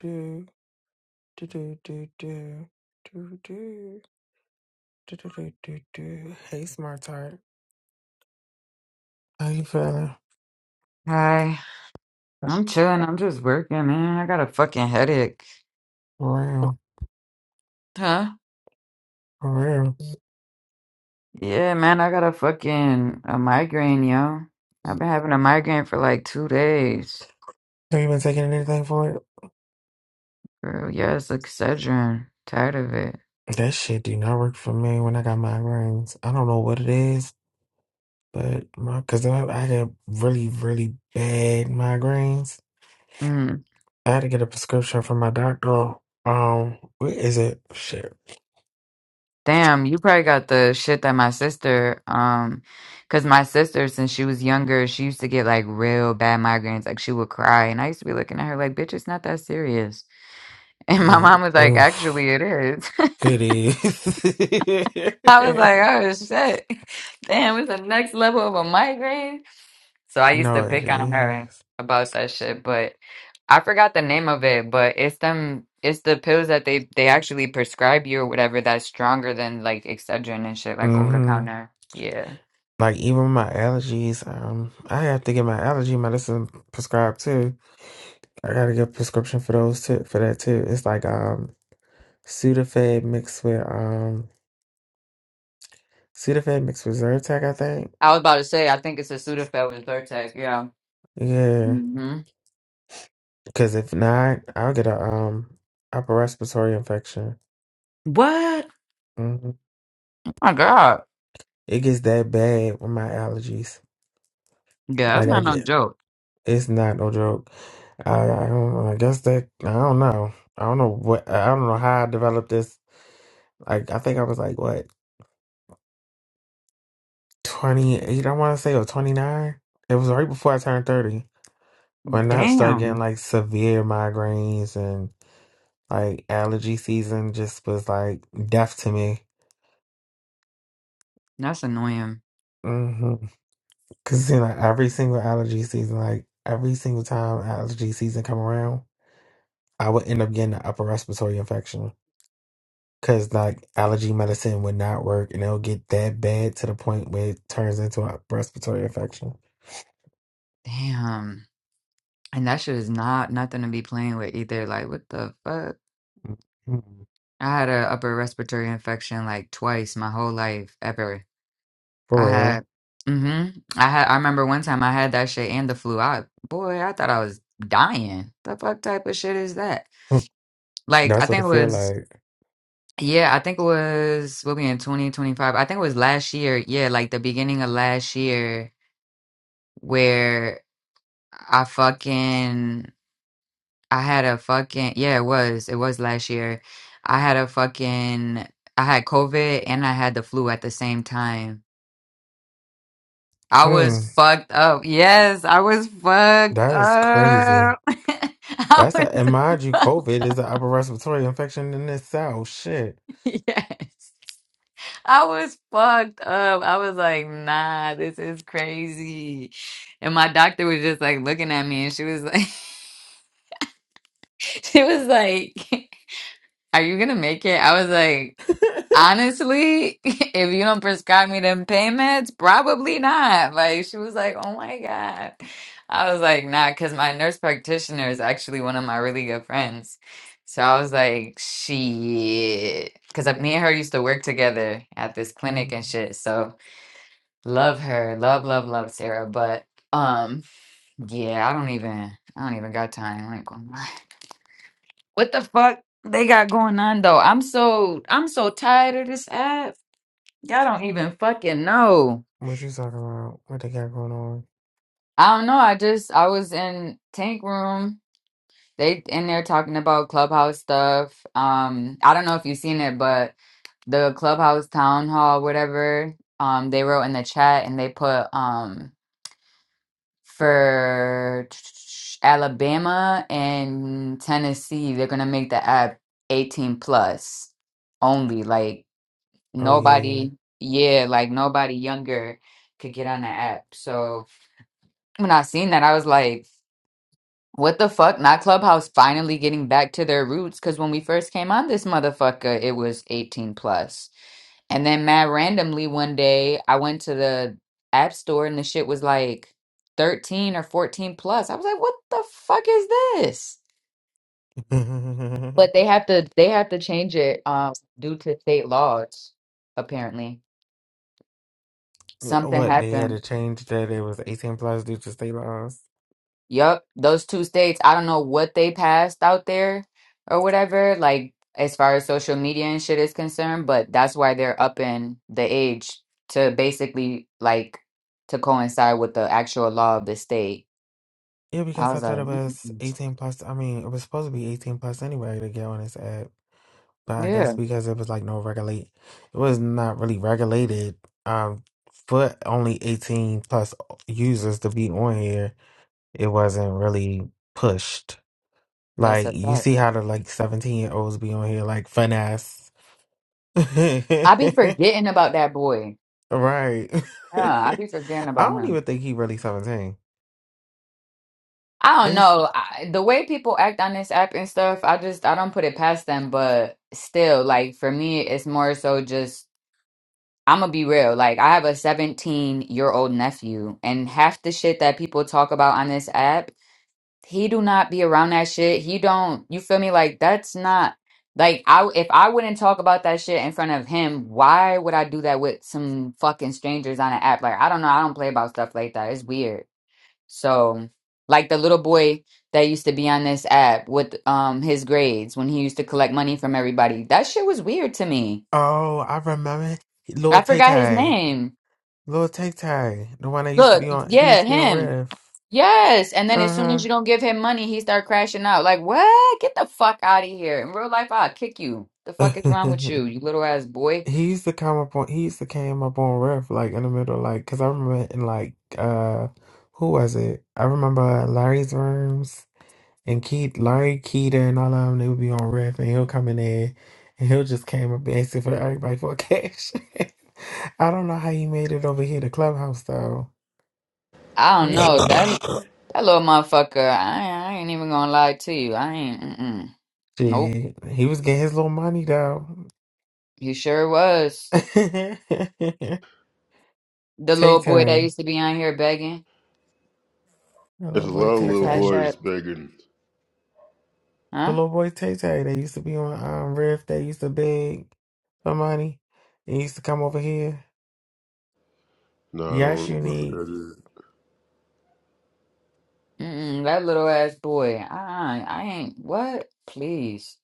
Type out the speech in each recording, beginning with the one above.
do do do do do do do do do do do do. Hey, smart heart. How you feeling? Hi, For I'm chilling. I'm just working, man. I got a fucking headache. real, Huh? for real. Yeah, man, I got a fucking a migraine, yo. I've been having a migraine for like two days. Have you been taking anything for it? Girl, yeah, it's Excedrin. Tired of it. That shit did not work for me when I got my rings. I don't know what it is, but my because I, I got really really bad migraines. Mm. I had to get a prescription from my doctor. Um, what is it? Shit. Damn, you probably got the shit that my sister, um, cause my sister, since she was younger, she used to get like real bad migraines. Like she would cry, and I used to be looking at her like, "Bitch, it's not that serious." And my Mm, mom was like, Oof. "Actually, it is." It I was is. like, oh shit. Damn, it's the next level of a migraine. So I used No, to it pick on her is. about that shit, but I forgot the name of it, but it's them it's the pills that they they actually prescribe you or whatever that's stronger than like Excedrin and shit, like over the Mm-hmm. counter. Yeah. Like even my allergies, um, I have to get my allergy medicine prescribed too. I gotta get a prescription for those too, for that too. It's like um Sudafed mixed with um Sudafed mixed with Zyrtec, I think. I was about to say, I think it's a Sudafed with Zyrtec, yeah. Yeah, Mm-hmm. because if not, I'll get a um upper respiratory infection. What? Oh hmm my God. It gets that bad with my allergies. Yeah, that's Like I not no get, joke. it's not no joke. I, I don't. I guess that I don't know. I don't know what. I don't know how I developed this. Like I think I was like what twenty eight. I want to say or twenty nine. It was right before I turned thirty when I started getting Damn. like severe migraines and like allergy season just was like death to me. That's annoying. hmm Cause you know every single allergy season, like every single time allergy season come around, I would end up getting an upper respiratory infection. Cause like allergy medicine would not work, and it'll get that bad to the point where it turns into a respiratory infection. Damn. And that shit is not nothing to be playing with either. Like, what the fuck? Mhm. I had a upper respiratory infection like twice my whole life ever. For I had, real, mm-hmm. I had. I remember one time I had that shit and the flu. I boy, I thought I was dying. The fuck type of shit is that? Mm. Like, I that's what think it it feel was. like. Yeah, I think it was we'll be in 2025. I think it was last year. Yeah, like the beginning of last year where I fucking I had a fucking yeah, it was. It was last year. I had a fucking I had COVID and I had the flu at the same time. I was Mm. fucked up. Yes, I was fucked That is up. crazy. I That's a and mind you, was COVID is an upper respiratory infection in itself. Shit. yes. I was fucked up. I was like, nah, this is crazy. And my doctor was just like looking at me and she was like she was like, Are you gonna make it? I was like Honestly, if you don't prescribe me them pain meds, probably not. Like she was like, "Oh my God." I was like, "Nah," because my nurse practitioner is actually one of my really good friends. So I was like, "Shit," because me and her used to work together at this clinic Mm. and shit. So love her, love, love, love Sarah. But um, yeah, I don't even, I don't even got time. Like, oh my- what the fuck they got going on though? I'm so, I'm so tired of this app. Y'all don't even fucking know. What you talking about? What they got going on? I don't know. I just I was in Tank Room. They in there talking about Clubhouse stuff. Um, I don't know if you've seen it, but the Clubhouse Town Hall, whatever, um, they wrote in the chat and they put um for Alabama and Tennessee, they're gonna make the app 18 plus only. Like Oh yeah. nobody, yeah, like nobody younger could get on the app. So when I seen that, I was like, what the fuck? Not Clubhouse finally getting back to their roots. Cause when we first came on this motherfucker, it was 18 plus. And then mad randomly one day I went to the app store and the shit was like 13 or 14 plus. I was like, what the fuck is this? But they have to they have to change it um due to state laws, apparently. Something what they had happened. to change that it was eighteen plus due to state laws. Yep, those two states, I don't know what they passed out there or whatever, like as far as social media and shit is concerned, but that's why they're upping the age to basically like to coincide with the actual law of the state. Yeah, I because I was like, thought it was "Mm-mm-mm." 18 plus. I mean, it was supposed to be 18 plus anyway to get on this app. But I yeah, guess because it was like no regulate, it was not really regulated um, for only 18 plus users to be on here. It wasn't really pushed. that's Like, a you fact. see how the like 17 year olds be on here, like finesse. right. I be forgetting about that boy. I Yeah, I be forgetting about don't him. even think he really 17. I don't It's, know. I, the way people act on this app and stuff, I just I don't put it past them, but still, like for me, it's more so just I'm gonna be real. Like, I have a 17 year old nephew, and half the shit that people talk about on this app, he do not be around that shit. He don't. You feel me? Like, that's not like I. If I wouldn't talk about that shit in front of him, why would I do that with some fucking strangers on an app? Like, I don't know. I don't play about stuff like that. It's weird. So, like the little boy that used to be on this app with um his grades when he used to collect money from everybody. That shit was weird to me. oh, I remember I Lord Tay forgot his Tay. name. Lil Tay Tay, the one that used to Look, be on, he used yeah, to be on him. Riff. Yes. And then as soon as Uh you don't give him money, he start crashing out. Like, what? Get the fuck out of here. In real life, I'll kick you. The huh. fuck is wrong with you, you little ass boy? he used to come up on, he used to came up on Riff like in the middle, like, cause I remember in like, uh, who was it? I remember Larry's rooms and Keith, Larry, Keita, and all of them. They would be on Riff, and he'll come in there, and he'll just came up asking for everybody for cash. I don't know how he made it over here to Clubhouse though. I don't He know. doing That them. that little motherfucker, I, I ain't even gonna lie to you. I ain't. Mm-mm. Nope. Shit, he was getting his little money though. He sure was. The Tay little boy that Tay. used to be on here begging The There's little a boy lot of Tay for little Tay. cash up. boys begging. The Huh? little boy Tay Tay that used to be on um, Riff, that used to beg for money. He used to come over here. No, I Yes, don't. I Unique. forgot it. Mm-mm. That little ass boy. I, I ain't. What? Please.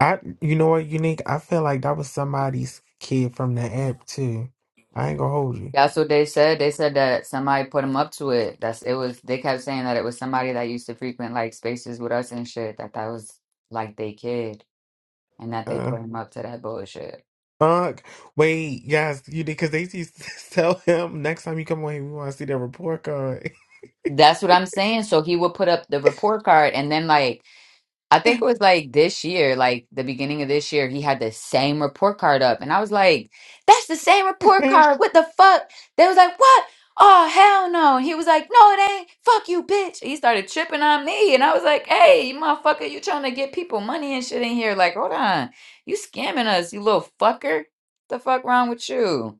I, you know what, Unique? I feel like that was somebody's kid from the app, too. I ain't gonna hold you. That's what they said. They said that somebody put them up to it. That's it was. They kept saying that it was somebody that used to frequent like spaces with us and shit. That that was like they kid, and that they Uh, put him up to that bullshit. fuck. Wait, yes, you did, because they used to tell him next time you come on here, we want to see that report card. That's what I'm saying. So he would put up the report card, and then like I think it was like this year, like the beginning of this year, he had the same report card up. And I was like, that's the same report card. What the fuck? They was like, what? Oh, hell no. And he was like, no, it ain't. Fuck you, bitch. He started tripping on me. And I was like, hey, you motherfucker, you trying to get people money and shit in here. Like, hold on. You scamming us, you little fucker. The fuck wrong with you?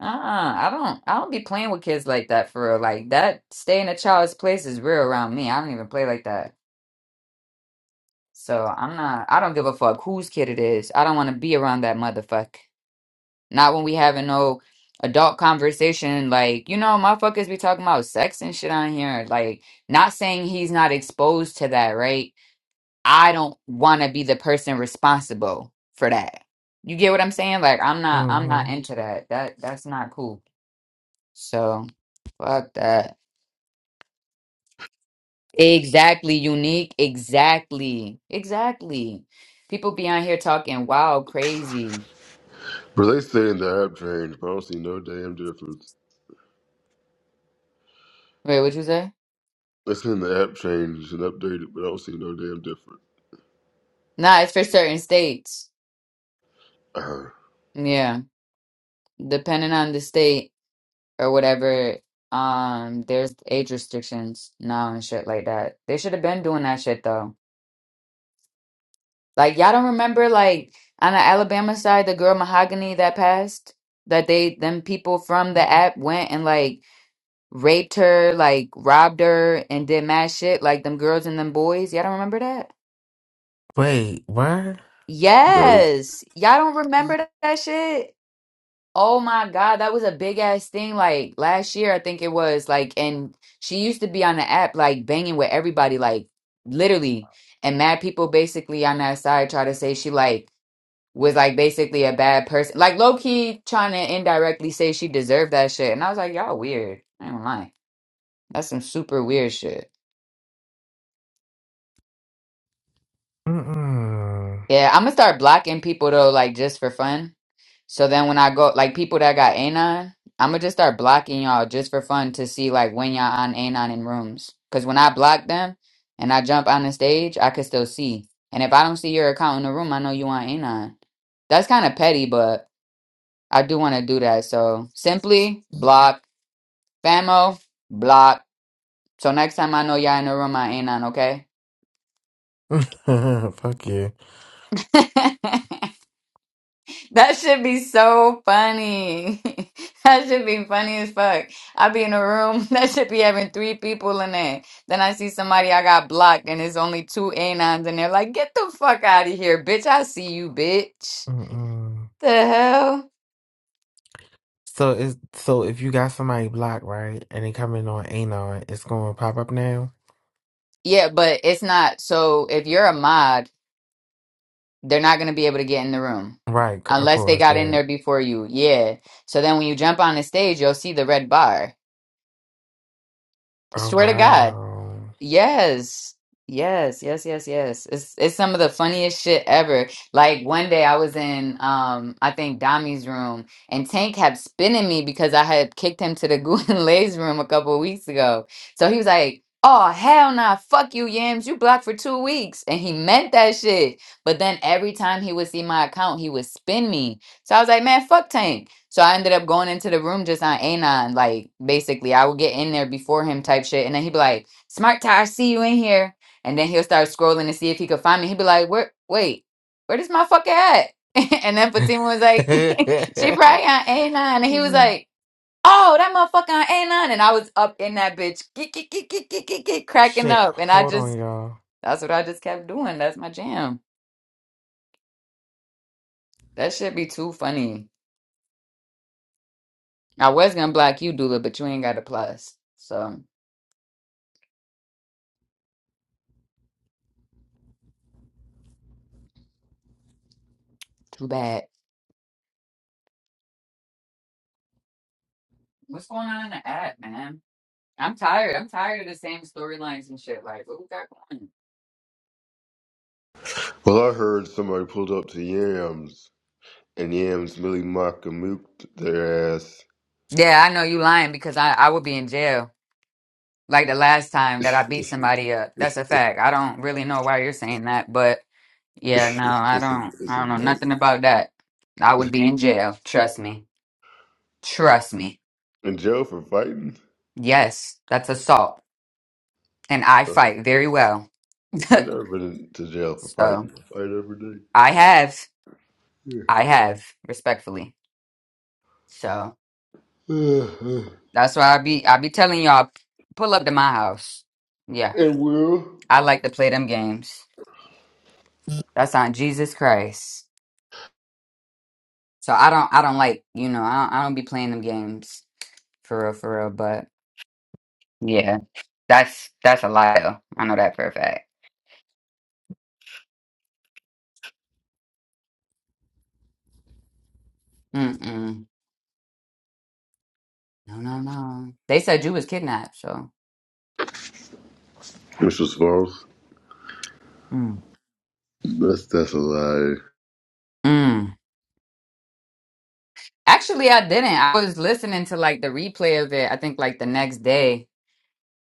Uh-uh. I don't I don't be playing with kids like that for real. Like that stay in a child's place is real around me. I don't even play like that. So I'm not, I don't give a fuck whose kid it is. I don't want to be around that motherfucker. Not when we having no adult conversation. Like, you know, motherfuckers be talking about sex and shit on here. Like, not saying he's not exposed to that, right? I don't want to be the person responsible for that. You get what I'm saying? Like, I'm not, I'm hmm not into that. That, that's not cool. So, fuck that. Exactly, unique. Exactly. Exactly. People be on here talking wild, crazy. But they say in the app change, but I don't see no damn difference. Wait, what you say? They say in the app change and updated, but I don't see no damn difference. Nah, it's for certain states. Uh, Yeah. Depending on the state or whatever, um, there's age restrictions now and shit like that. They should have been doing that shit though. Like y'all don't remember like on the Alabama side, the girl Mahogany that passed? That they them people from the app went and like raped her, like robbed her, and did mad shit, like them girls and them boys. Y'all don't remember that? Wait, what? no. Yes. Y'all don't remember that, that shit? Oh my God, that was a big ass thing. Like last year, I think it was like, and she used to be on the app, like banging with everybody, like literally. And mad people basically on that side try to say she like was like basically a bad person, like low key trying to indirectly say she deserved that shit. And I was like, y'all weird. I ain't lying. That's some super weird shit. Mm-mm. Yeah, I'm gonna start blocking people though, like just for fun. So then when I go, like people that got anon, I'm gonna just start blocking y'all just for fun to see like when y'all on anon in rooms. Cause when I block them and I jump on the stage, I can still see. And if I don't see your account in the room, I know you on anon. That's kind of petty, but I do want to do that. So simply block, famo, block. So next time I know y'all in the room, I anon, okay? Fuck you. That should be so funny. That should be funny as fuck. I be in a room that should be having three people in there. Then I see somebody I got blocked and it's only two anons and they're like, get the fuck out of here, bitch. I see you, bitch. Mm-mm. The hell? So it's so if you got somebody blocked, right, and they come in on anon, it's gonna pop up now? Yeah, but it's not. So if you're a mod, they're not going to be able to get in the room Right, c- of unless they course got in that. there before you. Yeah. So then when you jump on the stage, you'll see the red bar. Oh Swear to God. wow. Yes. Yes, yes, yes, yes. It's it's some of the funniest shit ever. Like one day I was in um I think Dami's room and Tank kept spinning me because I had kicked him to the Gulen room a couple of weeks ago. So he was like, Oh hell nah, fuck you, Yams, you blocked for two weeks. And he meant that shit. But then every time he would see my account, he would spin me. So I was like, man, fuck Tank. So I ended up going into the room just on Anon, like basically I would get in there before him type shit, and then he'd be like Smart Ty, see you in here. And then he'll start scrolling to see if he could find me. He'd be like, Where wait, where does my fucker at? and then Fatima was like, She probably on A9. And he was Yeah. like, Oh, that motherfucker on A9. And I was up in that bitch, geek, geek, geek, geek, geek, geek, geek, cracking Shit, up. And I hold on, just y'all. that's what I just kept doing. That's my jam. That should be too funny. I was gonna block you, Dula, but you ain't got a plus. So too bad. What's going on in the app, man? I'm tired. I'm tired of the same storylines and shit. Like, what we got going? Well, I heard somebody pulled up to Yams, and Yams really mock and mooked their ass. Yeah, I know you lying because I, I would be in jail. Like the last time that I beat it's, somebody up. That's a fact. I don't really know why you're saying that, but yeah, no, a, I don't it's I a don't know joke. nothing about that. I would be in jail. Trust me. Trust me. In jail for fighting? Yes, that's assault. And I Uh, fight very well. I've never been to jail for so fighting. I fight every day. I have. Yeah. I have, respectfully. So that's why I be I be telling y'all, pull up to my house. Yeah. and Will? I like to play them games. That's on Jesus Christ. So I don't I don't like, you know, I don't, I don't be playing them games for real, for real. But yeah, that's that's a lie though. I know that for a fact. Mm-mm. No, no, no. They said you was kidnapped, so. Mr. Smalls. Mm. That's that's a lie. Mm. Actually, I didn't. I was listening to like the replay of it, I think like the next day,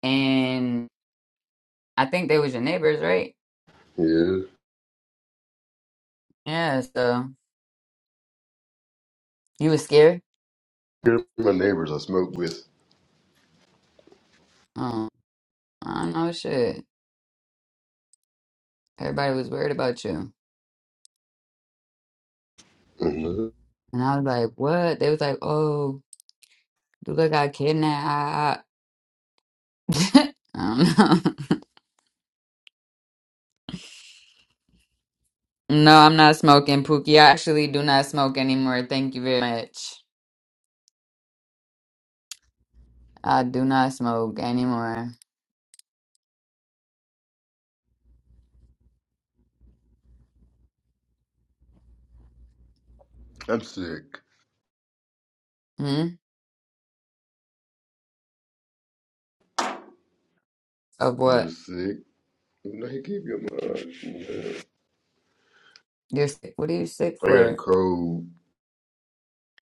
and I think they was your neighbors, right? Yeah, Yeah, so you was scared? Here are my neighbors I smoke with. Oh, I don't know shit. Everybody was worried about you. Mhm. And I was like, what? They was like, oh, Lula got kidnapped. I don't know. No, I'm not smoking, Pookie. I actually do not smoke anymore. Thank you very much. I do not smoke anymore. I'm sick. Hmm? Of I'm what? just sick. No, he keep your mind. Yeah. You're sick. What are you sick I got a for? cold.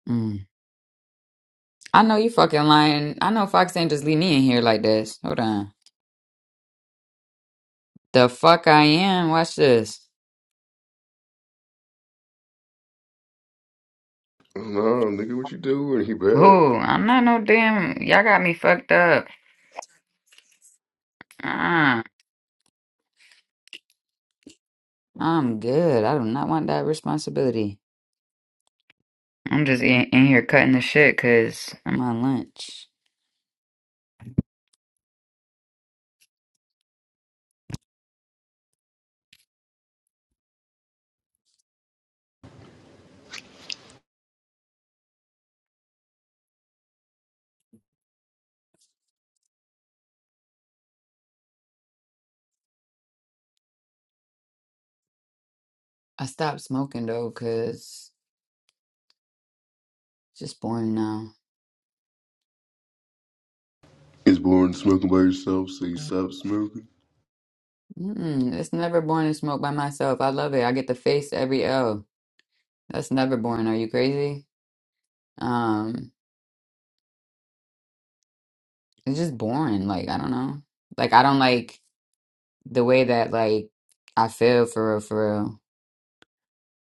Mm. I know you fucking lying. I know Fox ain't just leave me in here like this. Hold on. The fuck I am? Watch this. No, nigga, what you doing? He bad. Ooh, I'm not no damn. Y'all got me fucked up. Uh, I'm good. I do not want that responsibility. I'm just in, in here cutting the shit because I'm on lunch. I stopped smoking though, cause it's just boring now. He's born smoking by yourself, so you stop smoking. Mm-mm, it's never boring to smoke by myself. I love it. I get to face every L. That's never boring. Are you crazy? Um, it's just boring. Like I don't know. Like I don't like the way that like I feel for real, for real.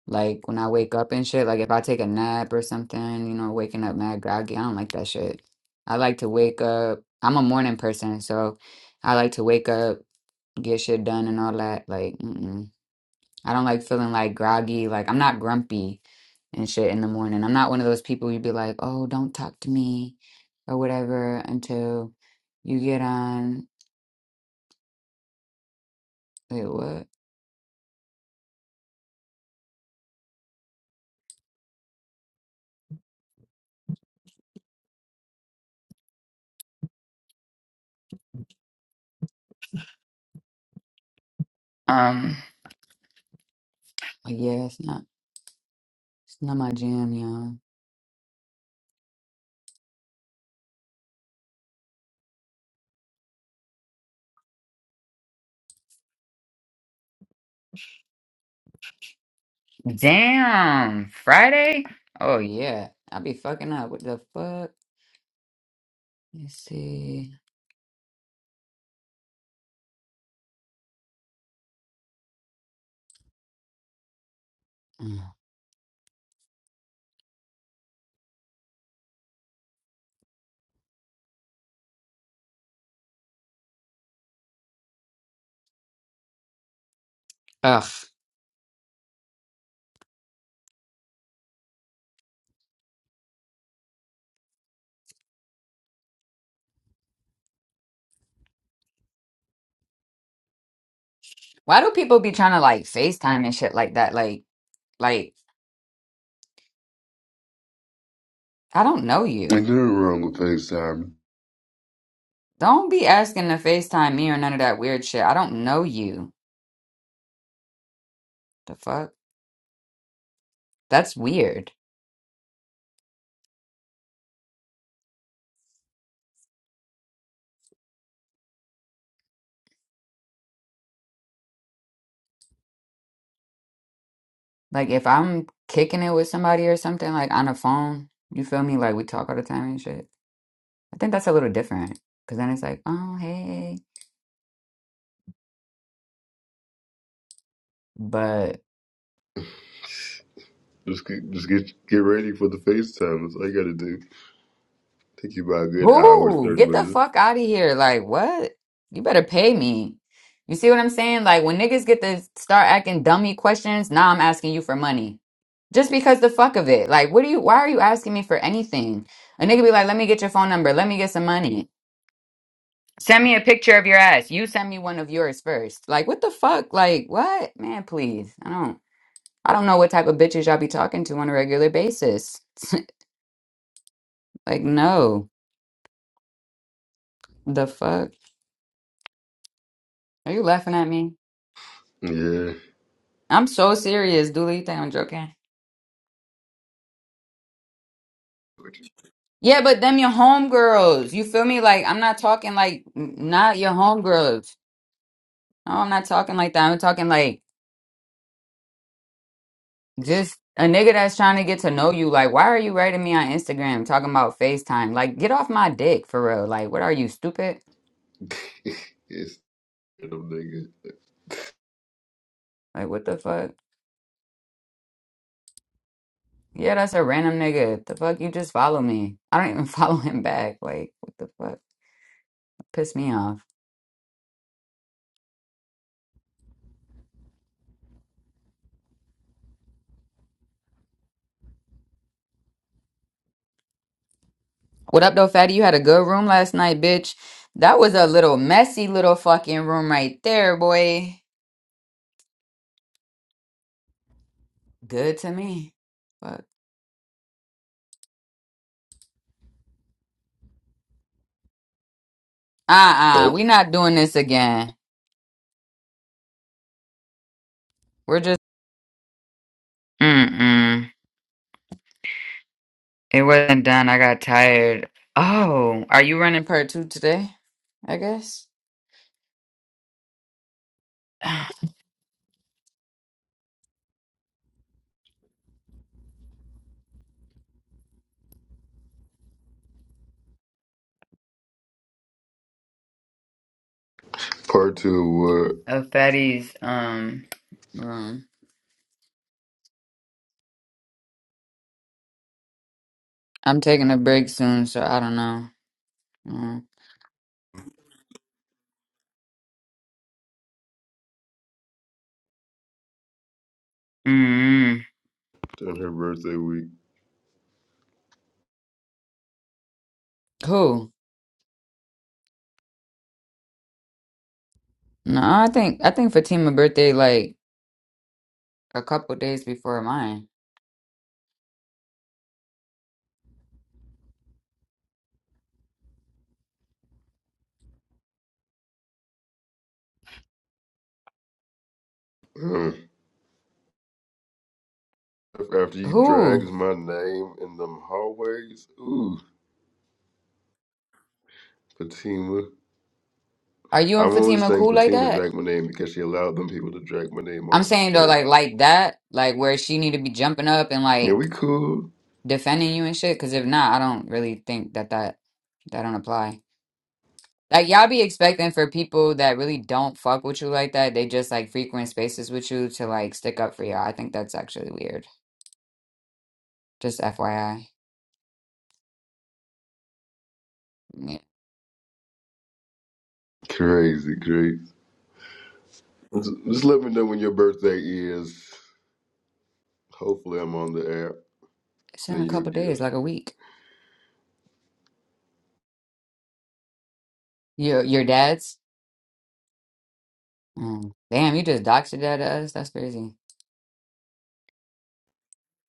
Like when I wake up and shit. Like if I take a nap or something, you know, waking up mad groggy. I don't like that shit. I like to wake up. I'm a morning person, so I like to wake up, get shit done, and all that. Like. Mm-mm. I don't like feeling like groggy. Like I'm not grumpy and shit in the morning. I'm not one of those people you'd be like, oh, don't talk to me or whatever until you get on. Wait, what? Um, like, yeah, it's not, it's not my jam, y'all. Damn, Friday? Oh yeah, I be fucking up. What the fuck? Let's see. Mm. Ugh. Why do people be trying to like FaceTime and shit like that? Like, like I don't know you. Ain't nothing wrong with FaceTime. Don't be asking to FaceTime me or none of that weird shit. I don't know you. The fuck? That's weird. Like if I'm kicking it with somebody or something, like on a phone, you feel me? Like we talk all the time and shit. I think that's a little different. Cause then it's like, oh hey. but. Just get, just get get ready for the FaceTime. That's all you gotta do. Take you about a good hour, Who? thirty Get the minutes. fuck out of here. Like, what? You better pay me. You see what I'm saying? Like, when niggas get to start acting dummy questions, now I'm asking you for money. Just because the fuck of it. Like, what do you, why are you asking me for anything? A nigga be like, let me get your phone number. Let me get some money. Send me a picture of your ass. You send me one of yours first. Like, what the fuck? Like, what? Man, please. I don't, I don't know what type of bitches y'all be talking to on a regular basis. Like, no. The fuck? Are you laughing at me? Yeah, I'm so serious, Do You think I'm joking? Yeah, but them your homegirls. You feel me? Like I'm not talking like n- not your homegirls. No, I'm not talking like that. I'm talking like just a nigga that's trying to get to know you. Like, why are you writing me on Instagram talking about FaceTime? Like, get off my dick for real. Like, what are you stupid? it's them nigga. Like, what the fuck? Yeah, that's a random nigga. The fuck you just follow me. I don't even follow him back. Like, what the fuck? Piss me off. What up, though, fatty? You had a good room last night, bitch. That was a little messy little fucking room right there, boy. Good to me. Fuck. Uh-uh. Yep. We not doing this again. We're just Mm-mm. It wasn't done. I got tired. Oh, are you running part two today? I guess. Part two of Of fatty's um room. I'm taking a break soon, so I don't know. Mm. Mm-mm. what? On her birthday week. Cool. No, I think I think Fatima's birthday like a couple days before mine. after you Who? drags my name in them hallways. Ooh, Fatima. Are you and I'm only Fatima saying cool like Fatima that? dragged my name because she allowed them people to drag my name on I'm her saying though, like stage. like that, like where she need to be jumping up and Yeah, like we cool? defending you and shit. Because if not, I don't really think that that that don't apply. Like y'all be expecting for people that really don't fuck with you like that. They just like frequent spaces with you to like stick up for y'all. I think that's actually weird. Just FYI. Yeah. Crazy, crazy. Just just let me know when your birthday is. Hopefully, I'm on the app. It's in Send a you a couple days, like gift. a week. Your your dad's. Mm. Damn, you just doxed your dad to us. That's crazy.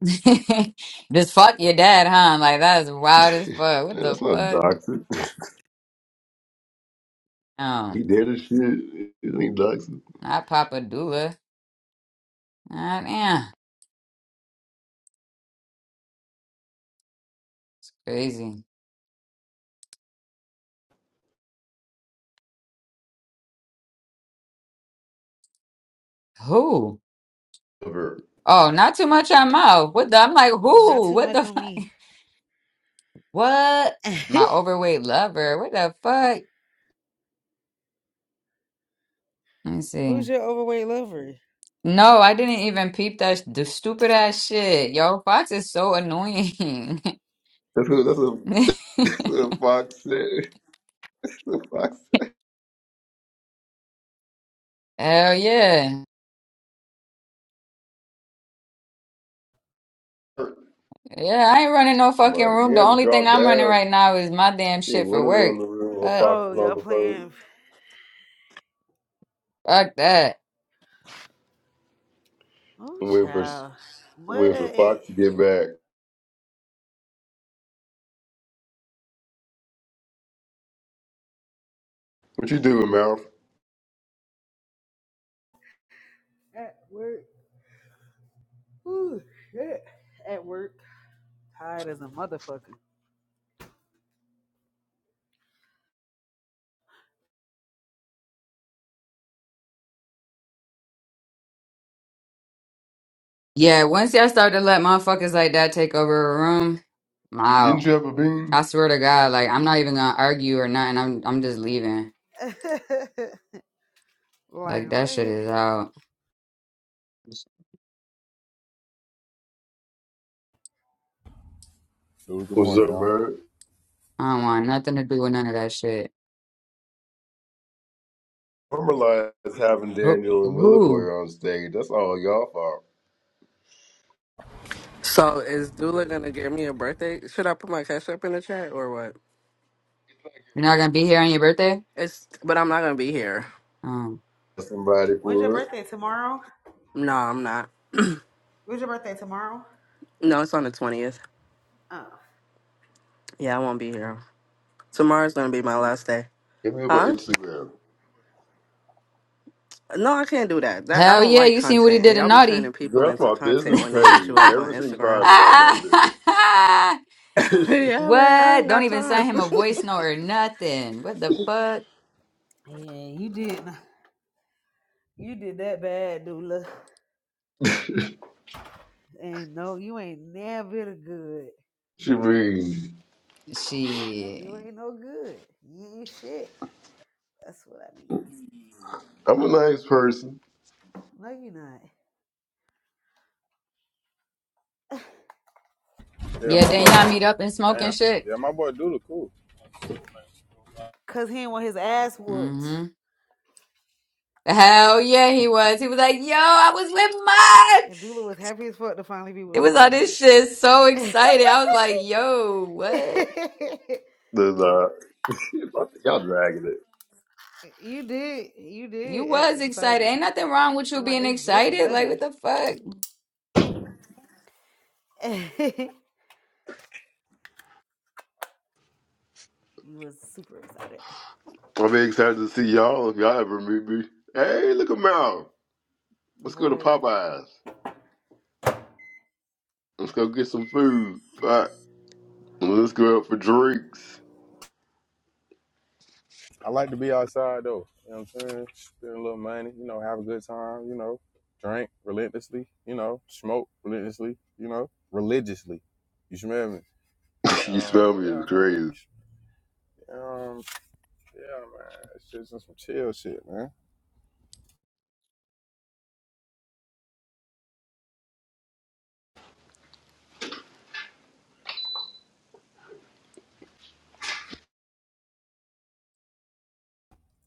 Just fuck your dad, huh? Like that is wild as fuck. What Man, the that's not fuck? doxing. He Um, did a shit. It ain't doxing. not Papa Dula. Not yeah. Crazy. Who? Ever. Oh, not too much on mouth. What the I'm like, Not who? too What much the on fuck? me. What? My overweight lover. What the fuck? Let me see. Who's your overweight lover? No, I didn't even peep that sh- the stupid ass shit. Yo, Fox is so annoying. That's what, that's what, that's what Fox said. That's what Fox Hell yeah. said. Yeah, I ain't running no fucking Mark room. The Yams only thing dropped I'm running down. right now is my damn She shit for went work. around the room while But Fox Oh, was on y'all the phone playing? fuck that. Oh, and wait for child. What? wait for Fox to get back. What you doing, Mouth? At work. Ooh, shit. At work. Tired as a motherfucker. Yeah, once y'all start to let motherfuckers like that take over a room, I'm out. Didn't you have a I bean? swear to God, like I'm not even gonna argue or nothing. I'm I'm just leaving. Like like that shit what? is out. Dude, good What's morning, up, y'all. man? I don't want nothing to do with none of that shit. Normalize having Who? Daniel and Willie Boy Who? on stage. That's all y'all fault. So is Dula gonna give me a birthday? Should I put my cash up in the chat or what? You're not gonna be here on your birthday? It's but I'm not gonna be here. Um, Somebody When's your for it. birthday? Tomorrow? No, I'm not. When's your birthday? Tomorrow? No, it's on the twentieth. Oh, Yeah, I won't be here. Tomorrow's gonna be my last day. Hit me up on Huh? Instagram. No, I can't do that. That I hell don't yeah! like You seen what he content, did and to y'all be turning Naughty? Girl, people that's into my content business when they hit you page. up on Everything Instagram. private on that bitch. yeah, man, I What? ain't Don't got even time. send him a voice note or nothing. What the fuck? yeah. You did. You did that bad, Dula. And no, you ain't never good. she mean, Shit. You ain't no good. You ain't shit. That's what I mean. I'm a nice person. No, you are not. Yeah, Yeah, my then y'all boy. meet up and smoke and Damn. shit. Yeah, my boy Doodle, cool. Cause he didn't want his ass whooped. Mm-hmm. Hell yeah, he was. He was like, yo, I was with mine. And Dula was happy as fuck to finally be It with was all somebody. this shit. So excited. I was like, yo, what? Then, uh, y'all dragging it. you did. You You did act was excited. excited. Ain't nothing wrong with you I'm like, being it's just excited. Like, what muddy. the fuck? you was super excited. I'm excited to see y'all if y'all ever meet me. Hey, look at Mal. Let's go to Boy. Popeyes. Let's go get some food. Fuck. Let's go out for drinks. I like to be outside though. You know what I'm saying? Spend a little money, you know, have a good time, you know, drink relentlessly, you know, smoke relentlessly, you know, religiously. You smell me? you Um, smell me yeah, as man. crazy, Um, yeah, man. It's just some chill shit, man.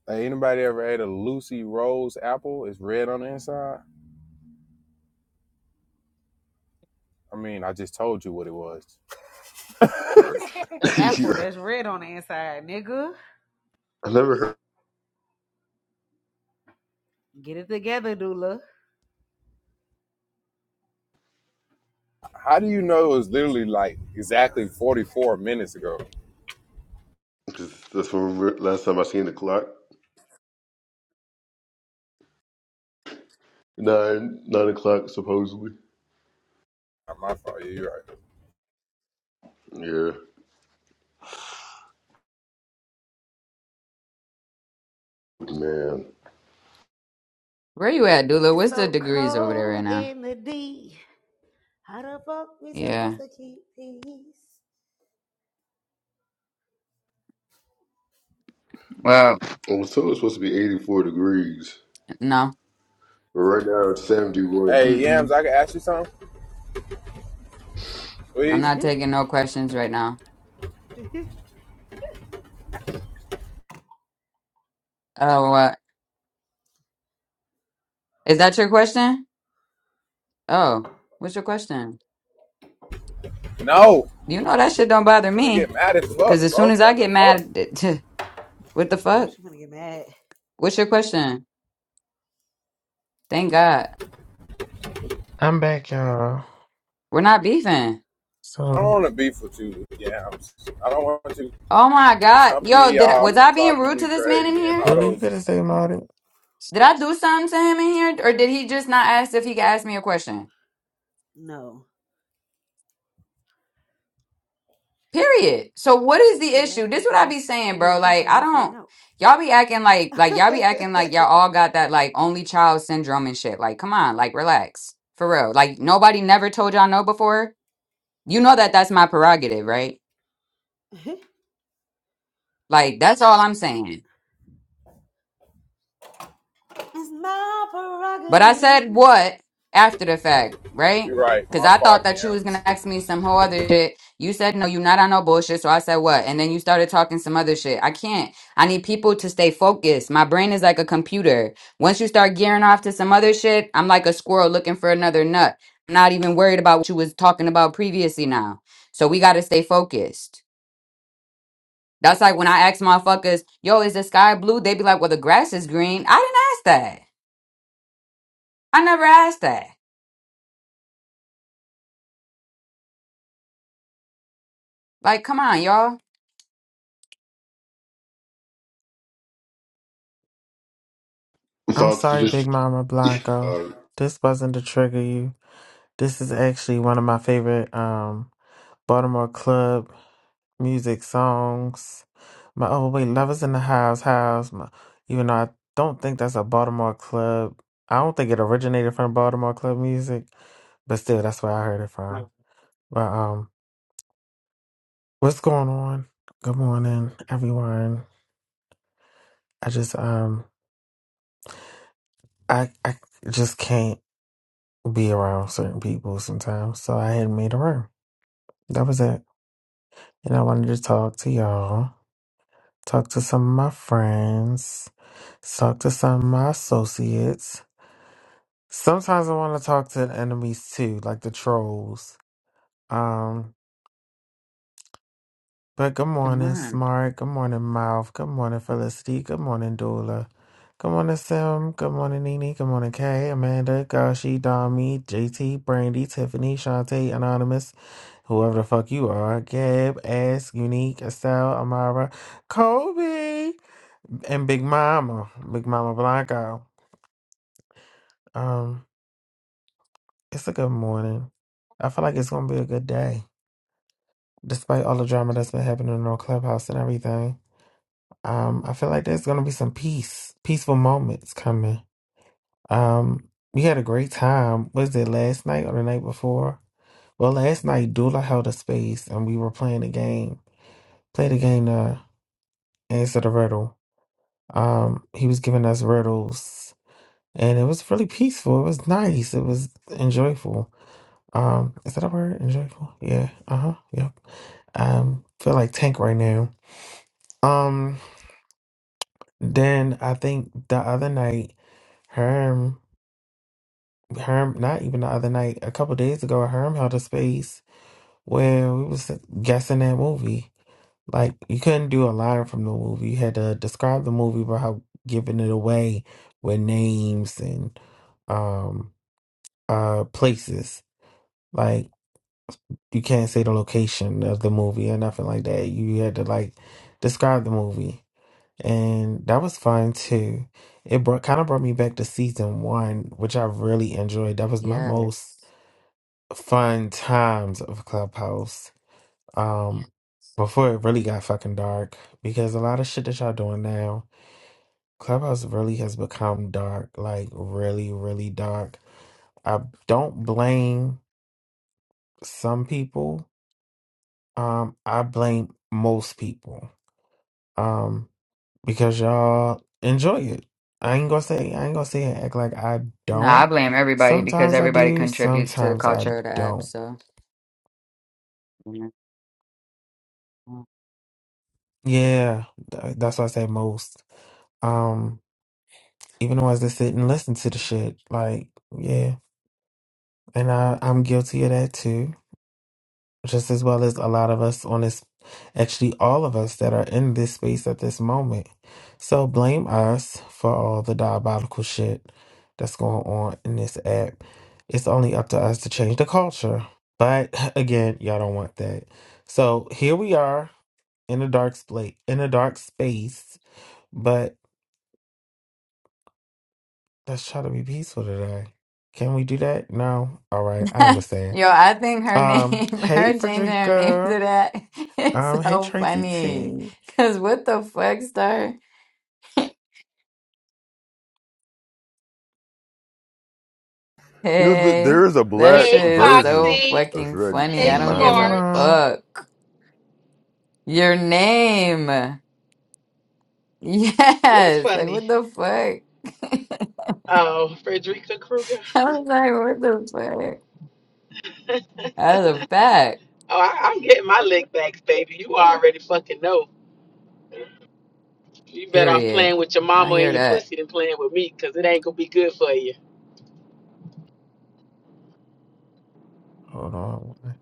Hey, anybody ever ate a Lucy Rose apple? It's red on the inside. I mean, I just told you what it was. How bro. An You apple know, that's red on the inside, nigga. I never heard. Get it together, Dula. do you know it was literally like exactly 44 minutes ago? Cause that's from last time I seen the clock. Nine, nine o'clock supposedly. Not my fault. Yeah, you right. Yeah, man. Where you at, Dula? It's What's the so degrees over there right cold now? in the D. How the fuck we Yeah. supposed to keep peace? Well, I was told it's supposed to be 84 degrees, no. but So right why now is it it's cold? 71. Hey, Yams, Mm-mm. I can ask you something, I'm please? not taking no questions right now. Oh, what? Is that your question? Oh, what's your question? No. You know that shit don't bother I'm gonna me. get mad as Cause fuck, as soon bro. as I What the get fuck? mad, what the now fuck? she's gonna get mad. What's your question? Thank God. I'm back, y'all. We're not beefing. I don't So want to beef with you, Yams. I don't want you Oh my God. chumping Yo, me did I, off was I and being talking to rude me to this man in crazy and here? all Julie, you could those. have stayed modded. Did I do something to him in here? Or did he just not ask if he could ask me a question? No. Period. So what is the He issue? asked if This you what could I ask be saying, you a bro. question Like, and I you said don't no. y'all be acting like like y'all be acting like y'all it's all got that like only child syndrome and shit. Like, come on, like relax. For real. Like nobody never told y'all no before. You know that that's my prerogative, right? Like that's all I'm saying. my But I prerogative. said what after the fact, right? You're right. Because My I fault, thought that you was Yams. gonna ask me some whole other shit. You said no, you're not on no bullshit. So I said what, and then you started talking some other shit. I can't. I need people to stay focused. My brain is like a computer. Once you start gearing off to some other shit, I'm like a squirrel looking for another nut. I'm not even worried about what you was talking about previously now. So we gotta stay focused. That's like when I ask motherfuckers, yo, is the sky blue? They be like, well, the grass is green. I didn't ask that. I never asked that. Like, come on, y'all. I'm Fox sorry, just. Big Mama Uh, Blanco. You This wasn't to trigger you. This is actually one of my favorite um Baltimore club music, songs. My oh wait, Lovers in the House, House. My, even though I don't think that's a Baltimore club, I don't think it originated from Baltimore club music, but still, that's where I heard it from. But um, what's going on? Good morning, everyone. I just um, I I just can't be around certain people sometimes, so I had made a room. That was it, and I wanted to talk to y'all, talk to some of my friends, talk to some of my associates Sometimes I want to talk to the enemies too, like the trolls. Um, but good Come morning, on. Smart. Good morning, Mouth. Good morning, Felicity. Good morning, Doula. Good morning, Sim. Good morning, Nene. Good morning, Kay, Amanda, Gashi, Dami, JT, Brandy, Tiffany, Shantae, Anonymous, whoever the fuck you are, Gab, Ass, Unique, Estelle, Amara, Kobe, and Big Mama, Big Mama Blanco. Um, it's a good morning. I feel like it's gonna be a good day. despite all the drama that's been happening on Clubhouse and everything, um, I feel like there's gonna be some peace, peaceful moments coming. Um, we had a great time. Was it last night or the night before? Well, last night Dula held a space and we were playing a game. Played a game to answer the riddle. Um, he was giving us riddles, and it was really peaceful. It was nice. It was enjoyable. Um, is that a word? Enjoyable? Yeah. Uh huh. Yep. Um, feel like tank right now. Um. Then I think the other night, Herm, Herm, not even the other night, a couple days ago, Herm held a space where we was guessing that movie. Like you couldn't do a line from the movie; you had to describe the movie without giving it away with names and um uh places. Like you can't say the location of the movie or nothing like that. You had to like describe the movie. and that was fun too. It brought kind of brought me back to season one, which I really enjoyed. That was my most Yes. fun times of Clubhouse. Um, before it really got fucking dark, because a lot of shit that y'all doing now, Clubhouse really has become dark, like really, really dark. I don't blame some people. Um, I blame most people. Um, because y'all enjoy it. I ain't gonna say I ain't gonna say and act like I No, I don't. blame everybody because Sometimes I everybody do, contributes to the sometimes I culture of the app. don't. So, you know. Yeah, th- that's why I say most. Um, even the ones that sit and listen to the shit, like yeah, and I I'm guilty of that too. just as well as a lot of us on this, actually, all of us that are in this space at this moment. So blame us for all the diabolical shit that's going on in this app. It's only up to us to change the culture. But again, y'all don't want that. So here we are in a dark space, in a dark space. But let's try to be peaceful today. Can we do that? No. All right, I understand. yo, I think her Um, name, hey her changing her name Frederica. to that, it's Um, hey so Tracy funny. T. Cause what the fuck, star? know, th- Hey, there is a that black Hey, shit is so version Foxy. of fucking Shreddy. funny. Hey, Hey, I don't give a Smart. mama. fuck. Your name. What's Yes, like funny? what the fuck? Oh, Frederica Krueger. I was like, what the fuck? oh, That's a fact. I, I'm getting my lick backs, baby. You already fucking know. You better off Period. playing with your I mama hear and your that. pussy than playing with me, cause it ain't gonna be good for you. Hold on.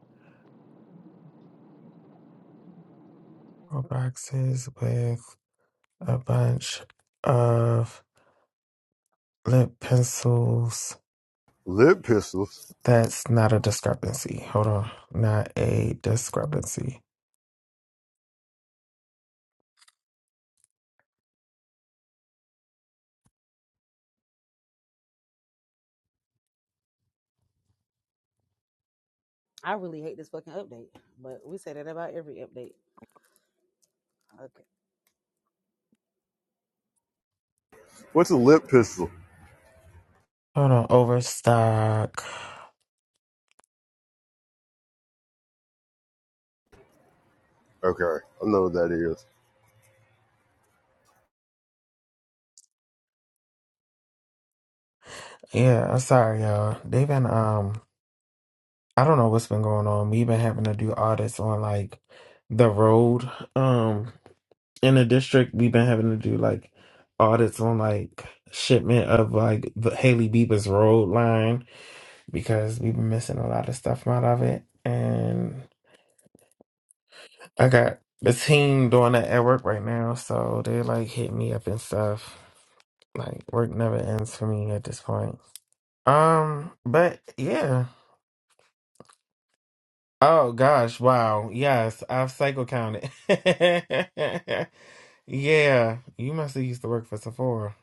Four boxes with a bunch of lip pencils. Lip pistols. That's not a discrepancy. Hold on. Not a discrepancy. I really hate this fucking update, but we say that about every update. Okay. What's a lip pistol? Hold on. Overstock. Okay, I know what that is. Yeah, I'm sorry, y'all. They've been, um, I don't know what's been going on. We've been having to do audits on like the road. Um, in the district, we've been having to do like audits on like shipment of like the Haley Bieber's road line because we've been missing a lot of stuff out of it. And I got the team doing that at work right now, so they like hit me up and stuff. Like work never ends for me at this point. Um, but yeah. Oh gosh, wow. Yes, I've cycle counted. yeah, you must have used to work for Sephora.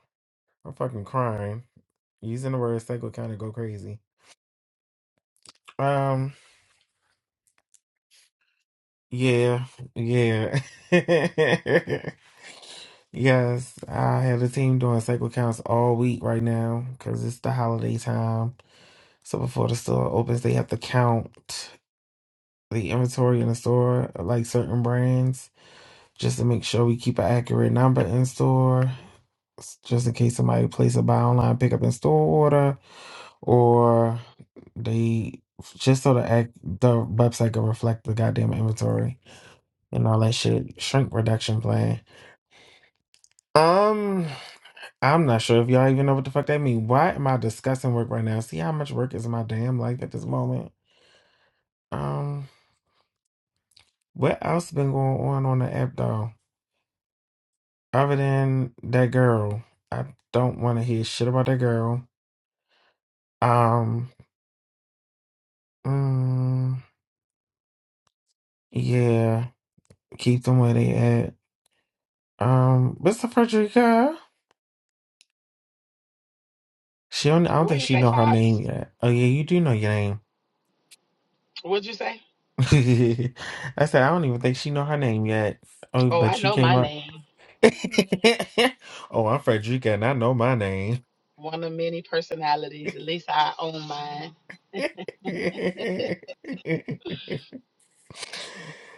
I'm fucking crying. Using the words that go kind of go crazy. Um, yeah, yeah. yes, I have a team doing cycle counts all week right now because it's the holiday time. So before the store opens, they have to count the inventory in the store, like certain brands, just to make sure we keep an accurate number in store. s- Just in case somebody places a buy online, pick up in store order or they just so the act the website can reflect the goddamn inventory and all that shit. Shrink reduction plan. Um, I'm not sure if y'all even know what the fuck that mean. Why am I discussing work right now? See how much work is in my damn life at this moment. Um, what else been going on on the app though? Other than that girl, I don't want to hear shit about that girl. Um, mm, yeah, keep them where they at. Um, Mr. Frederica. She don't, I don't What think you she say, know her name Fox? yet. Oh yeah, you do know your name. What'd you say? I said I don't even think she know her name yet. Oh, Oh, I but you know my came up. name. oh, I'm Frederica and I know my name. One of many personalities. At least I own mine.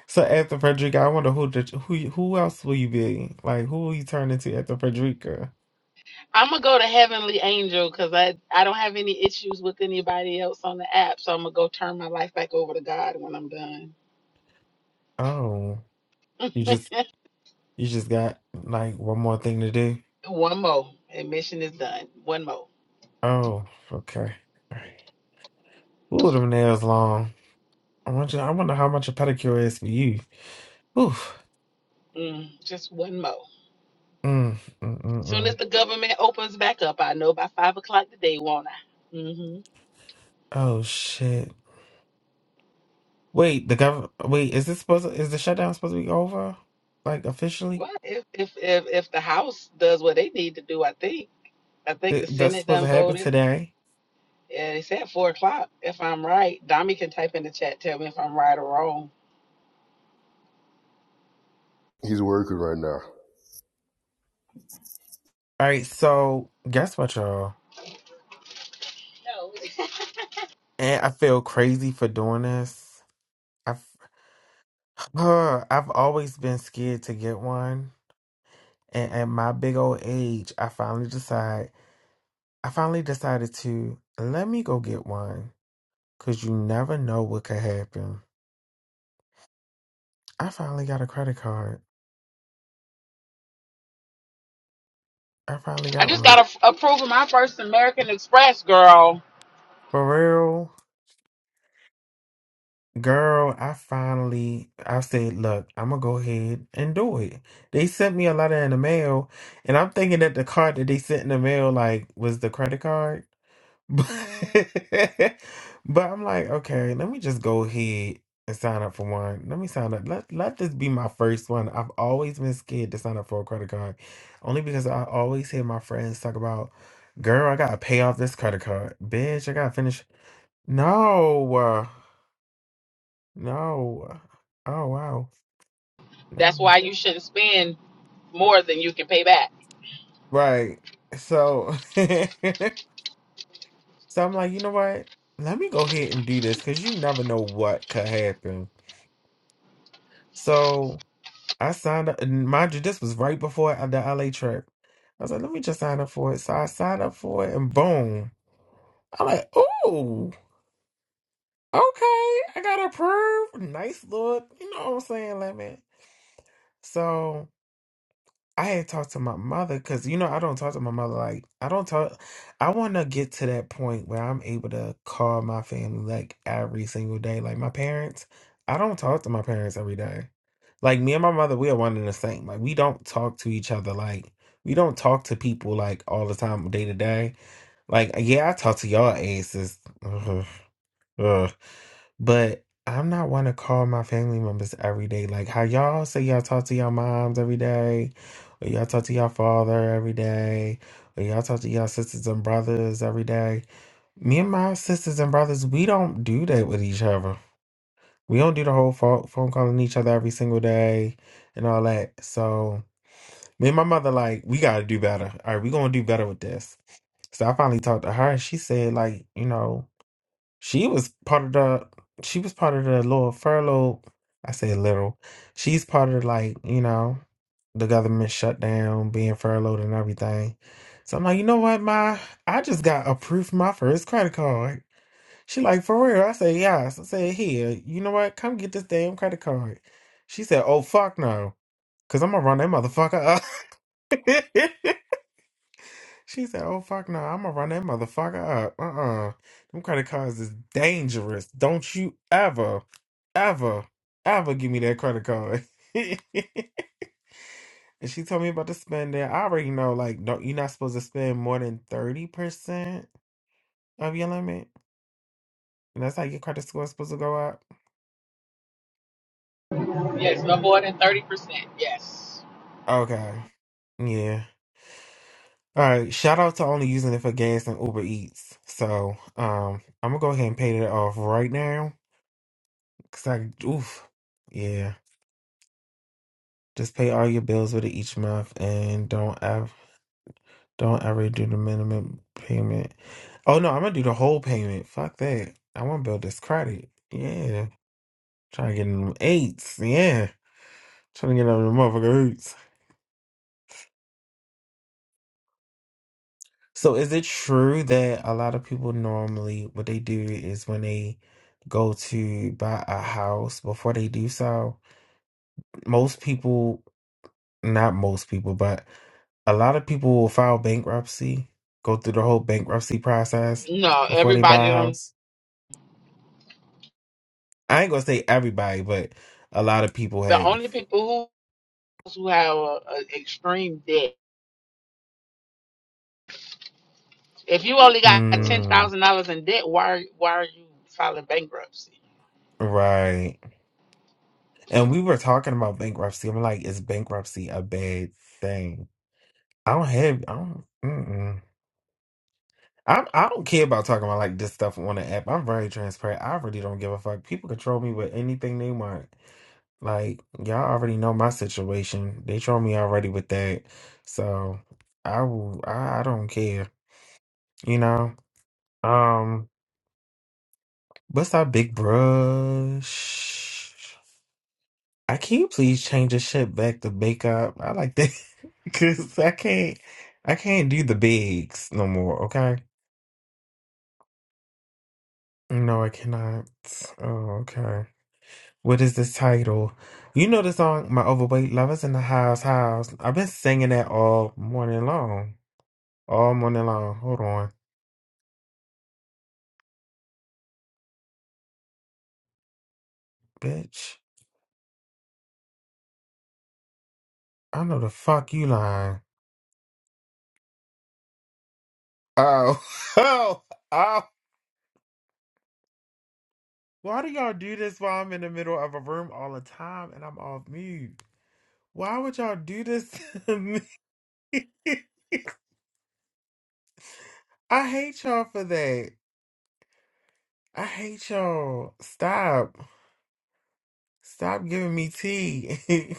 so after Frederica, I wonder who the, who you- who else will you be? Like who will you turn into after Frederica? I'm gonna go to Heavenly Angel because I I don't have any issues with anybody else on the app, so I'm gonna go turn my life back over to God when I'm done. Oh, you just you just got like one more thing to do. one more admission is done. One more, Oh, okay. All right. Ooh, them nails long. I wonder, I wonder how much a pedicure is for you. Oof. mm, just one more. Mm, mm, mm, Soon as mm. the government opens back up, I know by five o'clock today, won't I? hmm Oh shit. Wait, the government. Wait, is this supposed? To, is the shutdown supposed to be over? Like officially? Well, if, if if if the House does what they need to do, I think I think the It, that's Senate supposed done to happen voted. today. Yeah, they said four o'clock. If I'm right, Dami can type in the chat. Tell me if I'm right or wrong. He's working right now. All right. So guess what, y'all? And I feel crazy for doing this. I've uh, I've always been scared to get one, and at my big old age, I finally decide. I finally decided to let me go get one, cause you never know what could happen. I finally got a credit card. I finally I got just one. got to approve of my first American Express, girl. For real, girl, I finally I said, look, I'm gonna go ahead and do it. They sent me a letter in the mail, and I'm thinking that the card that they sent in the mail like was the credit card. But but I'm like, okay, let me just go ahead and sign up for one. Let me sign up. Let let this be my first one. I've always been scared to sign up for a credit card. Only because I always hear my friends talk about, girl, I gotta pay off this credit card. Bitch, I gotta finish. No. No. Oh wow. No. That's why you shouldn't spend more than you can pay back. Right. So so I'm like, you know what? Let me go ahead and do this because you never know what could happen. So I signed up and mind you, this was right before the LA trip. I was like, let me just sign up for it. So I signed up for it and boom. I'm like, ooh, okay, I got approved. Nice look. You know what I'm saying, Lemon? So I had talked to my mother because you know I don't talk to my mother like I don't talk. I want to get to that point where I'm able to call my family like every single day. Like my parents, I don't talk to my parents every day. Like me and my mother, we are one and the same. Like we don't talk to each other like we don't talk to people like all the time day to day. Like yeah, I talk to y'all asses. But I'm not one to call my family members every day. Like how y'all say y'all talk to y'all moms every day, or y'all talk to y'all father every day, or y'all talk to y'all sisters and brothers every day. Me and my sisters and brothers, we don't do that with each other. We don't do the whole phone phone calling each other every single day and all that. So me and my mother, like, we gotta do better. All right, we gonna do better with this. So I finally talked to her and she said, like, you know, she was part of the she was part of the little furlough. I say little. She's part of like, you know, the government shutdown, being furloughed and everything. So I'm like, you know what, my I just got approved for my first credit card. She like, for real? I say, yes. I said, here, you know what? Come get this damn credit card. She said, oh fuck no. Cause I'm gonna run that motherfucker up. She said, "Oh fuck no, I'm gonna run that motherfucker up. Uh-uh, them credit cards is dangerous. Don't you ever, ever, ever give me that credit card." and she told me about the spending. I already know, like, don't you're not supposed to spend more than thirty percent of your limit, and that's how your credit score is supposed to go up. Yes, no more than 30%. Yes. Okay, yeah. All right, shout out to only using it for gas and Uber Eats. So, um, I'm gonna go ahead and pay that off right now. Cause I, oof, yeah. Just pay all your bills with it each month, and don't ever don't ever do the minimum payment. Oh no, I'm gonna do the whole payment. Fuck that. I want to build this credit. Yeah, trying to get in them eights. Yeah, trying to get on the motherfucker eights. So is it true that a lot of people normally what they do is when they go to buy a house before they do so, most people not most people, but a lot of people will file bankruptcy, go through the whole bankruptcy process No, before they buy everybody a don't. house. I ain't gonna say everybody, but a lot of people The have. only people who, who have a, a extreme debt. If you only got Mm, $10,000 in debt, why, are- why are you filing bankruptcy? right. And we were talking about bankruptcy. I'm like, is bankruptcy a bad thing? I don't have. I don't. Mm-mm. I I don't care about talking about like this stuff on the app. I'm very transparent. I really don't give a fuck. People control me with anything they want. Like y'all already know my situation. They troll me already with that. So I will I, I don't care, you know? Um what's that big brush? I can you please change the shit back to bake up? I like that because I can't I can't do the bigs no more, okay? No, I cannot. Oh, okay. What is this title? You know the song My Overweight Lovers in the House House. I've been singing that all morning long. All money line. Hold on, bitch. I know the fuck you lying. Oh, oh, oh. Why do y'all do this while I'm in the middle of a room all the time and I'm off mute? Why would y'all do this to me? I hate y'all for that. I hate y'all. Stop. Stop giving me tea.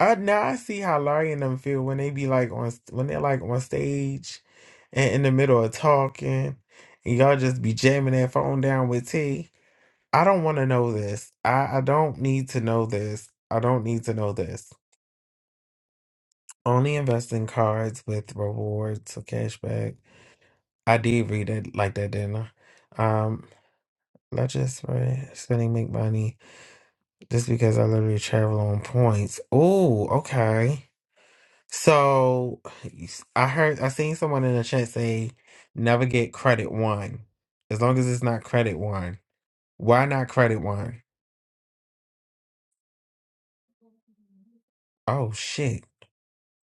I now I see how Larry and them feel when they be like on when they're like on stage and in the middle of talking and y'all just be jamming that phone down with tea. I don't want to know this. I, I don't need to know this. I don't need to know this. Only invest in cards with rewards or cashback. I did read it like that, didn't I? Um, let's just right, spending make money just because I literally travel on points. Oh, okay. So I heard I seen someone in the chat say never get credit one. As long as it's not credit one. Why not credit one? Oh shit.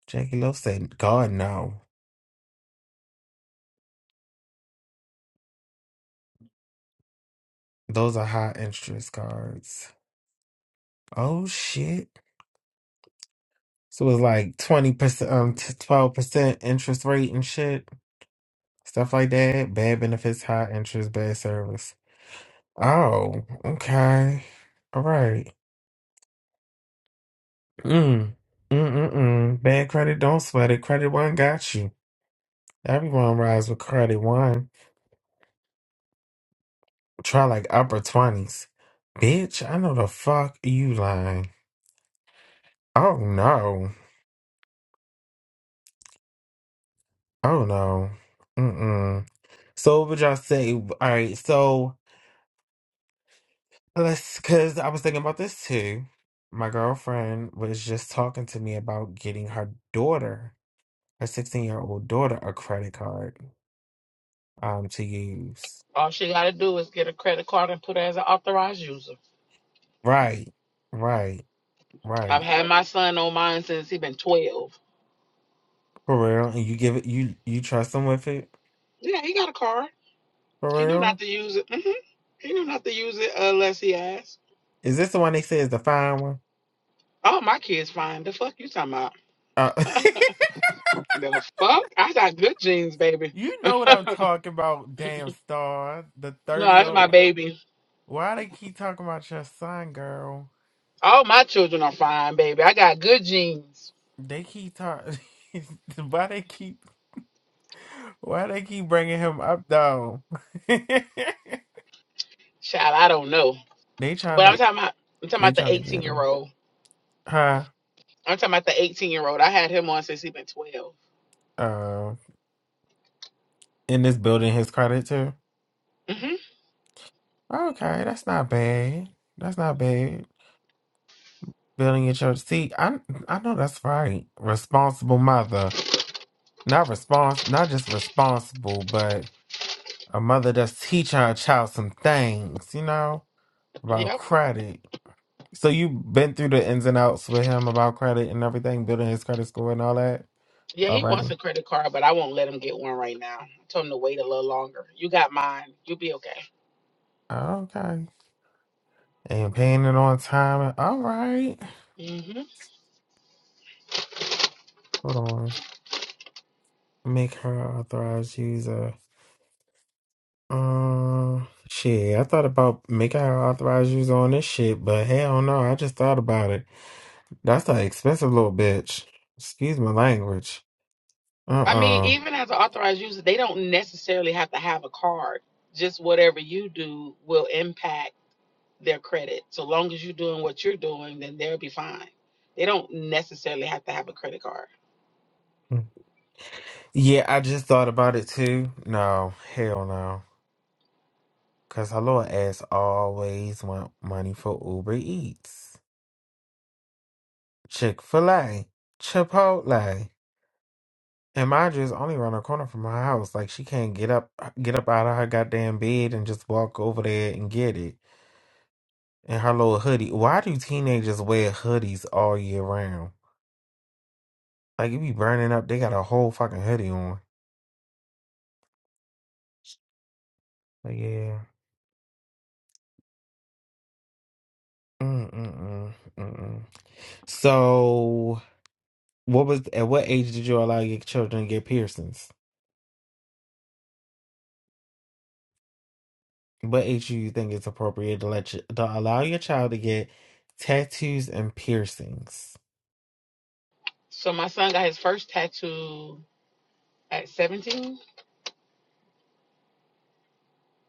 Jackie Love said, God no. Those are high interest cards. Oh shit. So it's like twenty percent um twelve percent interest rate and shit. Stuff like that. Bad benefits, high interest, bad service. Oh, okay. All right. Mm. Mm mm mm. Bad credit, don't sweat it. Credit one got you. Everyone rides with credit one. Try like upper twenties. Bitch, I know the fuck you lying. Oh no. Oh no. Mm mm. So what would y'all say? All right, so let's because I was thinking about this too. My girlfriend was just talking to me about getting her daughter, her 16 year old daughter, a credit card um to use. All she got to do is get a credit card and put her as an authorized user. Right, right, I've right. had my son on mine since he been 12. For real. And you give it you you trust them with it? Yeah, he got a card. He For know not real? to use it. hmm He know not to use it unless he asks. Is this the one they say is the fine one? Oh, my kids fine. The fuck you talking about? Uh, the fuck? I got good genes, baby. you no, know what I'm talking about, damn star. The 30 that's my old. baby. Why they keep talking about your son, girl? All my children are fine, baby. I got good genes. They keep talking. why they keep why they keep bringing him up though? they Child, I don't know. trying But I'm to talking about I'm talking they about the trying to 18 get year him. old. Huh? I'm talking about the 18 year old. I had him on since he been 12. Uh, in this building, his credit too. hmm Okay, that's not bad. That's not bad. Building your church. See, I I know that's right. Responsible mother, not response, not just responsible, but a mother that's teaching her child some things. You know about Yep. credit. So you've been through the ins and outs with him about credit and everything, building his credit score and all that Yeah, he wants already. a credit card, but I won't let him get one right now. I told him to wait a little longer. You got mine. You'll be okay. Okay. And paying it on time. All right. Mhm. Hold on. Make her an authorized user. Um, shit. I thought about making her an authorized user on this shit, but hell no. I just thought about it. That's an expensive little bitch. Excuse my language. I mean, Uh even as an authorized user, they don't necessarily have to have a card. Just whatever you do will impact their credit. So long as you're doing what you're doing, then they'll be fine. They don't necessarily have to have a credit card. uh Yeah, I just thought about it too. No, hell no. Cause her little ass always want money for Uber Eats, Chick Fil A, Chipotle, and mind you, it's only around the corner from her house. Like she can't get up, get up out of her goddamn bed and just walk over there and get it. And her little hoodie. Why do teenagers wear hoodies all year round? Like it be burning up. They got a whole fucking hoodie on. But yeah. Mm mm mm mm. mm. So, what was at what age did you allow your children to get piercings? What age do you think is appropriate to let you, to allow your child to get tattoos and piercings? So my son got his first tattoo at 17.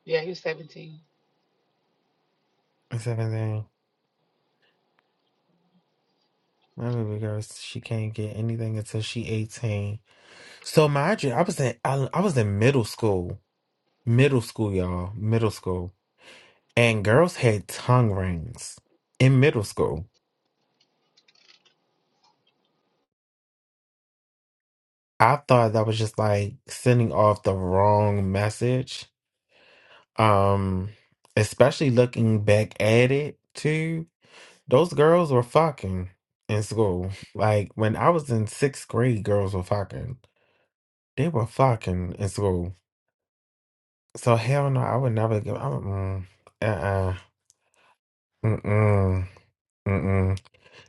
Yeah, he was 17. Seventeen. My baby girl, she can't get anything until she eighteen. So mind you, I was in I, I was in middle school, middle school, y'all, middle school, and girls had tongue rings in middle school. I thought that was just like sending off the wrong message. Um, especially looking back at it too Those girls were fucking in school. Like when I was in sixth grade, girls were fucking. They were fucking in school. So hell no, I would never give. I'm, mm, uh-uh, mm-mm, mm-mm.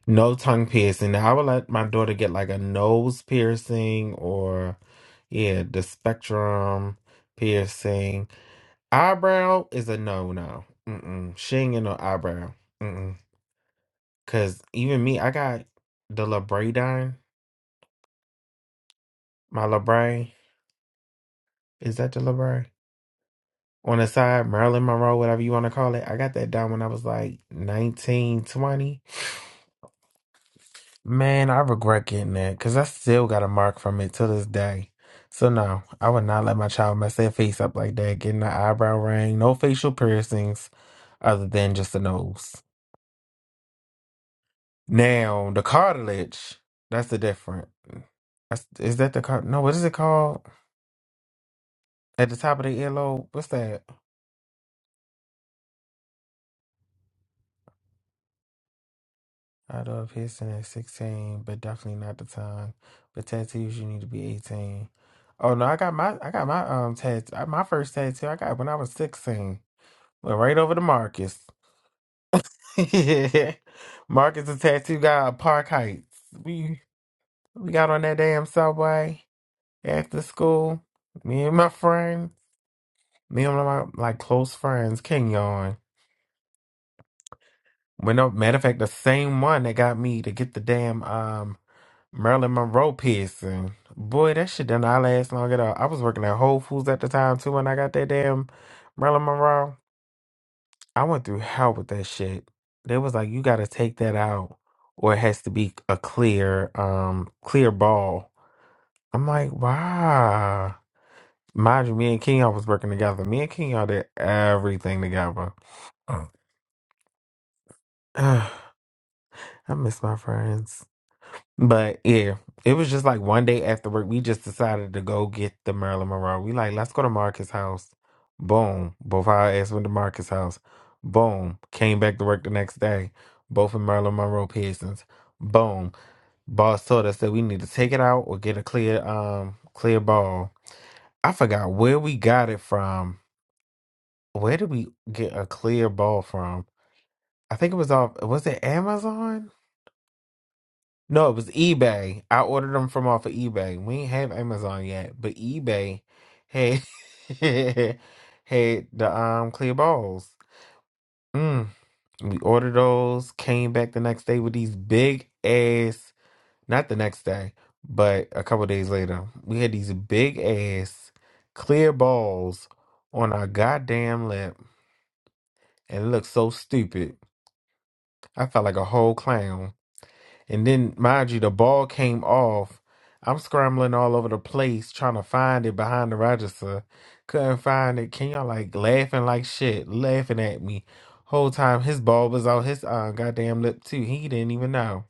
No tongue piercing. Now, I would let my daughter get like a nose piercing or, yeah, the spectrum piercing. Eyebrow is a no no. Mm-mm. She ain't getting no eyebrow. Mm-mm. Cause even me, I got the labradine, my labray. Is that the library? On the side, Marilyn Monroe, whatever you want to call it. I got that done when I was like 19, 20. Man, I regret getting that because I still got a mark from it to this day. So, no, I would not let my child mess their face up like that, getting an eyebrow ring, no facial piercings other than just the nose. Now, the cartilage, that's the different. That's, is that the car? No, what is it called? At the top of the earlobe? What's that? I don't know if Houston is 16, but definitely not the time. But tattoos, you need to be 18. Oh no, I got my I got my um tat my first tattoo I got when I was 16. Went right over to Marcus. Yeah. Marcus the tattoo guy at Park Heights. We we got on that damn subway after school. Me and my friend, me and my like close friends, King Yon. When no matter of fact, the same one that got me to get the damn um Marilyn Monroe piercing. Boy, that shit did not last long at all. I was working at Whole Foods at the time too when I got that damn Marilyn Monroe. I went through hell with that shit. They was like, you gotta take that out or it has to be a clear, um, clear ball. I'm like, wow. Mind you, me and King, I was working together. Me and King, I did everything together. I miss my friends. But yeah, it was just like one day after work, we just decided to go get the Marilyn Monroe. We like, let's go to Marcus' house. Boom. Both our ass went to Marcus' house. Boom. Came back to work the next day. Both in Marilyn Monroe piercings. Boom. Boss told us that we need to take it out or get a clear um clear ball. I forgot where we got it from. Where did we get a clear ball from? I think it was off was it Amazon? No, it was eBay. I ordered them from off of eBay. We ain't have Amazon yet, but eBay had had the um clear balls. Mm. We ordered those, came back the next day with these big ass, not the next day, but a couple days later. We had these big ass clear balls on our goddamn lip and it looked so stupid. I felt like a whole clown. And then, mind you, the ball came off. I'm scrambling all over the place trying to find it behind the register. Couldn't find it. Ken y'all like laughing like shit, laughing at me. Whole time his ball was out his uh, goddamn lip too. He didn't even know.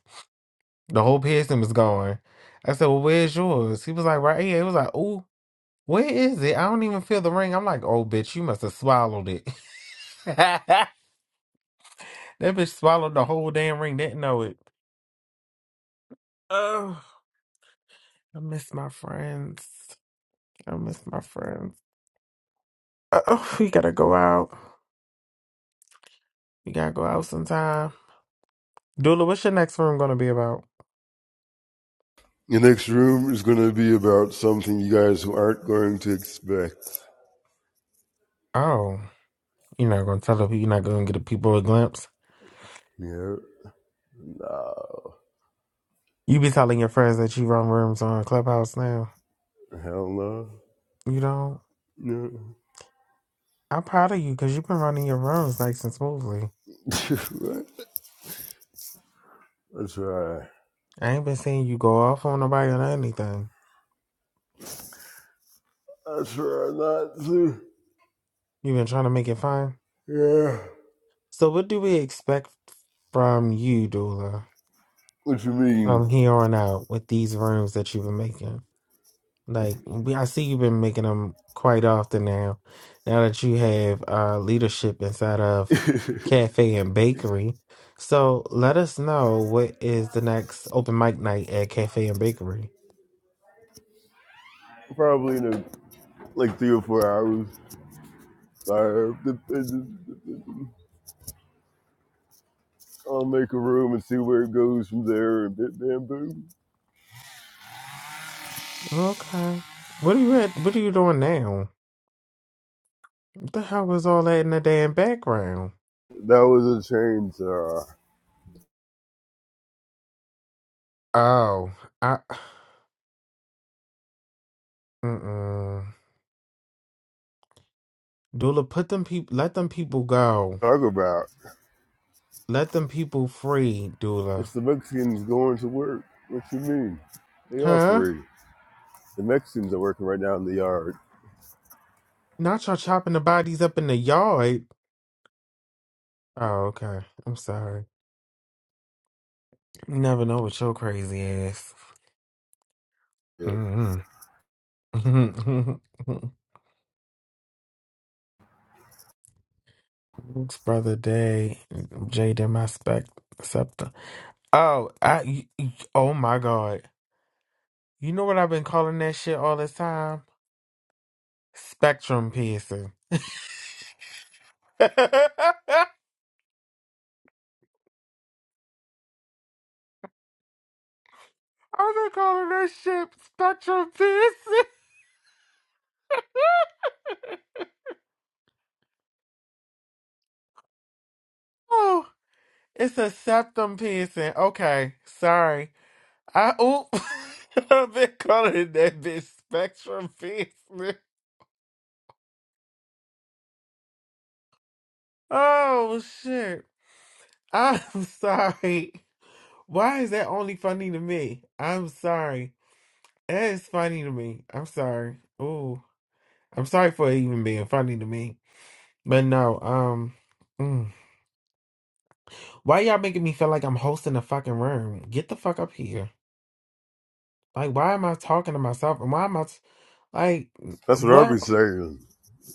The whole piercing was gone. I said, Well, where's yours? He was like, right here. He was like, Ooh, where is it? I don't even feel the ring. I'm like, Oh bitch, you must have swallowed it. that bitch swallowed the whole damn ring, didn't know it. Oh, I miss my friends. I miss my friends. Uh, Oh, we gotta go out. We gotta go out sometime. Dula, what's your next room gonna be about? The next room is going to be about something you guys aren't going to expect. Oh, you're not gonna tell the people. You're not gonna give the people a glimpse. Yeah. Nah. You be telling your friends that you run rooms on Clubhouse now. Hell no. You don't. No. I'm proud of you because you've been running your rooms nice and smoothly. I try. I ain't been seeing you go off on nobody or anything. I try not to. You've been trying to make it fun. Yeah. So, what do we expect from you, Dula, What you mean? from here on out with these rooms that you've been making? Like we- I see you've been making them quite often now. Now that you have uh, leadership inside of cafe and bakery, so let us know what is the next open mic night at cafe and bakery. Probably in a, like three or four hours. I- will make a room and see where it goes from there. And bit bam Okay. What are you at? What are you doing now? What the hell was all that in the damn background? That was a change. to Uh, Oh, I. Mm-mm. Dula, put them people. Let them people go. talk about. Let them people free, Dula. It's the Mexicans going to work. What you mean? They are Huh? free. The Mexicans are working right now in the yard. Not y'all chopping the bodies up in the yard. Oh, okay. I'm sorry. You never know what your crazy ass. Yeah. Mm-hmm. it's brother Day, Jade in my spec scepter. Oh, I. y- y- Oh my God. You know what I've been calling that shit all this time? Spectrum piercing. I've been calling that shit spectrum piercing. Oh, it's a septum piercing. Okay, sorry. I oop. I've been calling that bitch Spectrum Fist. man. Oh shit. I'm sorry. Why is that only funny to me? I'm sorry. That is funny to me. I'm sorry. Ooh. I'm sorry for it even being funny to me. But no, um mm. why y'all making me feel like I'm hosting a fucking room? Get the fuck up here. Like why am I talking to myself and why am I t- like That's what I what? be saying.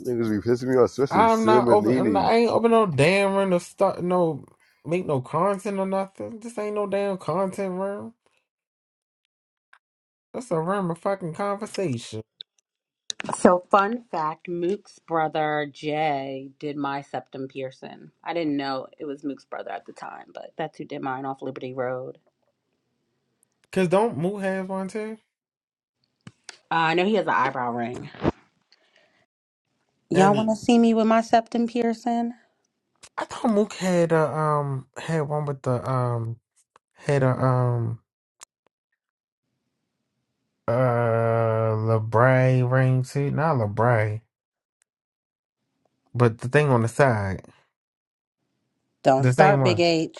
Niggas be pissing me off, especially I'm not open. I'm not, Simonini. I ain't open no damn room to start no make no content or nothing. This ain't no damn content room. That's a room of fucking conversation. So, fun fact Mook's brother Jay did my septum piercing. I didn't know it was Mook's brother at the time, but that's who did mine off Liberty Road. Cause don't Mook have one too? Uh, I know he has an eyebrow ring. Y'all want to And see me with my septum piercing? I thought Mook had a um had one with the um had a um uh LeBray ring too. Not LeBray, but the thing on the side, Don't the same start, Big one. H.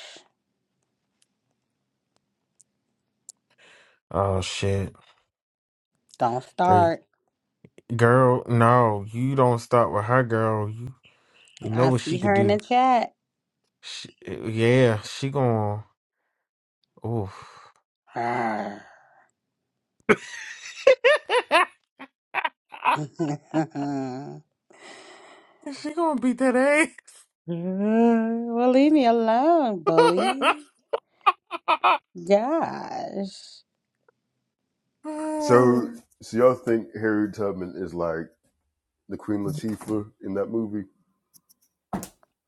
Oh shit, Don't Great. start. girl, no, you don't start with her, girl. You you know I what she see could her in do. the chat. She, yeah, she gonna. Oof. Arr. she gonna beat that well, leave me alone, bully. ass. Gosh. So, so y'all think Harriet Tubman is like the Queen Latifah in that movie?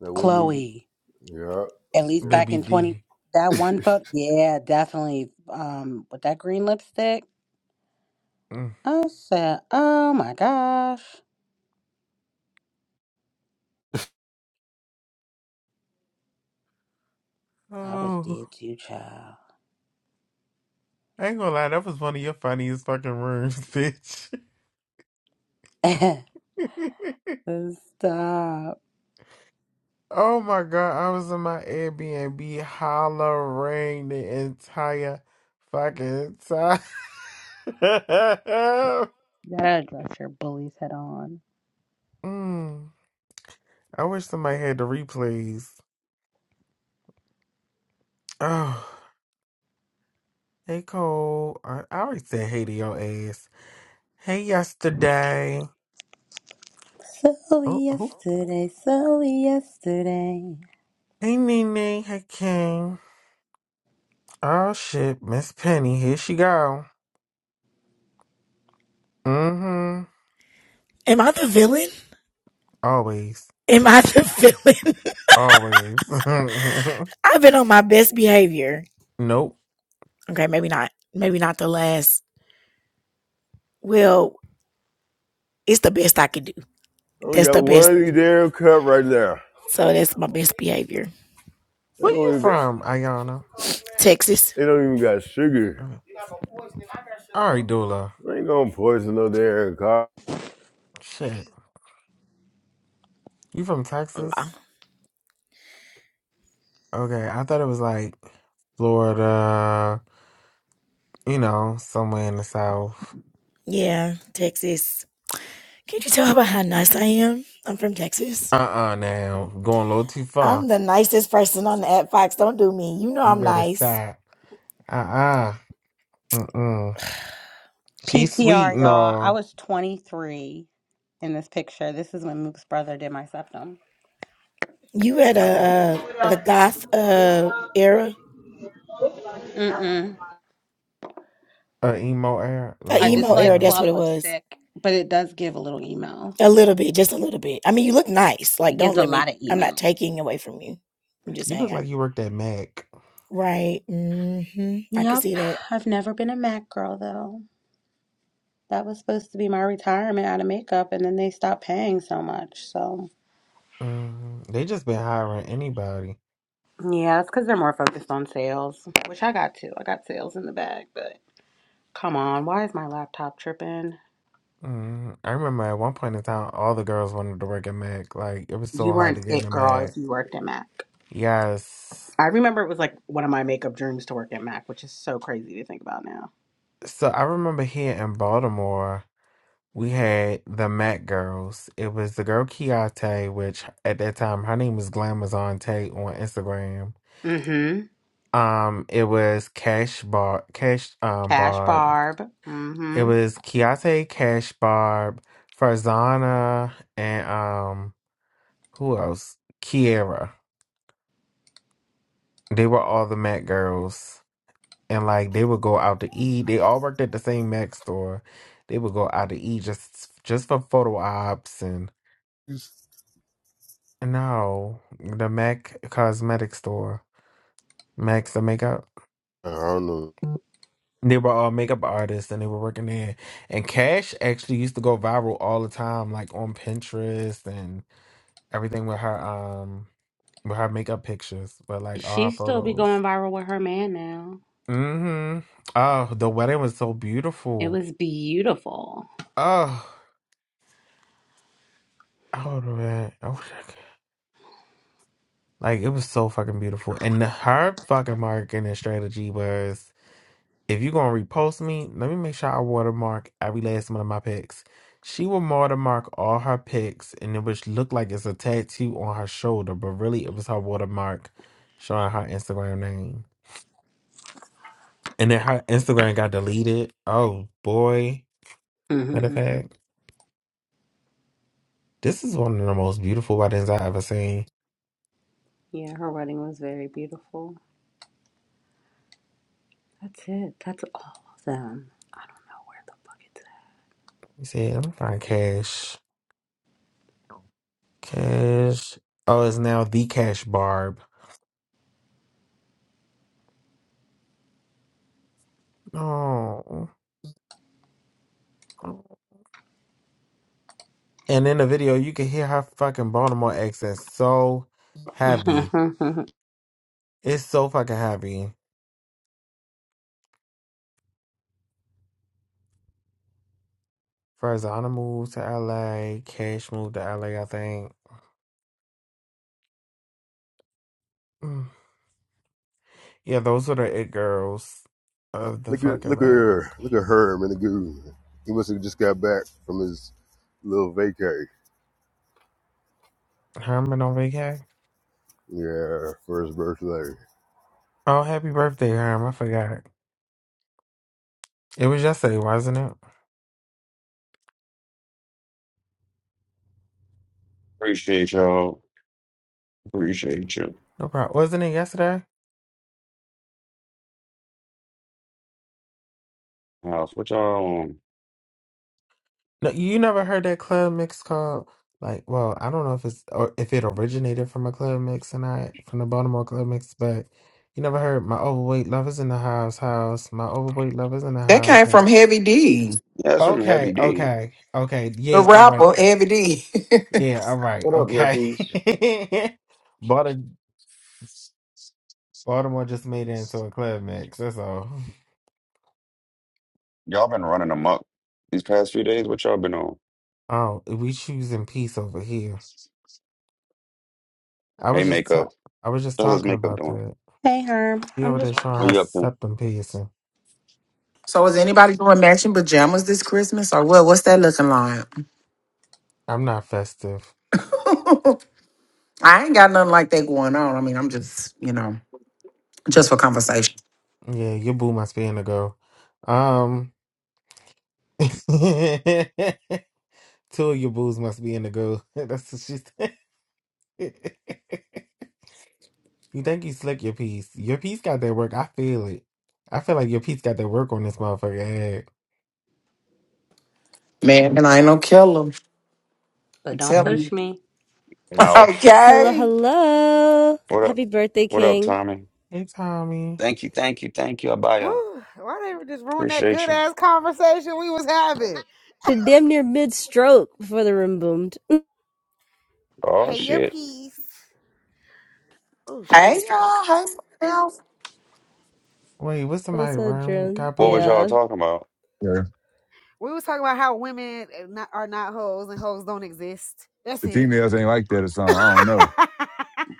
That one movie? Chloe. Yeah, At least yeah. back Baby in 20, D. that one photo, yeah, definitely. Um, with that green lipstick, Mm. I said, oh my gosh, I was Oh, dead too, child. I ain't gonna lie. That was one of your funniest fucking rooms, bitch. Stop. oh my god, I was in my Airbnb hollering the entire fucking time. That dress your bullies head on. mm. I wish somebody had the replays. Oh. Hey Cole, I, I already said hey to your ass. Hey yesterday. So Oh, who? yesterday, so yesterday. Hey Nene. Hey King. Oh shit, Miss Penny. Here she go. Mm-hmm. Am I the villain? Always. Am I the villain? Always. I've been on my best behavior. nope. Okay, maybe not. Maybe not the last. Well, it's the best I could do. I only That's got the best. one damn cup right now. So that's my best behavior. They Where don't you even got, from, Ayana? Texas. they don't even got sugar. Okay. All right, Dula. I ain't gonna poison no damn coffee. Shit. You from Wow. Texas? Okay, I thought it was like Florida, you know, somewhere in the South. Yeah, Texas. Can't you tell about how nice I am? I'm from Texas. Uh-uh now. Going a little too far. I'm the nicest person on the app, Fox. Don't do me. You know You I'm better nice. stop. Uh uh. Mm mm. She's sweet PTR, and y'all. I all. was 23 in this picture. This is when Mook's brother did my septum. You had a a, a goth uh era, Mm-mm. Uh, emo air. a The I Lord emo just era. like emo. That's what plum it was. lipstick, but it does give a little email. A little bit, just a little bit. I mean, you look nice. Like, It don't gives a let me. lot of I'm not email. taking away from you. I'm just You look saying. I, like you worked at Mac. right. hmm I can Yep, see that. I've never been a MAC girl though. That was supposed to be my retirement out of makeup, and then they stopped paying so much. So Mm, they just been hiring anybody. yeah, that's because they're more focused on sales, which I got too. I got sales in the bag, but come on, why is my laptop tripping? Mm, I remember at one point in time, all the girls wanted to work at Mac. Like, it was You so hard to weren't get it into girl if Mac. you worked at MAC. Yes. I remember it was like one of my makeup dreams to work at MAC, which is so crazy to think about now. So I remember here in Baltimore, we had the Mac girls. It was the girl Kiate, which at that time, her name was Glamazon Tate on Instagram. Mm-hmm. Um, it was Cash Bar, Cash um Cash Barb. Barb. It Mm-hmm. was Keate, Cash Barb, Farzana, and um, who else? Kiera. They were all the Mac girls, and like they would go out to eat. They all worked at the same Mac store. They would go out to eat just just for photo ops and no, the Mac cosmetic store, Mac's the makeup. I don't know. They were all makeup artists and they were working there. And Cash actually used to go viral all the time, like on Pinterest and everything with her um with her makeup pictures, but like all She her still be going photos. viral with her man now. Mm-hmm. Oh, the wedding was so It beautiful. was beautiful. Oh, oh man. I wish I could. Like it was so fucking beautiful. And her fucking marketing strategy was if you're gonna repost me, let me make sure I watermark every last one of my pics. She will watermark all her pics, and it would look like it's a tattoo on her shoulder, but really it was her watermark showing her Instagram name. And then her Instagram got deleted. Oh boy, matter of fact, this is one of the most beautiful weddings I ever seen. Yeah, her wedding was very beautiful. That's it. That's all of them. Now where You see, let me find Cash. Cash. Oh, it's now the Cash Barb. Oh. oh. And in the video, you can hear her fucking Baltimore accent so the fuck heavy. is that? It's so fucking heavy. Farzana moved to LA. Cash moved to LA, I think. Mm. Yeah, those were the it girls of the Look at fucking look at man. her, look at Herm and the goo. He must have just got back from his little vacay. Herman on vacay. Yeah, for his birthday. Oh, happy birthday, Herm. I forgot. It was yesterday, wasn't it? Appreciate y'all. Appreciate you. No problem. Wasn't it yesterday? House, what y'all on? No, you never heard that club mix called like, well, I don't know if it's or if it originated from a club mix and not from the Baltimore club mix, but you never heard my overweight lovers in the house, house, my overweight lovers in the That house. came from house." Heavy D, Yeah, it's from Okay, Heavy D. okay, okay, the yeah, all right, rapper Heavy D. yeah, all right, What up, your okay. piece? Balti Baltimore just made it into a club mix. That's all. Y'all been running amok these past few days. What y'all been on? Oh, we choosing peace over here. I Hey, was just makeup. ta- I was just Fellas, talking makeup about doing. that. hey, Herb. She I'm over just there showing What her you working. up to? septum piercing. so is anybody doing matching pajamas this Christmas or what? What's that looking like? I'm not festive. I ain't got nothing like that going on. I mean, I'm just, you know, just for conversation. Yeah, your boo must be in the go. Um, two of your boos must be in the go. That's what she said. you think you slick your piece? Your piece got that work. I feel it. I feel like your piece got that work on this motherfucker. head. Man, and I ain't no killer. But I'm don't telling Mm. push you. me. Mouth. Hello, okay. hello. What up? Happy birthday, What up, King. Tommy? Hey, Tommy. Thank you, thank you, thank you. I buy y'all. Whew, why they just ruin that Appreciate good you. ass conversation we was having? Did damn near mid stroke before the room boomed. Oh Hey, your shit. piece. Oh Hey shit. y'all. Hey y'all. Wait, what's the my What's up, room Dren? got What was boomed? y'all Yeah. talking about? Yeah. We was talking about how women eh, not, are not hoes and hoes don't exist. That's The it. females ain't like that or something. I don't know.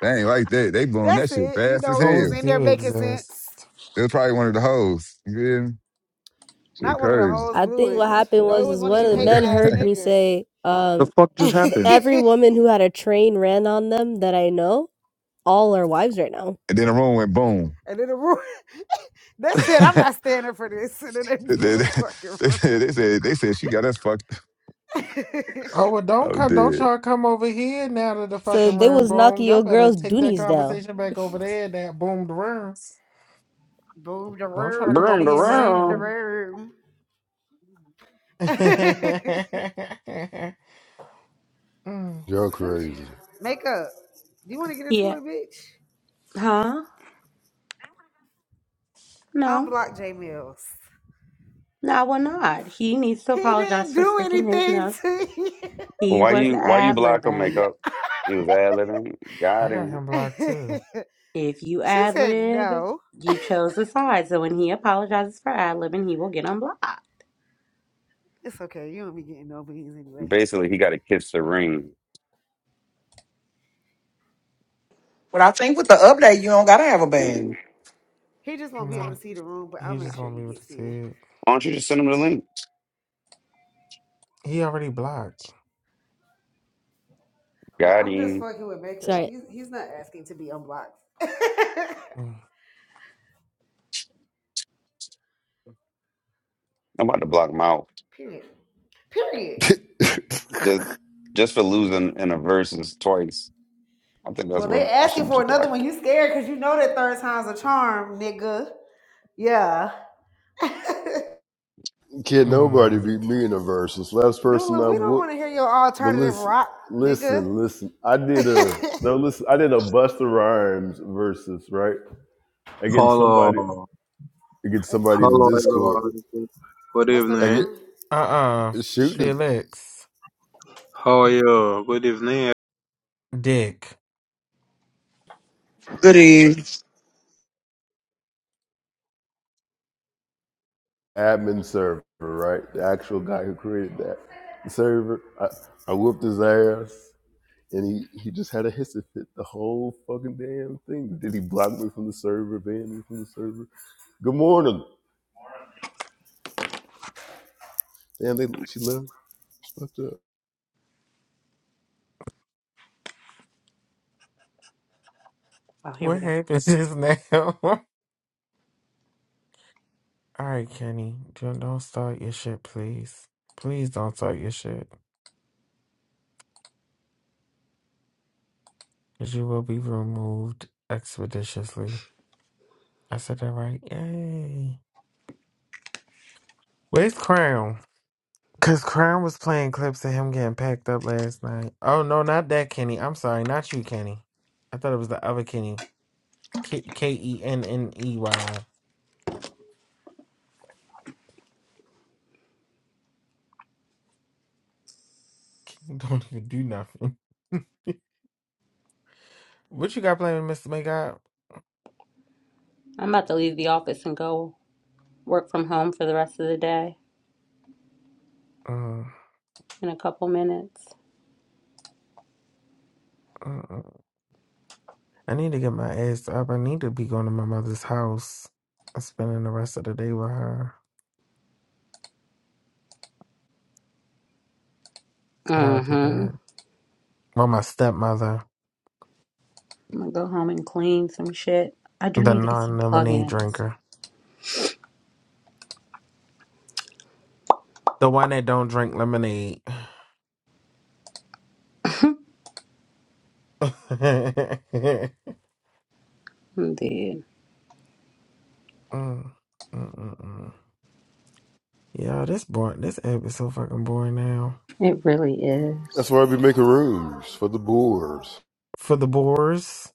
They ain't like that. They blowing That's that shit it. You fast as know, we were just Hoes hell. in there do making sense. exist. They was probably one of the hoes. You feel me? Shit Not one of the crazy. hoes I blew think it. what happened No, was it was is one of one of you Oh the my hating men God. ass heard me niggas. say, The um, fuck just th- happened? every woman who had a train ran on them that I know, all are wives right now. And then the room went boom. and then the room, they said, I'm not standing for this. And then they They, blew they, the fucking they said, they said they said she got us fucked. up. room. Oh well, don't Oh, come, don't dead. y'all come over here now to the So fucking they room was knocking boom. Y'all your better girls' take that doonies down. conversation back over there. That boomed room. Boom the Don't try to come room. over Broom the here Boom the now. room. room. Who mm, Y'all child? crazy. Makeup. Do you want to get into Yeah. it, bitch? Huh? No. Unblock J Mills. No, I will not. He needs to He apologize didn't for do sticking his anything nose. to you. He Why was you why you blocked him ad-libbing. makeup? He was ad libbing. I Got got him. him blocked too. If you she said, ad-lib, no. you chose a side. So when he apologizes for ad-libbing, he will get unblocked. It's okay. You don't be getting no beans anyway. Basically he gotta kiss the ring. But I think with the update, you don't gotta have a Mm. bang. He just won't be able to No, see the room, but I'll he make just sure won't he be able to gets see in. it. Why don't you just send him the link? He already blocked. No, God, he I'm just fucking with Makeup. Sorry, He's he's not asking to be unblocked. Mm. I'm about to block him out Period. Period. just just for losing in a versus twice. I think that's Well, they where I asking should for just block. another one. You scared because you know that third time's a charm, nigga. Yeah. Can't nobody Mm. beat me in a versus. Last person Dula, I we don't would. want to hear your But alternative listen, rock, nigga. listen, listen. I did a no. Listen, I did a Buster Rhymes versus right against Hello, somebody against Uh, somebody in the hello Discord. everyone. Good Busta I evening. get Rhymes. Uh-uh. shoot. the. Felix. How are you? Good evening Dick. Good evening. admin server, right? The actual guy who created that server. I, I whooped his ass, and he, he just had a hissy fit the whole fucking damn thing. Did he block me from the server, ban me from the server? Good morning. Damn, they, she left. Fucked up. Oh, here we What go. happened just now? All right, Kenny. Don't, don't start your shit, please. Please don't start your shit. Because you will be removed expeditiously. I said that right. Yay. Where's Crown? Cause Crown was playing clips of him getting packed up last night. Oh no, not that Kenny. I'm sorry, not you, Kenny. I thought it was the other Kenny. K K E N N E Y. Kenny don't even do nothing. what you got playing, Mr. Makeup? I'm about to leave the office and go work from home for the rest of the day Up? Uh, in a couple minutes. uh, I need to get my ass up. I need to be going to my mother's house. I'm spending the rest of the day with her. So I'll do Mm-hmm. that. Well, my stepmother, I'm gonna go home and clean some shit. I do the need to get some non lemonade plugins. drinker, the one that don't drink lemonade. Indeed. Uh, uh, uh, uh. Yeah, this boring. This app is so fucking boring now. It really is. That's why I be making rooms for the boards. For the boars.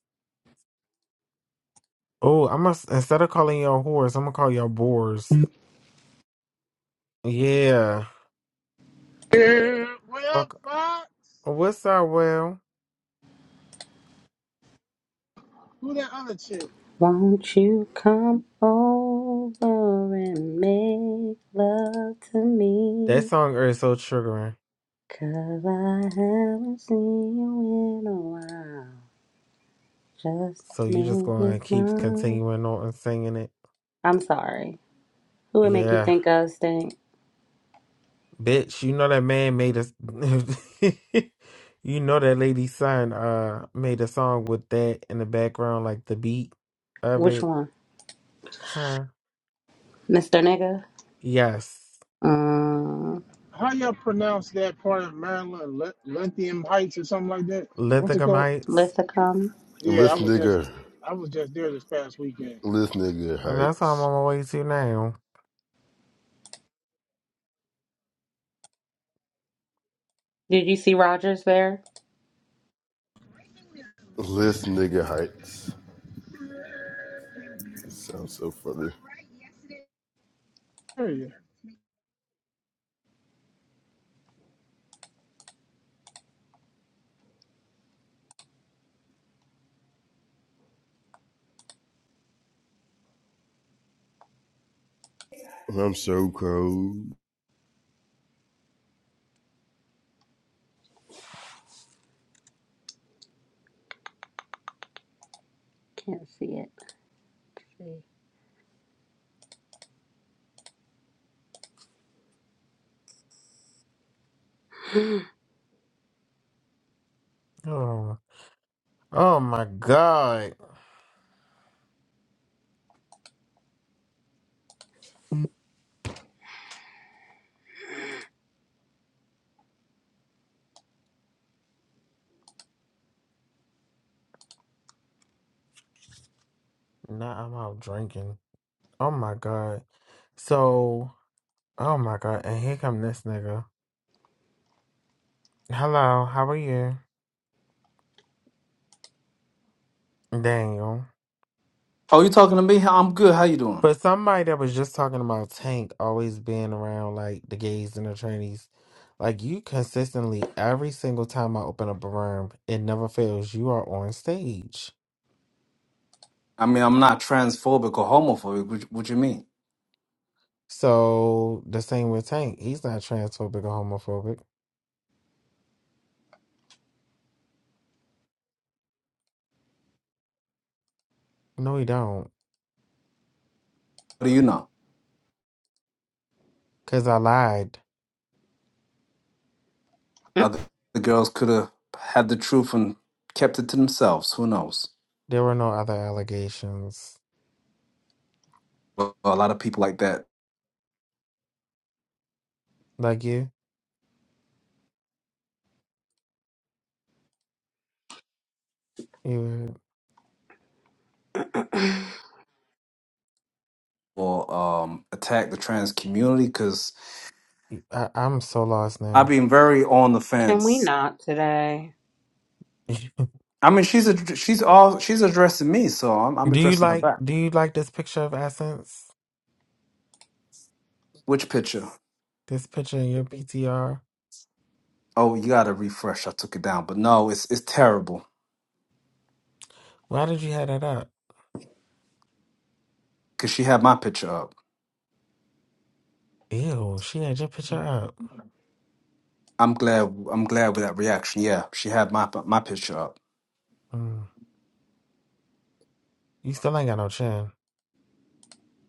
Oh, I must instead of calling y'all whores, I'm gonna call y'all boars. Yeah. Yeah, well, Fuck. fuck. What's that? Well, Who that other chick? Won't you come over and make love to that me? song is so triggering. Cause I haven't seen you in a while. Just So to you just make you gonna keep smile. continuing on and singing it? I'm sorry. Who would make you Yeah, think of stink? bitch. You know that man made us. you know that lady son uh made a song with that in the background, like the beat of Which it. one? Huh? Mr. Nigga? Yes. Uh, How y'all pronounce that part of Maryland? L- Lithium Heights or something like that? What's it called? Lithicamites. Letha Yeah, I List was just, nigger. I was just there this past weekend. List nigger And that's how I'm heights. on my way to now. Did you see Rogers there? List nigger heights. It sounds so funny. There you are. I'm so cold. Can't see it. Oh, oh my God. Now I'm out drinking. Oh my God. So, oh my God. And here come this nigga. Hello, how are you? Daniel. Oh, you talking to me? I'm good. How you doing? But somebody that was just talking about Tank always being around like the gays and the trannies, like you consistently, every single time I open up a room, it never fails. You are on stage. I mean, I'm not transphobic or homophobic. What, what you mean? So the same with Tank. He's not transphobic or homophobic. No, he don't. What do you know? Cause I lied. Let's Other the girls could have had the truth and kept it to themselves. Who knows? There were no other allegations. Well, a lot of people like that Like you, you. see. will um, attack the trans community because I, I'm so lost I've now. been very on the Can we fence. not today? do I mean, she's a, she's all she's addressing me, so I'm, I'm you addressing her like? back. Do you like this picture of Essence? Which picture? This picture in your PTR. Oh, you got to refresh. I took it down, but no, it's it's terrible Why did you have that up? because she had my picture up. Ew, she had your picture up. I'm glad. I'm glad with that reaction. Yeah, she had my my picture up. Mm. You still ain't got no chin.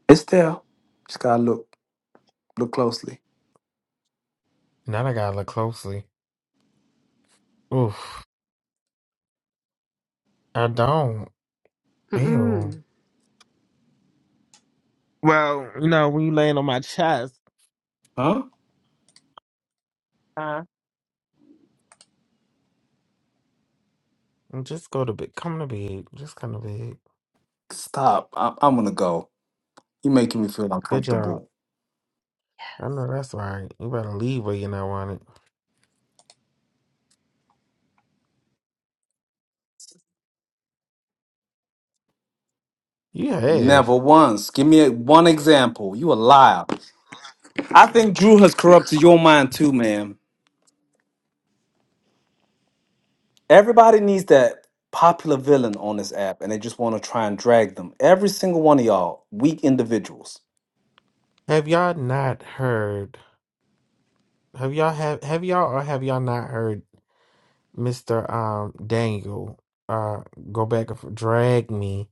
It's there. Just gotta look look closely. Now I gotta look closely. Oof, I don't. Ew. see. Well, you know when you laying on my chest. Huh? And Just go to bed. Come to bed. Just come to bed. Stop. I, I'm gonna go. You're making me feel Good job. uncomfortable. I know that's right. You better leave where you're not wanted. You Never have. once. Give me a, one example. You a liar. I think Drew has corrupted your mind too, man. Everybody needs that popular villain on this app, and they just want to try and drag them. Every single one of y'all, weak individuals. Have y'all not heard? Have y'all have have y'all or have y'all not heard Mr. Um Daniel uh go back and f- drag me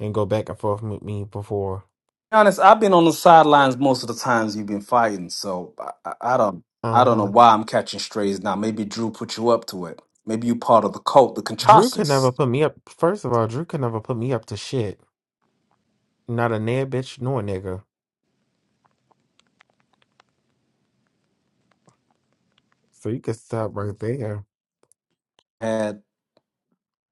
and go back and forth with me before? honest, I've been on the sidelines most of the times you've been fighting, so I, I I don't, I don't know Uh-huh. why I'm catching strays now. Maybe Drew put you up to it. Maybe you part of the cult, the Drew could Conchasas. never put me up. First of all, Drew could never put me up to shit. Not a nag bitch nor a nigga. So you can stop right there. Had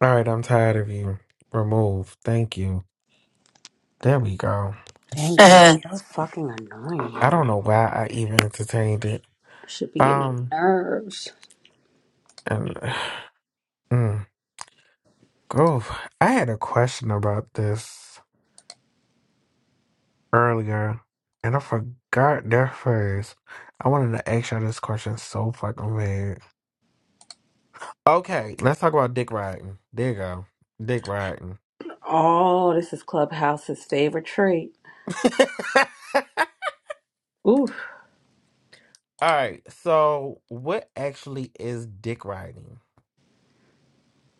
All right, I'm tired of you. Remove. Thank you. There we go. Thank you. So fucking annoying. I don't know why I even entertained it. Should be getting on Um, my nerves. and mm, Grove, I had a question about this earlier, and I forgot their first. I wanted to ask y'all this question so fucking bad. Okay, let's talk about dick riding. There you go. Dick riding. Oh, this is Clubhouse's favorite trait. Oof. All right, so what actually is dick riding?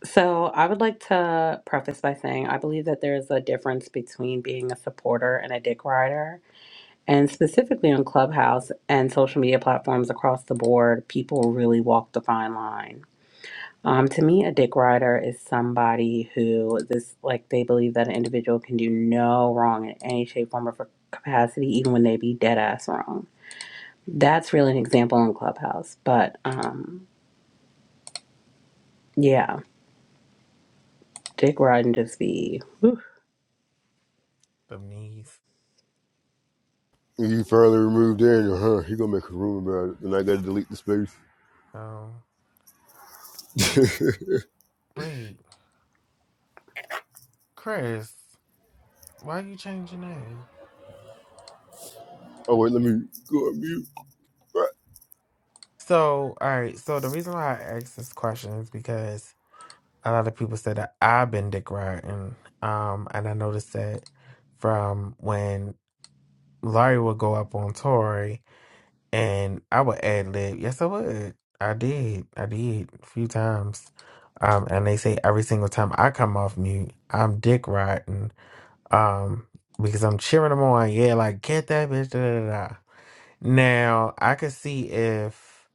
So I would like to preface by saying I believe that there is a difference between being a supporter and a dick rider. And specifically on Clubhouse and social media platforms across the board, people really walk the fine line. Um, to me, a dick rider is somebody who this like they believe that an individual can do no wrong in any shape, form, or capacity, even when they be dead ass wrong. That's really an example in Clubhouse, but um, yeah, dick riding just be The knees. You finally removed Daniel, huh? He gonna make a room about it, and I gotta delete the space. Um, wait. Chris, why you change your name? oh wait, let me go on mute. Right. So, all right. So the reason why I asked this question is because a lot of people said that I've been dick riding, um, and I noticed that from when Larry would go up on Tory, and I would ad lib. Yes, I would. I did. I did a few times. Um, and they say every single time I come off mute, I'm dick riding. Um, because I'm cheering them on. Yeah, like get that bitch. Da, da, da. da." Now, I could see if,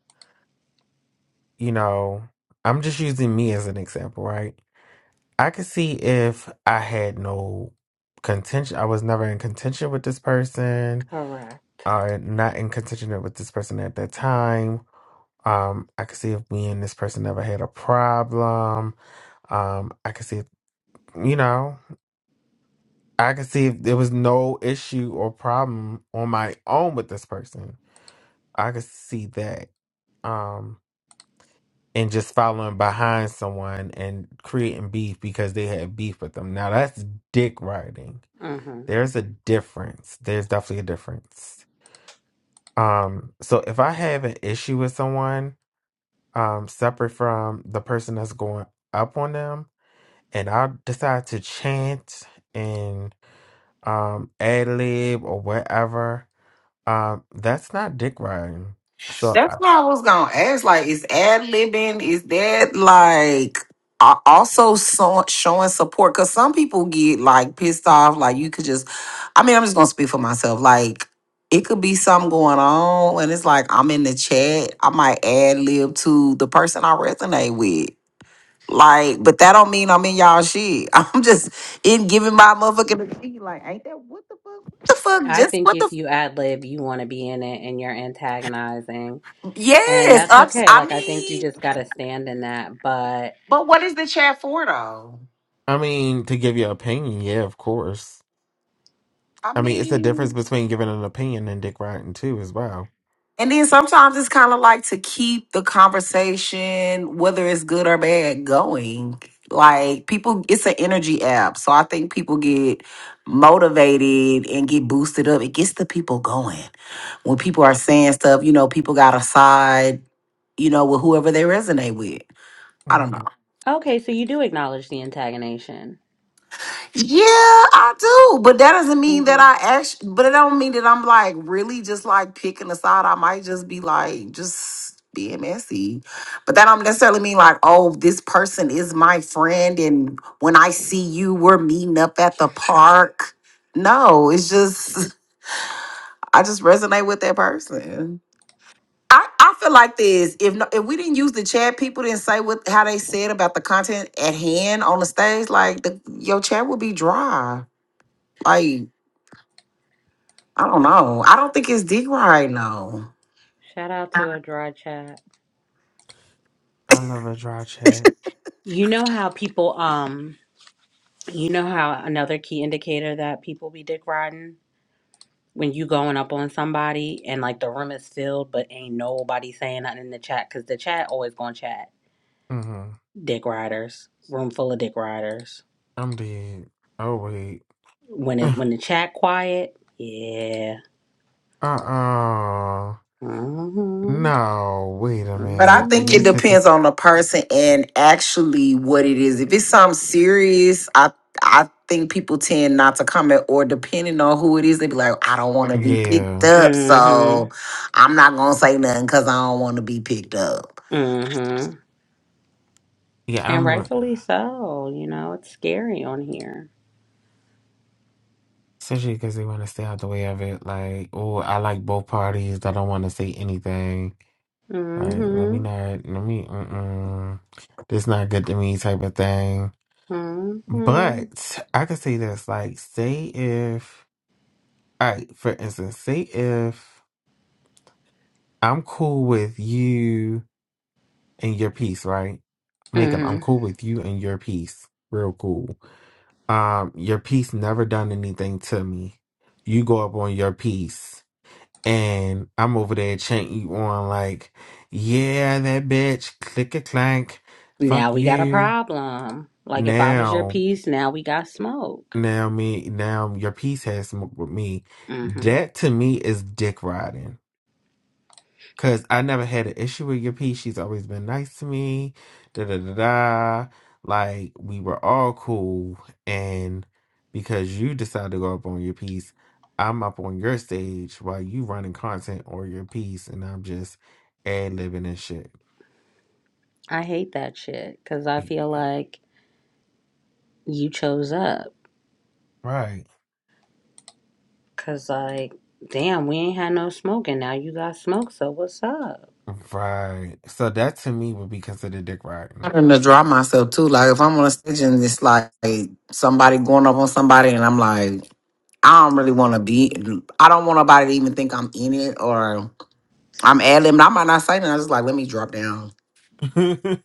you know, I'm just using me as an example, right? I could see if I had no contention, I was never in contention with this person, correct. or not in contention with this person at that time. Um, I could see if me and this person never had a problem. Um, I could see, if, you know, I could see if there was no issue or problem on my own with this person. I could see that. Um, and just following behind someone and creating beef because they had beef with them. Now that's dick riding. hmm There's a difference. There's definitely a difference. Um, so if I have an issue with someone, um, separate from the person that's going up on them, and I decide to chant and um ad lib or whatever, um, that's not dick riding. So That's I, what I was gonna ask. Like, is ad libbing? Is that like a- also so, showing support? Because some people get like pissed off. Like, you could just. I mean, I'm just gonna speak for myself. Like, it could be something going on, and it's like I'm in the chat. I might ad lib to the person I resonate with. Like, but that don't mean I'm in y'all shit. I'm just in giving my motherfucking opinion. Like, ain't that what the fuck? What the fuck? I Just think what the? if F- you ad lib, you want to be in it, and you're antagonizing, and yes, that's ups. okay. I Like I think you mean. just gotta stand in that. But But what is the chat for though? I mean, to give your opinion, yeah, of course I I mean, it's the difference mean, between giving an opinion and dick riding too, as well. and then sometimes it's kind of like to keep the conversation, whether it's good or bad, going. Like people, it's an energy app, so I think people get motivated and get boosted up. It gets the people going when people are saying stuff. You know, people got a side. You know, with whoever they resonate with. I don't know. Mm, okay, so you do acknowledge the antagonization. Yeah, I do, but that doesn't mean that hmm I actually. But it don't mean that I'm like really just like picking a side. I might just be like just being messy, but that don't necessarily mean like oh this person is my friend, and when I see you, we're meeting up at the park. No, it's just I just resonate with that person. I, I feel like this. If no, if we didn't use the chat, people didn't say what how they said about the content at hand on the stage. Like the, your chat would be dry. Like I don't know. I don't think it's D right now. Shout out to a dry chat. I love a dry check. You know how people um you know how another key indicator that people be dick riding when you going up on somebody and like the room is filled but ain't nobody saying nothing in the chat cuz the chat always going to chat hmm dick riders room full of dick riders I'm dead. Oh wait. when it when the chat quiet yeah Uh uh mhm No, wait a But I minute. think it You mhm cause the, depends on the person and actually what it is. If it's something serious, I I think people tend not to comment or depending on who it is, they be like, I don't want to be Mm. picked yeah up, so mhm I'm not gonna say nothing because I don't want to be picked up. mhm yeah and I'm rightfully so you know it's scary on here especially because they want to stay out the way of it. Like oh I like both parties. I don't want to say anything. Like let me mhm not let me mm this not good to me type of thing. mhm But I could say this like say if. All right, for instance, say if I'm cool with you and your piece, right? Makeup, mhm I'm cool with you and your piece. Real cool. Um, your piece never done anything to me. You go up on your piece and I'm over there chanting you on like, yeah, that bitch, click a clank, Now fuck we got a you. problem. Like if I was your Now, piece, now we got smoke. now me, now your piece has smoke with me. hmm That to me is dick riding Cause I never had an issue with your piece. She's always been nice to me. Da da da da. Like we were all cool. And because you decided to go up on your piece, I'm up on your stage while you running content or your piece, and I'm just ad libbing and shit. I hate that shit because I feel like you chose up. Right. Cause like, damn, we ain't had no smoke and now you got smoke. So what's up? Right. So that to me would be considered dick I'm riding. trying to draw myself too. Like if I'm on a stage and it's like somebody going up on somebody and I'm like, I don't really want to be. I don't want nobody to even think I'm in it, or I'm ad libbing. I might not say nothing. I just like, let me drop down.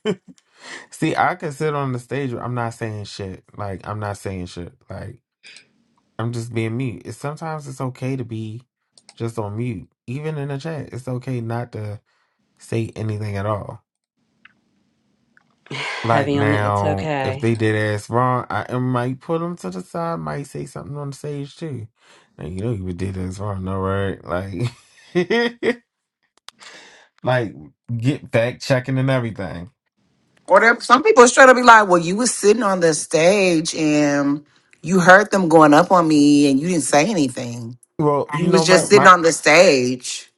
See, I can sit on the stage. where I'm not saying shit. Like I'm not saying shit. Like. I'm just being mute. It's sometimes it's okay to be just on mute. Even in the chat, it's okay not to say anything at all. Like Heavy on the. It's now, if okay. they did ask wrong, I I might put them to the side, might say something on the stage too. Now you know you did this wrong, no right? Like, like get fact checking and everything. Or there, some people straight up be like, well, you was sitting on the stage and you heard them going up on me and you didn't say anything. Well, You you was know my just sitting my on the stage.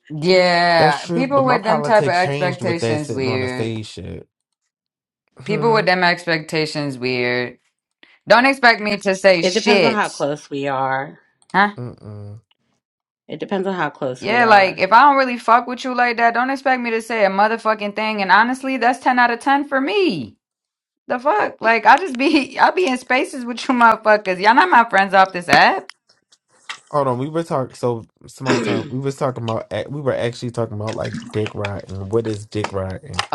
that's Yeah, true, but people my with them type of politics changed with that expectations sitting on the weird. stage shit. People with Hmm. them expectations weird. Don't expect me to say It depends on shit. how close we are. Huh? Mm-mm. It depends on how close we Yeah, like are. if I don't really fuck with you like that, don't expect me to say a motherfucking thing. And honestly, that's ten out of ten for me. The fuck? Like I just be I be in spaces with you motherfuckers. Y'all not my friends off this app. Hold on, we were talking. So smart time. oh We was talking about. ac- We were actually talking about like dick riding. What is dick riding?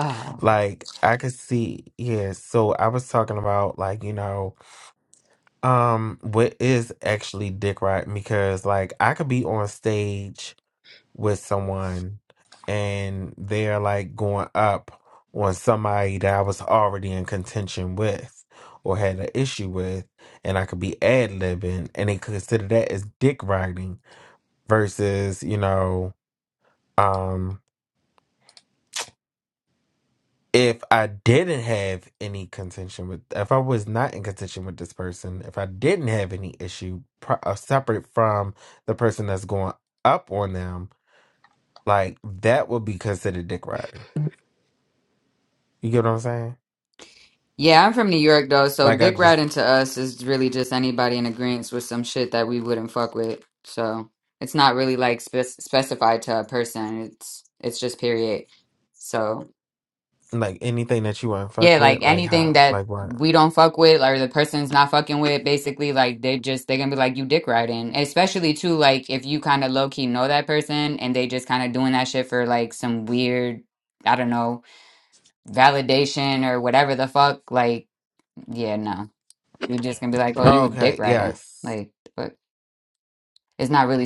Like I could see. Yeah. So I was talking about like you know um what is actually dick riding because like I could be on stage with someone and they're like going up on somebody that I was already in contention with or had an issue with, and I could be ad libbing, and they consider that as dick riding versus you know um if i didn't have any contention with if i was not in contention with this person if i didn't have any issue pro- uh, separate from the person that's going up on them like that would be considered dick riding you get what i'm saying Yeah, I'm from New York though, so like i dick just riding to us is really just anybody in agreement with some shit that we wouldn't fuck with. So it's not really like spec specified to a person. It's it's just period. So like anything that you want to fuck yeah, like with like anything how that like what we don't fuck with or the person's not fucking with, basically like they just they're gonna be like you dick riding. Especially too like if you kind of low key know that person and they just kind of doing that shit for like some weird I don't know validation or whatever the fuck like. Yeah, no. You're just gonna be like, oh, you were dick okay riding. yes Like, but it's not really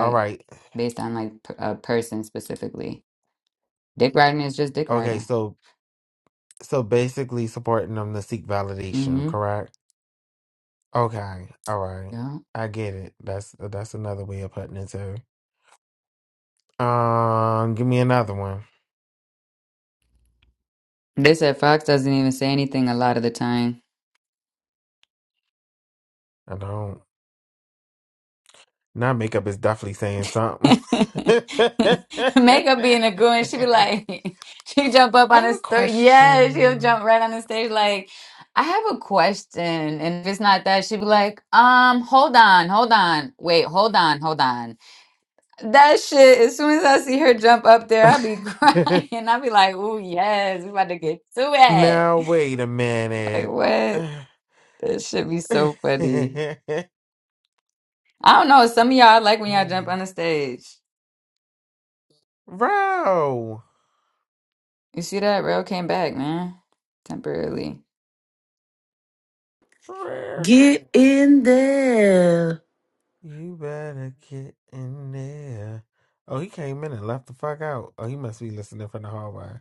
all right based on like p- a person specifically. Dick riding is just dick okay riding. so so basically supporting them to seek validation Mm-hmm. correct Okay. All right. Yeah. I get it. That's that's another way of putting it too. Um, give me another one. They said Fox doesn't even say anything a lot of the time. I don't. Now makeup is definitely saying something. I Makeup being a goon, she be like, she jump up on the have a stage. Yeah, she'll question. jump right on the stage like, I have a question. And if it's not that, she be like, um, hold on, hold on. Wait, hold on, hold on. That shit, as soon as I see her jump up there, I'll be crying. I'll be like, oh, yes, we about to get to it. now wait a Like, minute. what? That should be so funny. I don't know. Some of y'all like when y'all jump on the stage. Ro, You see that? Rail came back, man. Temporarily. Get Ro. in there. You better get in there. Oh, he came in and left the fuck out. Oh, he must be listening from the hallway.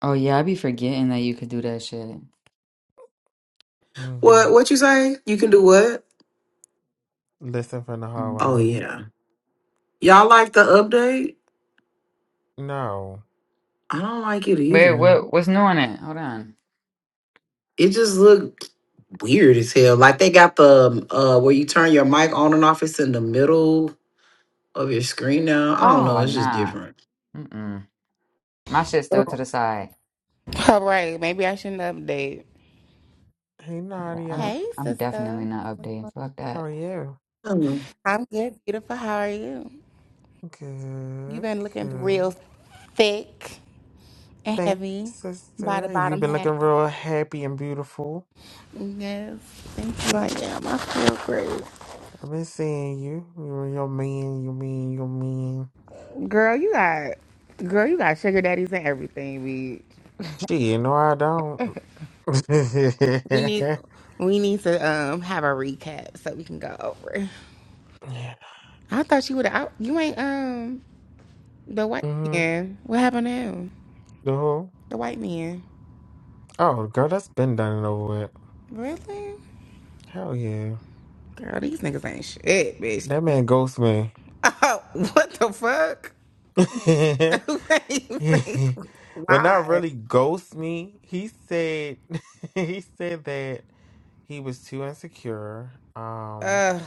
Oh, yeah, I be forgetting that you could do that shit. Mm-hmm. What? What you say? You can do what? Listen from the Oh hallway. hmm yeah. Y'all like the update? No. I don't like it Wait, either. what, what's new on it? Hold on. It just looked weird as hell. Like they got the um, uh where you turn your mic on and off. It's in the middle. of your screen now. I don't know. Oh, It's just nah. different. Mm-mm. My shit's still to the side. All right, maybe I shouldn't update. Hey, Yeah, I'm, Nadia. Hey, I'm definitely sister. not updating. Fuck that. How are you? I don't know. I'm good, beautiful. How are you? You've Good, been looking good. real thick and Thanks, heavy by the sister. You've bottom been half. looking real happy and beautiful. Yes, thank you. I am. I feel great. I've been seeing you. You're your man, you mean, you mean. Girl, you got, girl, you got sugar daddies and everything. We She, no, I don't. we need yeah. we need to um have a recap so we can go over. I thought you would. I- You ain't um the white Mm-hmm. man. What happened to him? The whole. The white man. Oh, girl, that's been done and over with. Really? Hell yeah. Girl, these niggas ain't shit, bitch. That man ghosts me. Oh, what the fuck? wait, wait, well, not why? really ghost me. He said he said that he was too insecure. Um Uh,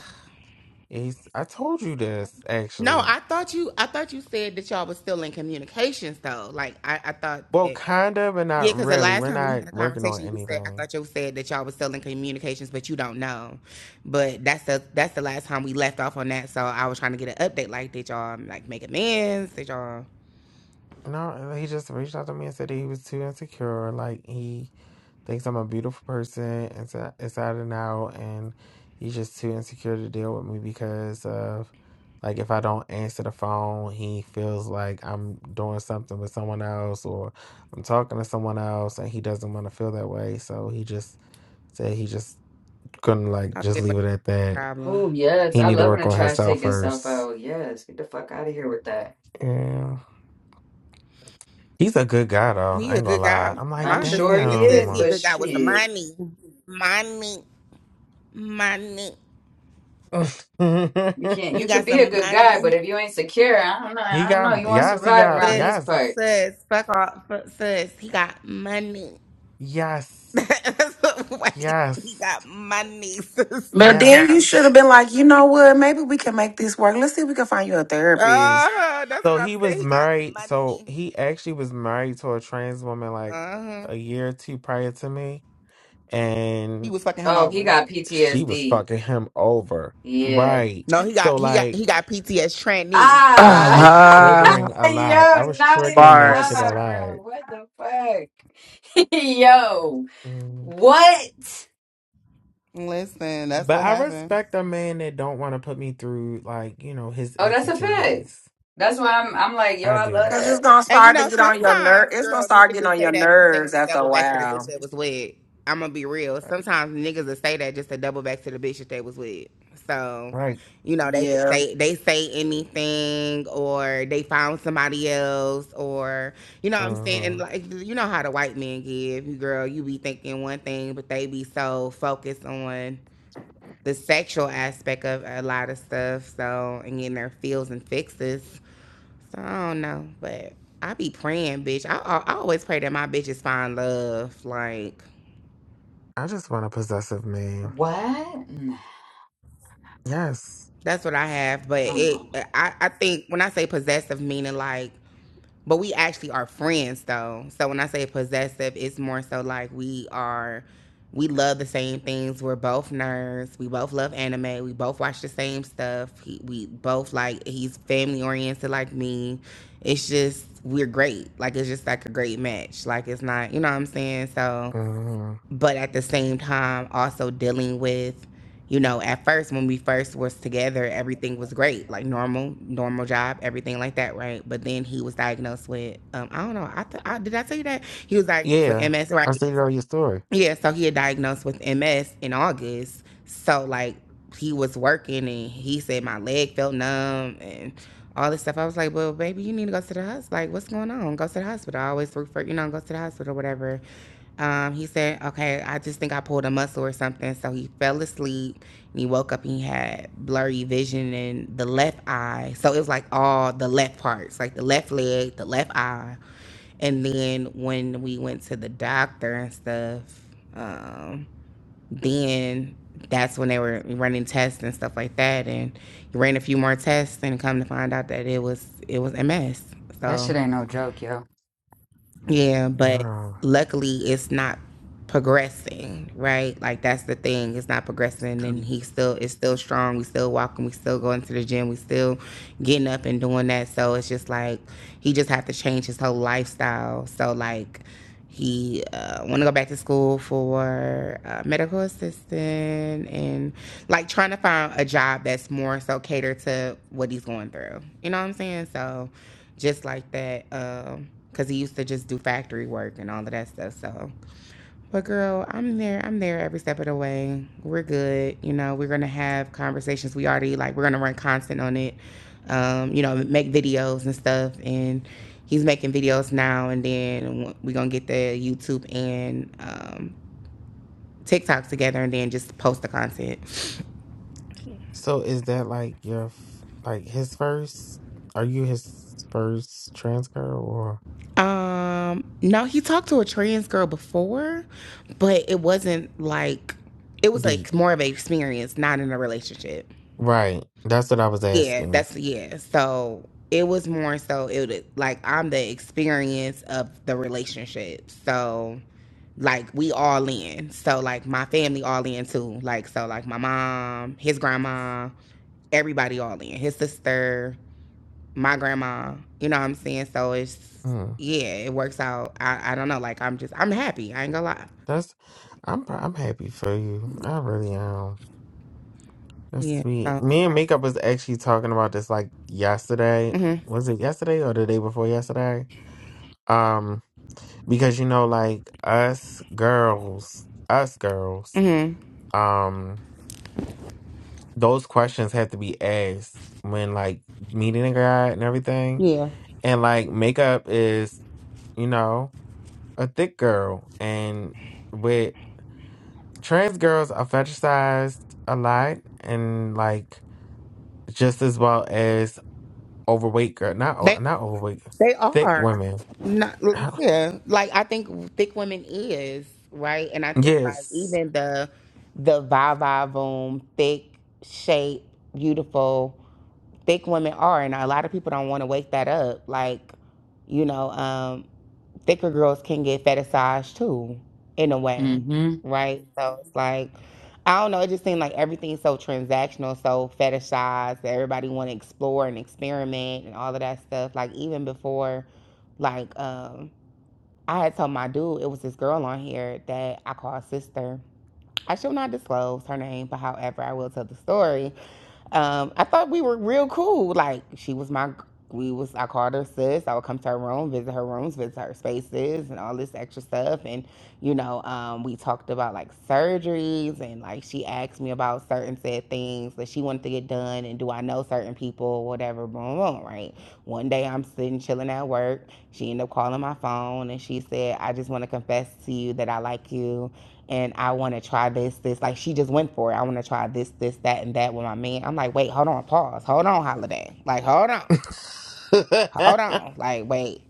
he's I told you this no, actually. I thought you. I thought you said that y'all was still in communications, though. Like, I, I thought Well, that. kind of, but Yeah, not because the really. last We're time we had a not working on conversation, you said I anything. thought you said that y'all was still in communications, but you don't know. But that's the that's the last time we left off on that. So I was trying to get an update. Like, did y'all like make amends? Did y'all? No, uh, he just reached out to me and said that he was too insecure. Like he thinks I'm a beautiful person inside, inside and out, and he's just too insecure to deal with me because of like if I don't answer the phone, he feels like I'm doing something with someone else or I'm talking to someone else, and he doesn't want to feel that way. So he just said he just couldn't like Oh just yeah, what leave it that's at the that. problem? Oh, yes. He I need to love when work a on trash himself take itself first. out. Yes. Get the fuck out of here with that. Yeah. He's a good guy though. He I a ain't gonna good guy. lie. From I'm My like, I'm sure understanding it he says is, damn. he a but good guy with some shit. money. Money. Money. You can't. He You could got be a some good guy, money. but if you ain't secure, I don't know. he I don't know. You got want to yes, he survive got around Sis, these yes, parts. sis, fuck off. Fu- Sis, he got money. yes, That's what Wait, he got yes, money, sis. But then you yes. should have been like, you know what? Maybe we can make this work. Let's see if we can find you a therapist. Uh, that's So what I'm he saying. was He got married. So money. he actually was married to a trans woman like Uh-huh. a year or two prior to me, He and was fucking him Oh, he over. got she was PTSD. fucking him over. Yeah. Right. No, he So got he got he like got PTS tranny. I Yeah. Ah. was Uh, triggering a lot. I Yo, was naughty triggering that shit bars. a stop, lot. bro. What the fuck? Yo. Mm. What? Listen, that's But what I happened. respect a man that don't want to put me through like, you know, his Oh, that's a fact. insecurities. That's why I'm I'm like, yo, I I love do. Cause it's that. gonna And you start to know, get on your nerve. sometimes, It's gonna girl, start niggas getting just on your say that because they nerves want to after a double back to the bitch while. that was with. I'm gonna be real. Right. Sometimes niggas will say that just to double back to the bitch that they was with. So, Right. you know, they just Yeah. say they say anything, or they found somebody else, or you know what I'm saying. Uh, And like, you know how the white men give you, girl. You be thinking one thing, but they be so focused on the sexual aspect of a lot of stuff. So, and getting their feels and fixes. So I don't know, but I be praying, bitch. I, I, I always pray that my bitches find love. Like I just want a possessive man. What? Yes. that's what I have. But Nah. it, I, I think when I say possessive, meaning like, but we actually are friends though. So when I say possessive, it's more so like we are. We love the same things. We're both nerds. We both love anime. We both watch the same stuff. He, we both like he's family oriented like me. It's just we're great. Like it's just like a great match. Like it's not, you know what I'm saying? So hmm but at the same time also dealing with you know at first when we first was together everything was great like normal normal job everything like that right but then he was diagnosed with um i don't know i, th- I did i tell you that he was diagnosed with Yeah. ms I right stated all your story. yeah so he had diagnosed with ms in august so like he was working and he said my leg felt numb and all this stuff i was like well baby you need to go to the hospital like what's going on go to the hospital i always refer you know go to the hospital whatever um, he said, okay, I just think I pulled a muscle or something. So he fell asleep and he woke up and he had blurry vision in the left eye. So it was like all the left parts, like the left leg, the left eye. And then when we went to the doctor and stuff, um, then that's when they were running tests and stuff like that. And he ran a few more tests and come to find out that it was it was MS. That So shit ain't no joke, yo. yeah, but No. luckily it's not progressing, right? Like that's the thing. It's not progressing and he still is still strong. We still walking, we still going to the gym, we still getting up and doing that. So it's just like he just have to change his whole lifestyle. So like he uh, want to go back to school for uh, medical assistant and like trying to find a job that's more so catered to what he's going through. You know what I'm saying? So just like that, because um, he used to just do factory work and all of that stuff. So but girl, I'm there. I'm there every step of the way. We're good. You know, we're gonna have conversations. We already like we're gonna run constant on it. Um, you know, make videos and stuff. And he's making videos now. And then we're gonna get the YouTube and um, TikTok together, and then just post the content. So is that like your f- like his first? Are you his first trans girl or Um, no, he talked to a trans girl before, but it wasn't like it was D? like more of an experience, not in a relationship. Right. That's what I was Yeah, asking. that's yeah. So it was more so it would like I'm the experience of the relationship. So like we all in. So like my family all in too. Like so like my mom, his grandma, everybody all in. His sister, my grandma. You know what I'm saying? So it's Mm. yeah, it works out. I I don't know. Like I'm just I'm happy. I ain't gonna lie. That's. I'm pr- I'm happy for you. I really am. That's Yeah. sweet. So. Me and Makeup was actually talking about this like yesterday. Mhm. Was it yesterday or the day before yesterday? Um. because you know like us girls us girls Mhm. um those questions have to be asked when like meeting a guy and everything Yeah. and like makeup is you know a thick girl and with trans girls are fetishized a lot and like just as well as overweight girl not o- They not overweight They thick are women not, yeah. Like I think thick women is right, and I think like yes even the the va va boom thick shape beautiful thick women are, and a lot of people don't want to wake that up. Like you know, um, thicker girls can get fetishized too, in a way, Mm-hmm. right? So it's like, I don't know. It just seemed like everything's so transactional, so fetishized. That everybody want to explore and experiment and all of that stuff. Like even before, like um, I had told my dude it was this girl on here that I call sister. I shall not disclose her name, but however, I will tell the story. Um, I thought we were real cool. Like she was my, we was. I called her sis. I would come to her room, visit her rooms, visit her spaces, and all this extra stuff. And you know, um, we talked about like surgeries, and like she asked me about certain said things that she wanted to get done, and do I know certain people, whatever, boom, boom, right. One day I'm sitting chilling at work. She ended up calling my phone, and she said, "I just want to confess to you that I like you." and I want to try this, this. Like she just went for it. I want to try this, this, that, and that with my man. I'm like, wait, hold on, pause, hold on, holiday. Like, hold on, hold on. Like, wait,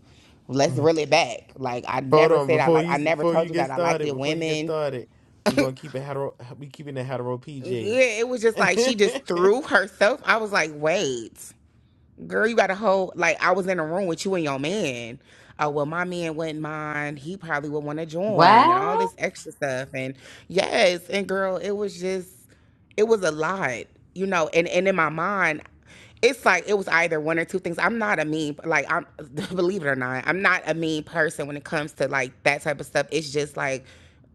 let's reel it back. Like, I Hold never on, said I before like. you I never before you told you get that I liked started, it, before you get women. started, we're gonna keep it hetero. We keeping it hetero PG. Yeah, it was just like she just threw herself. I was like, wait. Girl, you got a whole like I was in a room with you and your man. Oh well, my man wouldn't mind. He probably would want to join and all What? this extra stuff. And yes, and girl, it was just it was a lot, you know. And and in my mind, it's like it was either one or two things. I'm not a mean like I'm believe it or not, I'm not a mean person when it comes to like that type of stuff. It's just like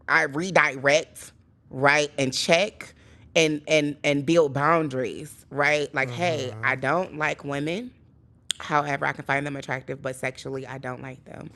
I redirect, right, and check and and and build boundaries, right? Like, hey, I Mm-hmm. don't like women. However, I can find them attractive, but sexually, I don't like them.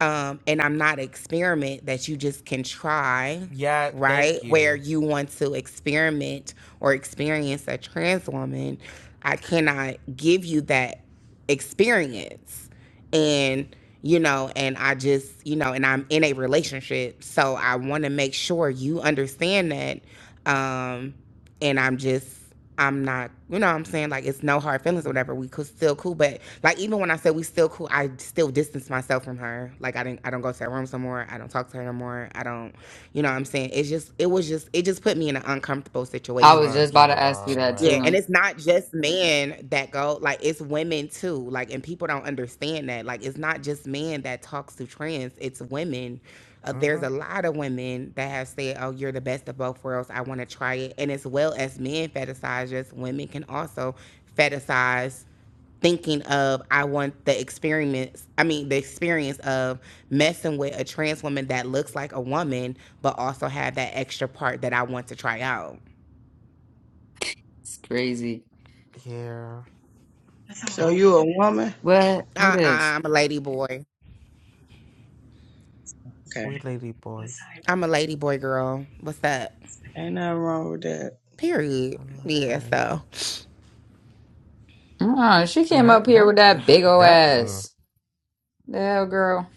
Um, and I'm not an experiment that you just can try, Yeah, right? thank Where you. you want to experiment or experience a trans woman, I cannot give you that experience. And, you know, and I just, you know, and I'm in a relationship. So I want to make sure you understand that. Um, and I'm just I'm not, you know what I'm saying? Like, it's no hard feelings or Mhm. whatever. We could still cool. But, like, even when I said we still cool, I still distance myself from her. Like, I didn't, I don't go to her room some more. I don't talk to her no more. I don't, you know what I'm saying? It's just, it was just, it just put me in an uncomfortable I it was situation. just rubbed about you the to ask you wrong that Yeah, way. and too. it's not just men that go, like it's women too. Like and people don't understand that. Like it's not just men that talks to trans, it's women. Uh, mm there's a Mhm. lot of women that have said, "Oh, you're the best of both worlds. I want to try it." And as well as men fetishize just women can also fetishize thinking of I want the experience I mean the experience of messing with a trans woman that looks like a woman but also have that extra part that I want to try out. It's crazy. Yeah. So Oh, you a woman? What? Who Uh-uh, this? I'm a lady boy. Okay. we lady boys. I'm a lady boy girl. What's up? Ain't nothing wrong with that. Period. Oh, no, that's Yeah, right. so. Oh, she came up Not here that with that big ol' that ain't- ass. The hell, girl.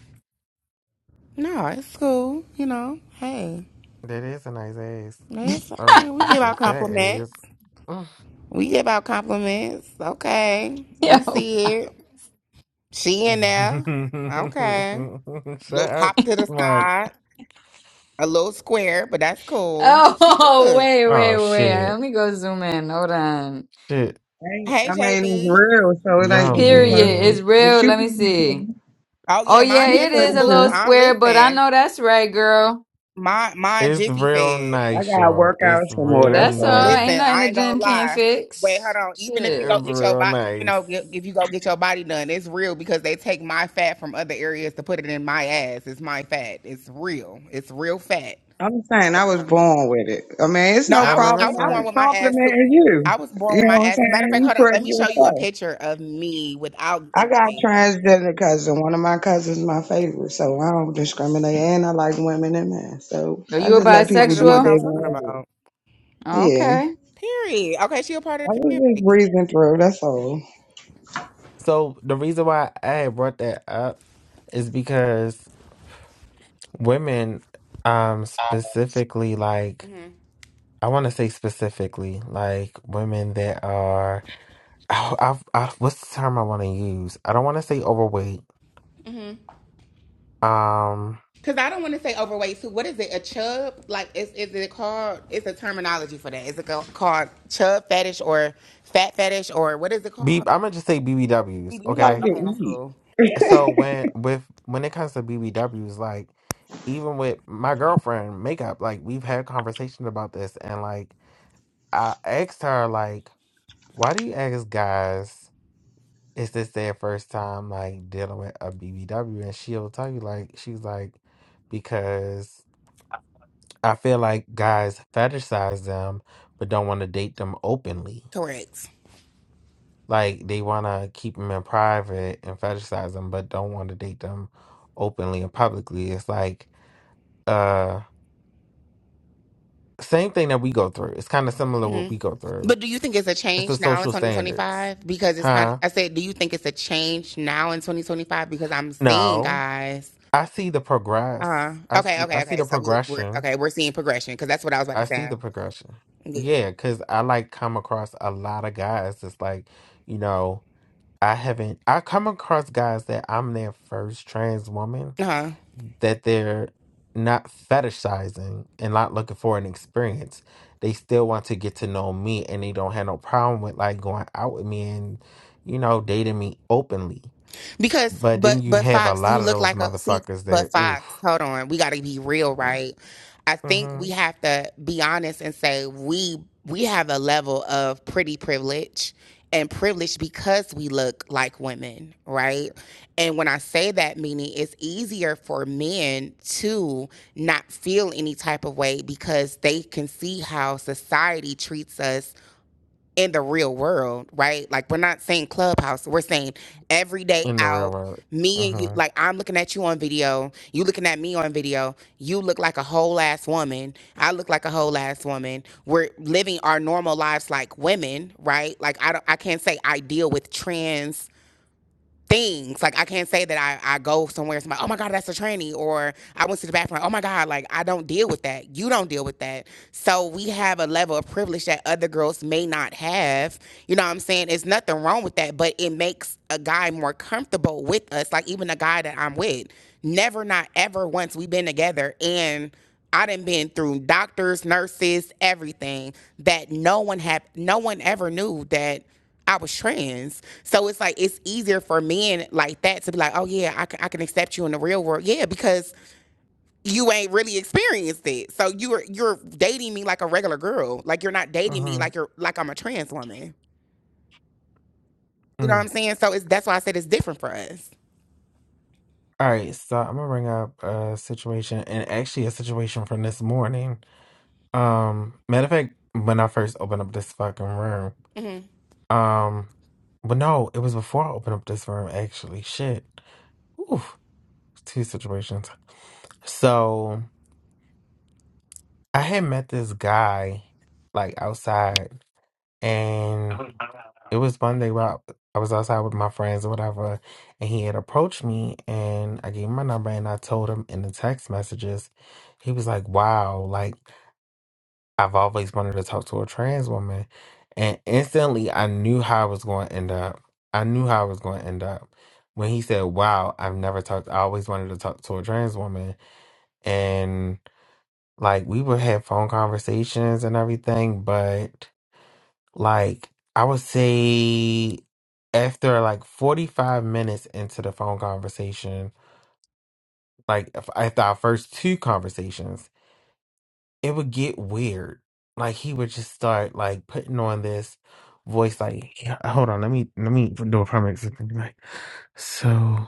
No, it's cool. You know, hey. that is a nice ass. It's, Oh, yeah, we give it's a out fat compliments. ass. We give out compliments. Okay. We Yo. see it. She in there. Okay. Mm. Shut Little up, pop to the like side. A little square, but that's cool. She Oh, good. wait, wait, Oh wait. Let shit. me go zoom in. Hold on. Shit. Ain't- Hey, I mean, it's JB. real, so it ain't Y'all gonna be perfect. Period. It's mean real. But you Let me pretty see. too. Oh, Oh yeah, yeah, mine You it is too, is pretty a boo. little too. I square, but I listen. know that's right, girl. My, mine it's Jiffy real fed. I nice, gotta y'all. work out It's some more, real that's That's all. all. Ain't Listen, nothing nice. I the ain't gym gonna can't lie. Wait, hold fix. on. Even if you go Shit. It's get your real body, even nice. though if if you go get your body done, it's real because they take my fat from other areas to put it in my ass. It's my fat. It's real. It's real fat. I'm saying I was born with it. I mean, it's No, no I I was know I problem. that's was I was born right. with my ass too. complimenting I you. was born You with know my what I'm ass. Matter of saying? fact, You hold on. Let pretty me show you a yourself. picture of me without I got anything. transgender cousin. One of my cousins my favorite, so I don't discriminate, and I like women and men. So Are I you a just Oh, let you one people of the do what ones I bisexual? they was talking want about. to do. Yeah, Okay. Period. Okay, she a part of I was the just breezing through. That's all. So the reason why I brought that up is because women, um, specifically like community. I want to say specifically like women that are, oh, I, I, what's the term I want to use? I don't want to say overweight. hmm Um, Cause I don't want to say overweight too. What is it? A chub? Like is is it called? It's a terminology for that. Is it called chub fetish or fat fetish or what is it B, called? I'm gonna just say BBWs, CBW. We like okay? to Okay, that's eat. cool. So when with when it comes to BBWs, like even with my girlfriend makeup, like we've had conversations about this, and like I asked her, like, why do you ask guys? Is this their first time like dealing with a BBW? And she'll tell you, like, she's like, because I feel like guys fetishize them, but don't want to date them openly. Correct. Like they want to keep them in private and fetishize them, but don't want to date them openly and publicly. It's like uh same thing that we go through. It's kind of similar what hmm we go through. But do you think it's a It's the change now in social standards. 2025? Because it's kind. of, Huh? I said, do you think it's a change now in 2025? Because I'm seeing No. guys. I see the Uh progress. huh. I Okay. see I Okay. see Okay. the So we're we're progression. okay. We're seeing progression because that's what I was about I to see say. the progression. Yeah. Yeah, cuz I like come across a lot of guys that's like, you know, I haven't I come across guys that I'm their first trans woman Uh-huh. that they're not fetishizing and not looking for an experience. They still want to get to know me and they don't have no problem with like going out with me and, you know, dating me openly. Because, But then but, you but have a Fox, you lot of look those like a see. motherfuckers But that, Fox, oof, hold on, we got to be real, mm, right? I think mm-hmm. we have to be honest and say we we have a level of pretty privilege and privilege because we look like women, right? And when I say that, meaning it's easier for men to not feel any type of way because they can see how society treats us in the real world, right? Like we're not saying clubhouse, we're saying every day in the real out. world. Me and you, Mm-hmm. like I'm looking at you on video, you looking at me on video. You look like a whole ass woman. I look like a whole ass woman. We're living our normal lives like women, right? Like I don't, I can't say I deal with trans things. Like I can't say that I, I go somewhere, somebody, oh my God, that's a tranny, or I went to the bathroom, oh my God, like I don't deal with that. You don't deal with that so we have a level of privilege that other girls may not have. You know what I'm saying? There's nothing wrong with that, but it makes a guy more comfortable with us. Like even a guy that I'm with, never, not ever once we've been together and I done been through doctors, nurses, everything that no one had, no one ever knew that I was trans. So it's like it's easier for men like that to be like, oh yeah, I can, I can accept you in the real world. Yeah, because you ain't really experienced it. So you're you're dating me like a regular girl. Like you're not dating me Mm-hmm. like you're like I'm a trans woman. You know what Mm. I'm saying? So it's that's why I said it's different for us. All right, so I'm gonna bring up a situation and actually a situation from this morning. Um, matter of fact, when I first opened up this fucking room, hmm Um, but no, it was before I opened up this room actually. Shit. Oof, two situations. So I had met this guy like outside and it was Monday where I I was outside with my friends or whatever, and he had approached me and I gave him my number and I told him in the text messages, he was like, Wow, like I've always wanted to talk to a trans woman. And instantly I knew how I was going to end up. I knew how I was going to end up. When he said, Wow, I've never talked, I always wanted to talk to a trans woman. And like we would have phone conversations and everything. But like I would say after like 45 minutes into the phone conversation, like af- after our first two conversations, it would get weird. Like he would just start like putting on this voice like "Yeah, hold on, let me let me do a primary like so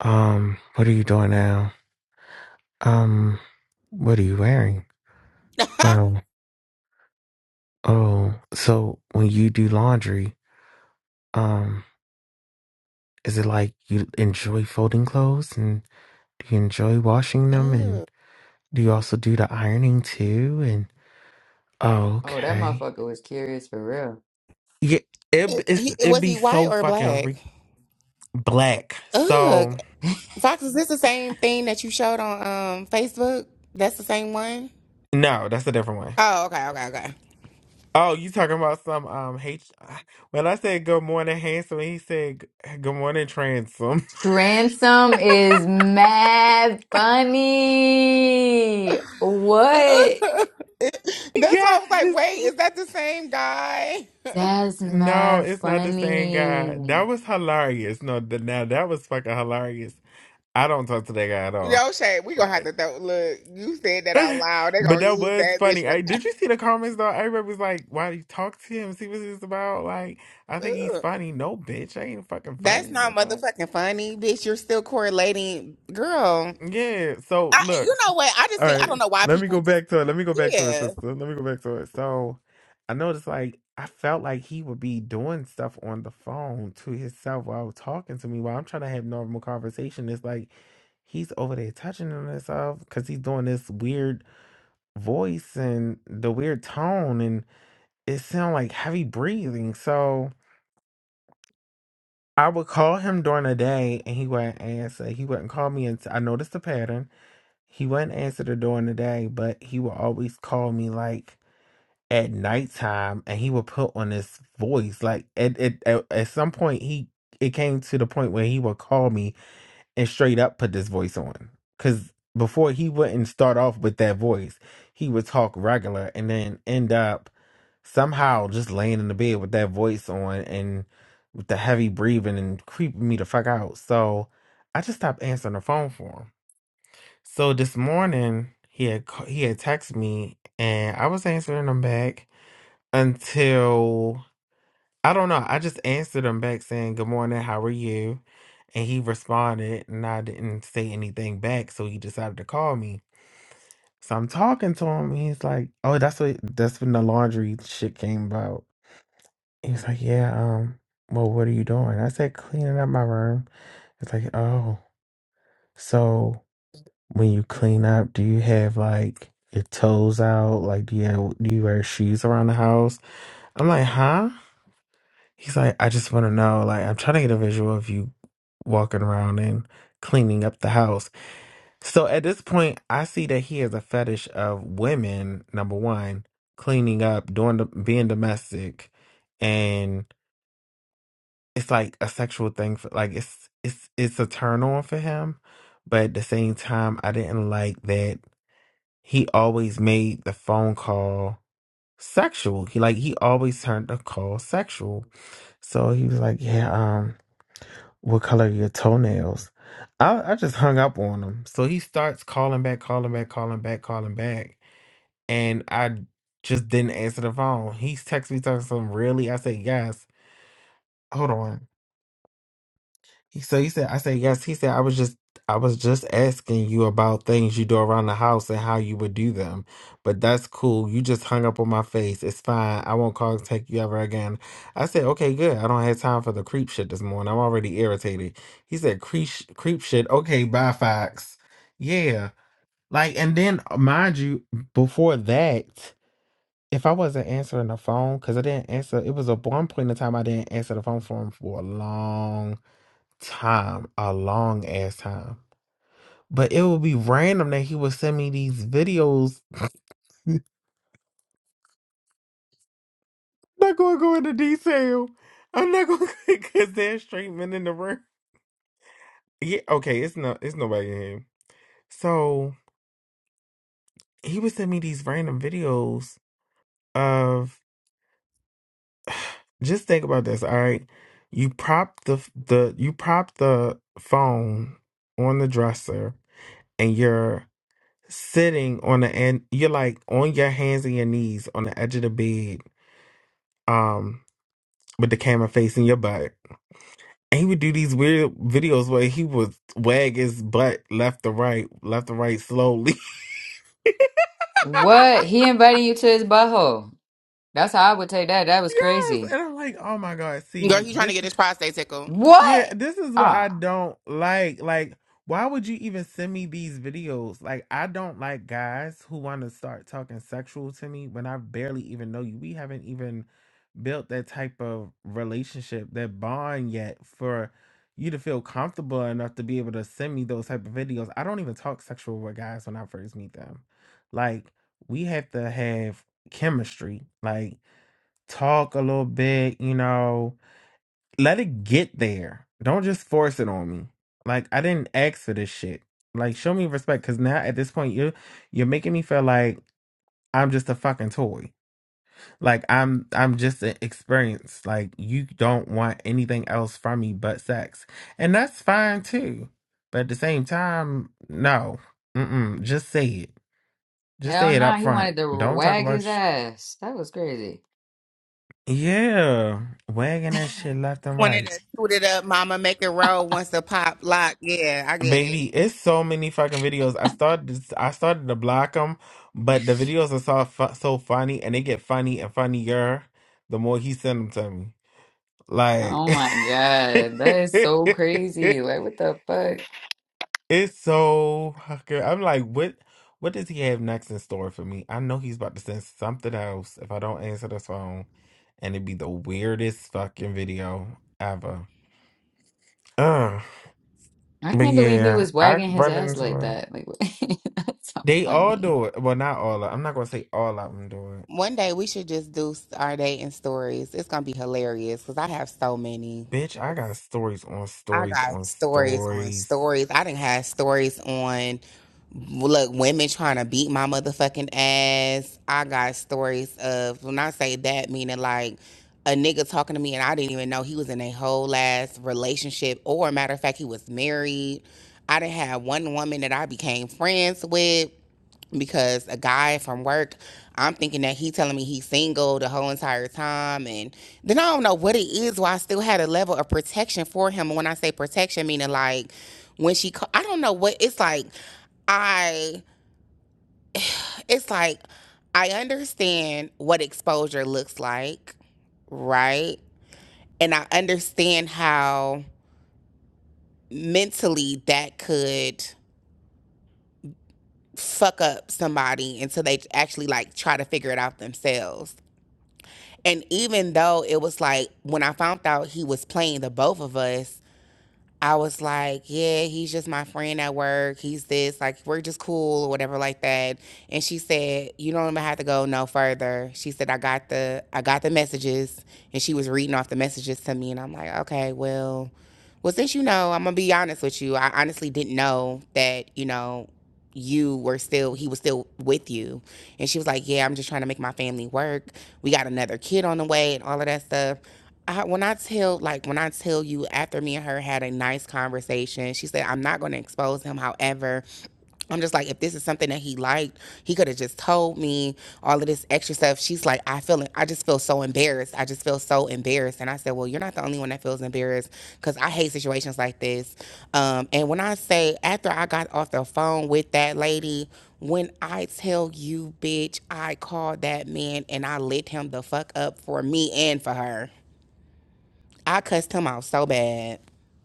um what are you doing now? Um what are you wearing? Well oh so when you do laundry, um is it like you enjoy folding clothes and do you enjoy washing them and Ugh. do you also do the ironing too and oh Oh, that okay. motherfucker was curious for real. Yeah it, It, it's He, it'd was be he white so or fucking black? Black. Ugh. So Fox, is this the same thing that you showed on um Facebook? That's the same one? no, that's a different one. Oh, okay, okay, okay. Oh, you talking about some um hate? When I said good morning handsome, he said g- good morning transom. Transom is mad funny. What? That's why I was like, Guys, wait, is that the same guy? That's no, mad it's not the same guy. funny. That was hilarious. No, th- now that was fucking hilarious. I don't talk to that guy at all. Yo, Shay, we gonna have Like, to throw, look. You said that out loud. They but gonna that use was that bitch. funny. in the- I, did past. you see the comments though? Everybody was like, "Why do you talk to him? See what he's about?" Like, I think he's Ugh. funny. No, bitch, I ain't fucking That's not funny. motherfucking funny, bitch. You're still correlating, girl. Yeah, so I, look. you s- know what? I just All think I don't right. know why Let me people go just back to it. Let me go back to it, yeah. sister. Let me go back to it. So I noticed like I felt like he would be doing stuff on the phone to himself while talking to me while I'm trying to have normal conversation. It's like he's over there touching on himself because he's doing this weird voice and the weird tone and it sound like heavy breathing. So I would call him during the day and he wouldn't answer. He wouldn't call me and I noticed the pattern. He wouldn't answer the door in the day, but he would always call me like at nighttime and he would put on this voice. Like at, at, at, at some point he it came to the point where he would call me and straight up put this voice on. Cause before he wouldn't start off with that voice. He would talk regular and then end up somehow just laying in the bed with that voice on and with the heavy breathing and creeping me the fuck out. So I just stopped answering the phone for him. So this morning he had ca- he had texted me and I was answering him back until I don't know. I just answered him back saying good morning, how are you? And he responded and I didn't say anything back, so he decided to call me. So I'm talking to him and he's like, "Oh, that's what that's when the laundry shit came about." He's like, "Yeah, um, well, what are you doing?" I said, "Cleaning up my room." It's like, "Oh." So when you clean up, do you have like your toes out? Like, do you have, do you wear shoes around the house? I'm like, huh? He's like, I just want to know. Like, I'm trying to get a visual of you walking around and cleaning up the house. So at this point, I see that he has a fetish of women. Number one, cleaning up, doing the, being domestic, and it's like a sexual thing. For, like, it's it's it's a turn on for him. But at the same time, I didn't like that he always made the phone call sexual. He like he always turned the call sexual. So he was like, "Yeah, um, what color are your toenails?" I I just hung up on him. So he starts calling back, calling back, calling back, calling back, and I just didn't answer the phone. He texts me talking some really. I say, "Yes, hold on." He- So he said, I said, yes. He said, I was just, I was just asking you about things you do around the house and how you would do them. But that's cool. You just hung up on my face. It's fine. I won't contact you ever again. I said, okay, good. I don't have time for the creep shit this morning. I'm already irritated. He said, creep, sh- creep shit. Okay, bye, Fox. Yeah. Like, and then uh, mind you, before that, if I wasn't answering the phone, because I didn't answer, it was a one point in time I didn't answer the phone for him for a long time, a long ass time. But it would be random that he would send me these videos. I'm not gonna go into detail. I'm not gonna because there's straight men in the room. Yeah, okay, it's no it's nobody in here. So he would send me these random videos of just think about this, all right. You prop the the you prop the phone on the dresser and you're sitting on the end you're like on your hands and your knees on the edge of the bed um with the camera facing your butt. And he would do these weird videos where he would wag his butt left to right, left to right slowly. What? He invited you to his butthole. That's how I would take that. That was yes. crazy. And I'm like, oh my God, Girl, see, he trying this to get is. his prostate tickled. Yeah, What? this is what Ah. I don't like. Like, why would you even send me these videos? Like, I don't like guys who want to start talking sexual to me when I barely even know you. We haven't even built that type of relationship, that bond yet for you to feel comfortable enough to be able to send me those type of videos. I don't even talk sexual with guys when I first meet them. Like, we have to have chemistry. Like, talk a little bit, you know let it get there. Don't just force it on me. Like I didn't ask for this shit. Like show me respect cuz now at this point you are you're making me feel like I'm just a fucking toy. Like I'm I'm just an experience. Like you don't want anything else from me but sex. And that's fine too. But at the same time, no. Mm-mm. Just say it. Just Hell say it no, up he wanted front. to Don't talk wag about his sh- ass. That was crazy. Yeah. Wagging that shit left and Wanted to right. shoot it up, mama. Make it roll. Wants to pop lock. Yeah, I get Baby, it. it's so many fucking videos. I started I started to block them, but the videos are so fu- so funny and they get funny and funnier the more he send them to me. Like Oh my God, that is so crazy. Like, what the fuck? it's so fucking I'm like what what does he have next in store for me? I know he's about to send something else if I don't answer the phone and it'd be the weirdest fucking video ever. Ugh. I But can't believe he yeah, was I wagging his run ass into like it. that. Like, that's so They all funny. do it. Well, not all. Of, I'm not gonna say all of them do it. One day we should just do our dating stories. It's gonna be hilarious because I have so many. Bitch, I got stories on I stories got on stories on stories. stories. I didn't have stories on look women trying to beat my motherfucking ass. I got stories of when I say that meaning like a nigga talking to me and I didn't even know he was in a whole ass relationship or matter of fact he was married. I didn't have one woman that I became friends with because a guy from work, I'm thinking that he telling me he's single the whole entire time, and then I don't know what it is. Why I still had a level of protection for him. And When I say protection, meaning like when she, ca- I don't know what it's like. I, it's like I understand what exposure looks like, right? And I understand how mentally that could fuck up somebody until they actually like try to figure it out themselves And even though it was like when I found out he was playing the both of us, I was like, yeah, he's just my friend at work. He's this, like, we're just cool or whatever, like that. And she said, you don't even have to go no further. She said, I got the, I got the messages, and she was reading off the messages to me, and I'm like, okay, well, well, since you know, I'm gonna be honest with you. I honestly didn't know that, you know, you were still he was still with you and she was like yeah i'm just trying to make my family work we got another kid on the way and all of that stuff I, when I tell like when I tell you after me and her had a nice conversation, she said I'm not going to expose him. However, I'm just like if this is something that he liked, he could have just told me all of this extra stuff. She's like I feel I just feel so embarrassed. I just feel so embarrassed. And I said, well, you're not the only one that feels embarrassed because I hate situations like this. Um, and when I say after I got off the phone with that lady. When I tell you, bitch, I called that man and I lit him the fuck up for me and for her. I cussed him out so bad.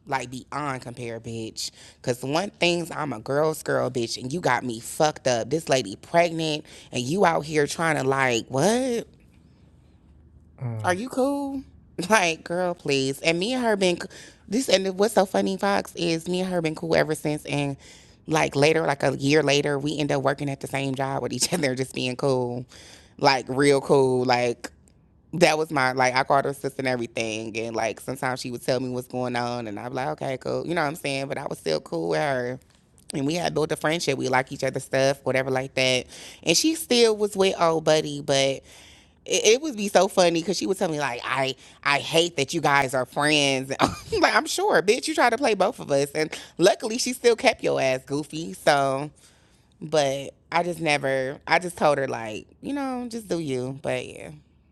Like beyond compare, bitch. Cause one thing's I'm a girl's girl, bitch, and you got me fucked up. This lady pregnant, and you out here trying to like, what? Mm. Are you cool? Like, girl, please. And me and her been this. And what's so funny, Fox, is me and her been cool ever since. And like later, like a year later, we end up working at the same job with each other, just being cool, like real cool, like that was my like I called her sister and everything, and like sometimes she would tell me what's going on, and I'd be like, okay, cool, you know what I'm saying? But I was still cool with her, and we had built a friendship. We like each other's stuff, whatever, like that. And she still was with old buddy, but it, it would be so funny because she would tell me like, I I hate that you guys are friends. I'm like I'm sure, bitch, you try to play both of us, and luckily she still kept your ass goofy. So, but I just never, I just told her like, you know, just do you. But yeah,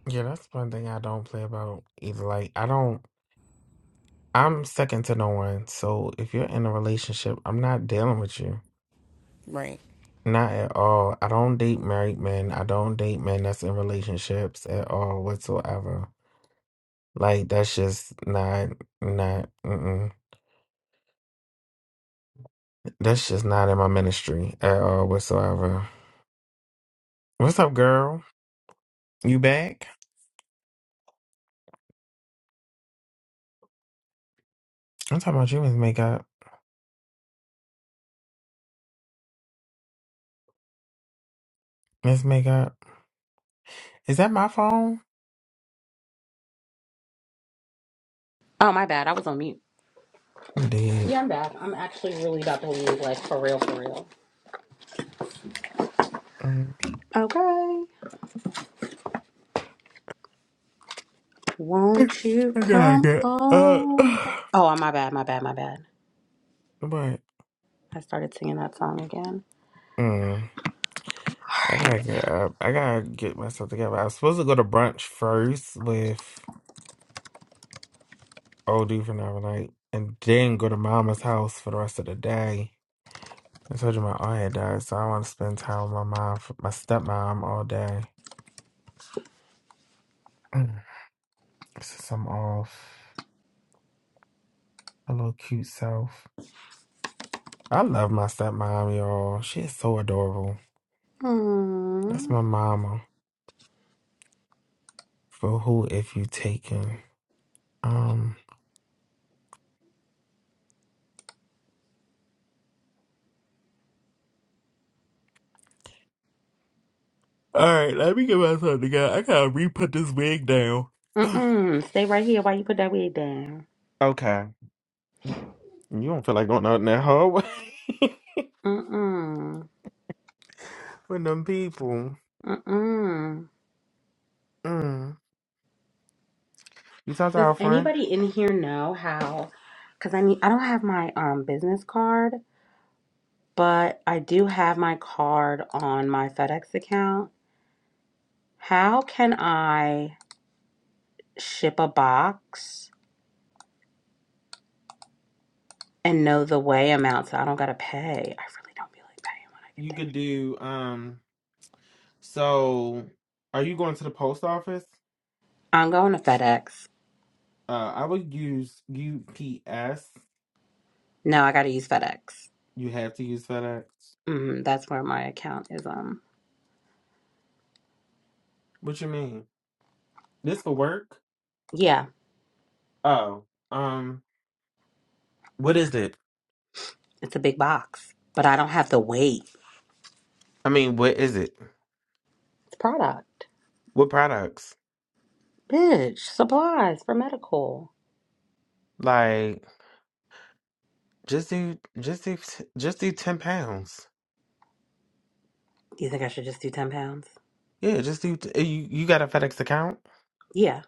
Yeah, that's one thing I don't play about either. Like, I don't. I'm second to no one. So if you're in a relationship, I'm not dealing with you. right. Not at all. I don't date married men. I don't date men that's in relationships at all whatsoever. Like that's just not not. Mm-mm. That's just not in my ministry at all whatsoever. What's up, girl? You back? I'm talking about you, Miss Makeup. Miss Makeup. Is that my phone? my bad, I was on mute. I'm dead. Yeah, I'm back. I'm actually really about to leave. Like for real, for real. Mm. Okay. Won't you I gotta come get up. over? Oh, my bad, my bad, my bad. But I started singing that song again. mm, I All gotta right. get up. I gotta get myself together. I was supposed to go to brunch first with old dude from the other night and then go to mama's house for the rest of the day. I told you my aunt had died, so I want to spend time with my mom, my stepmom all day. Mm. Since I'm off, a little cute self. I love my stepmom, y'all. She is so adorable. That's Mm. my mama. For who if you taken? Um. All right, let me get my son together. I gotta re-put this wig down. Mm-mm. Stay right here while you put that wig down. okay, you don't feel like going out in that hallway Mm-mm. with them people. Mm-mm. Mm. You talk to Does our friend. anybody in here know how? Because I need, I don't have my um business card, but I do have my card on my FedEx account. How can I ship a box? and know the way amount so I don't gotta pay. I really don't feel like paying when I get You there. could do. Um. So, are you going to the post office? I'm going to FedEx. Uh, I would use UPS. No, I gotta use FedEx. You have to use FedEx. Mm, that's where my account is. Um, What you mean? This for work? yeah, Oh, um, what is it? it's a big box, but I don't have to wait. I mean, what is it? It's product, What products? bitch, supplies for medical. Like, just do, just do, just do ten pounds. Do you think I should just do ten pounds? Yeah, just do. t- You you got a FedEx account? Yeah,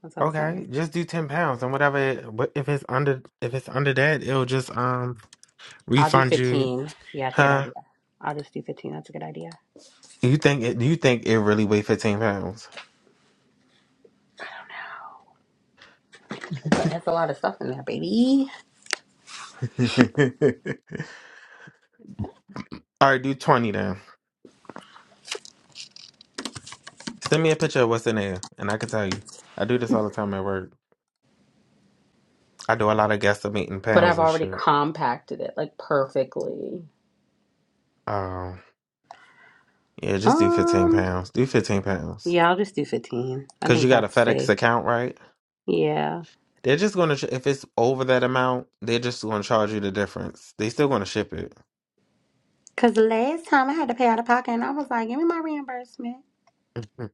that's what I was Okay, saying. just do ten pounds and whatever. It, what- if it's under, if it's under that, it'll just um I'll do refund you. fifteen. Yeah, that's a good Huh? idea. I'll just do fifteen. That's a good idea. You think it? You think it really weigh fifteen pounds? It's a, it's a lot of stuff in there, baby. All right, do twenty then. Send me a picture of what's in there, and I can tell you. I do this all the time at work. I do a lot of guesstimating But pounds I've and already shit. compacted it like perfectly. Um, yeah, just do 15 Um. pounds. Do 15 pounds. Yeah, I'll just do 15. I Because think you got a that's FedEx safe. account, right? Yeah. They're just going to, if it's over that amount, they're just going to charge you the difference. They still going to ship it. Because last time I had to pay out of pocket and I was like, give me my reimbursement. Mhm.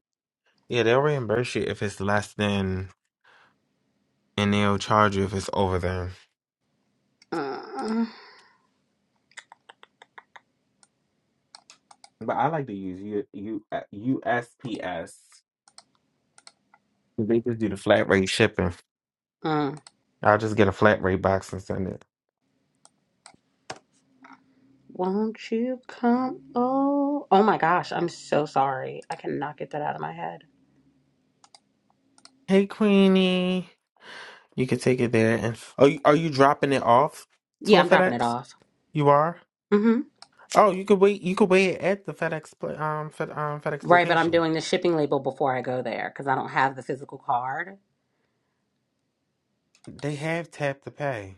yeah, they'll reimburse you if it's less than, and they'll charge you if it's over them. Mm, But I like to use U- U- uh, USPS. They just do the flat rate shipping. mm. I'll just get a flat rate box and send it. Won't you come? Oh, oh my gosh. I'm so sorry. I cannot get that out of my head. Hey, Queenie. You could take it there. And are you, are you dropping it off to Yeah, a I'm dropping it FedEx? off. You are. hmm Oh, you could wait. You could wait at the FedEx pla- um Fed, um FedEx Right, but I'm location. doing the shipping label before I go there because I don't have the physical card. They have tap to pay.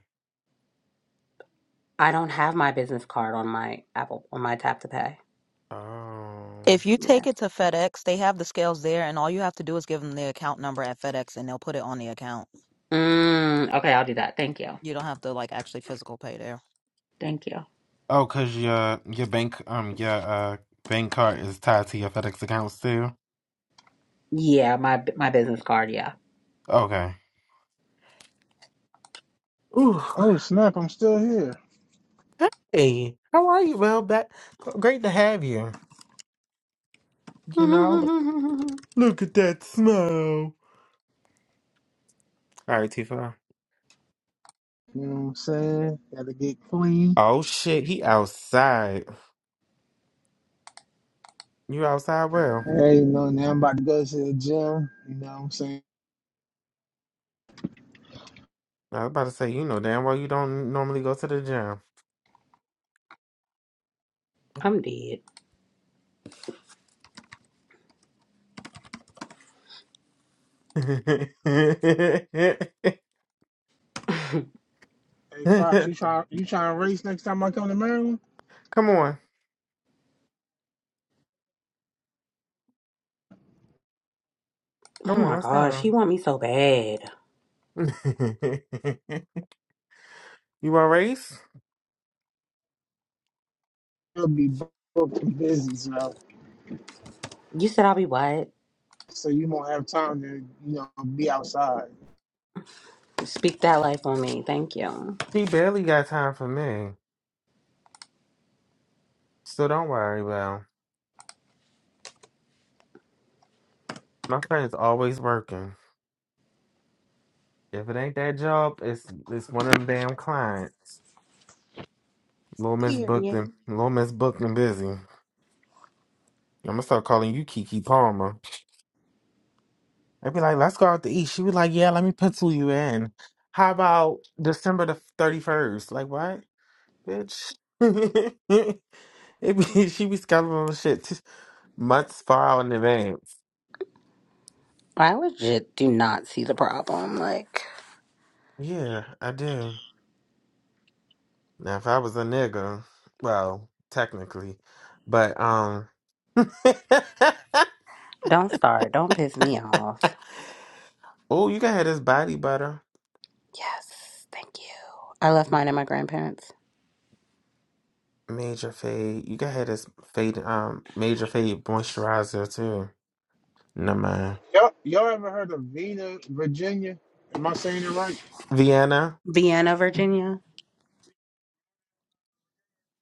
I don't have my business card on my Apple, on my Tap to Pay. Oh. If you Yeah. take it to FedEx, they have the scales there, and all you have to do is give them the account number at FedEx, and they'll put it on the account. Mm, okay, I'll do that. Thank you. You don't have to like actually physical pay there. Thank you. Oh, cause your your bank um your uh bank card is tied to your FedEx account still. Yeah, my my business card. Yeah. Okay. Ooh. Oh snap! I'm still here. Hey, how are you? Well, that great to have you. You know, look, I'm look at that smile. All right, Tifa. You know what I'm saying? Got to get clean. Oh shit, he outside. You outside? Well. Hey, you know now I'm about to go to the gym. You know what I'm saying? I was about to say, you know damn well you don't normally go to the gym. dead. Hey Fox, you try, you trying to race next time I come to Maryland? come on. Oh Come on, my let's gosh, go. he want me so bad. you want to race? You'll be booked and busy, so You said I'll be what? so you won't have time to you know be outside. Speak that life on me. Thank you. She barely got time for me. So don't worry, well. My friend's always working. If it ain't that job, it's it's one of them damn clients. Little Miss booked and Period. Little Miss booked and busy. I'm gonna start calling you Kiki Palmer. I'd be like, let's go out to eat. She'd be like, yeah, let me pencil you in. How about December the 31st? Like, what, bitch? it be, she be scheduling shit t- months far out in advance. I legit do not see the problem. Like, Yeah, I do. Now, if I was a nigga, well, technically, but, um, don't start. Don't piss me off. oh, you can have this body butter. Yes, thank you. I left mine at my grandparents. Major fade. You can have this fade, um, major fade moisturizer too. Never mind. Y'all, y'all ever heard of Vina, Virginia? Am I saying it right? Vienna. Vienna, Virginia.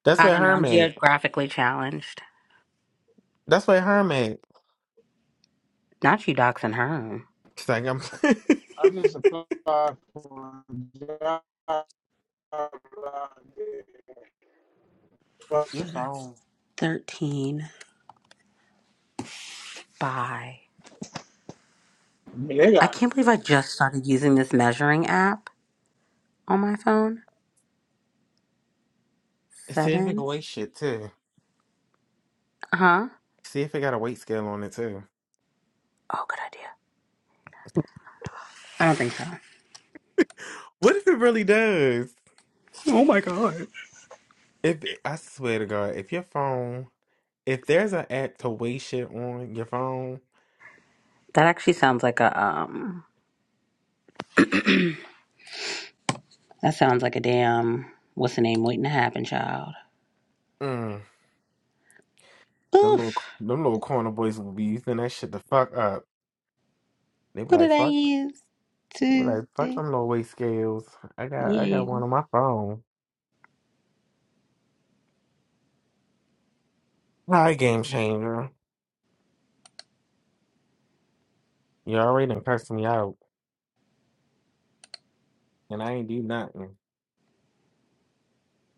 That's I where don't know. her I'm at. geographically challenged. That's what her made. Not you doxing her. It's like I'm. I just applied for a job. out there. But, Your So that's phone. 13 by. man, They I got, can't believe I just started using this measuring app on my phone. See if it can Seven? weigh shit too. Huh? See if it got a weight scale on it too. Oh, good idea. I don't think so. What if it really does? Oh my god. If I swear to God, if your phone, if there's an app to weigh shit on your phone, That actually sounds like a um. That sounds like a damn what's the name waiting to happen, child. mm, them little Oof. them little corner boys will be using that shit to fuck up. They be What did like I fuck. use? They be like fuck Tuesday. them little weight scales. I got I got Yeah. one on my phone. Hi, game changer. You already done cursed me out, and I ain't do nothing.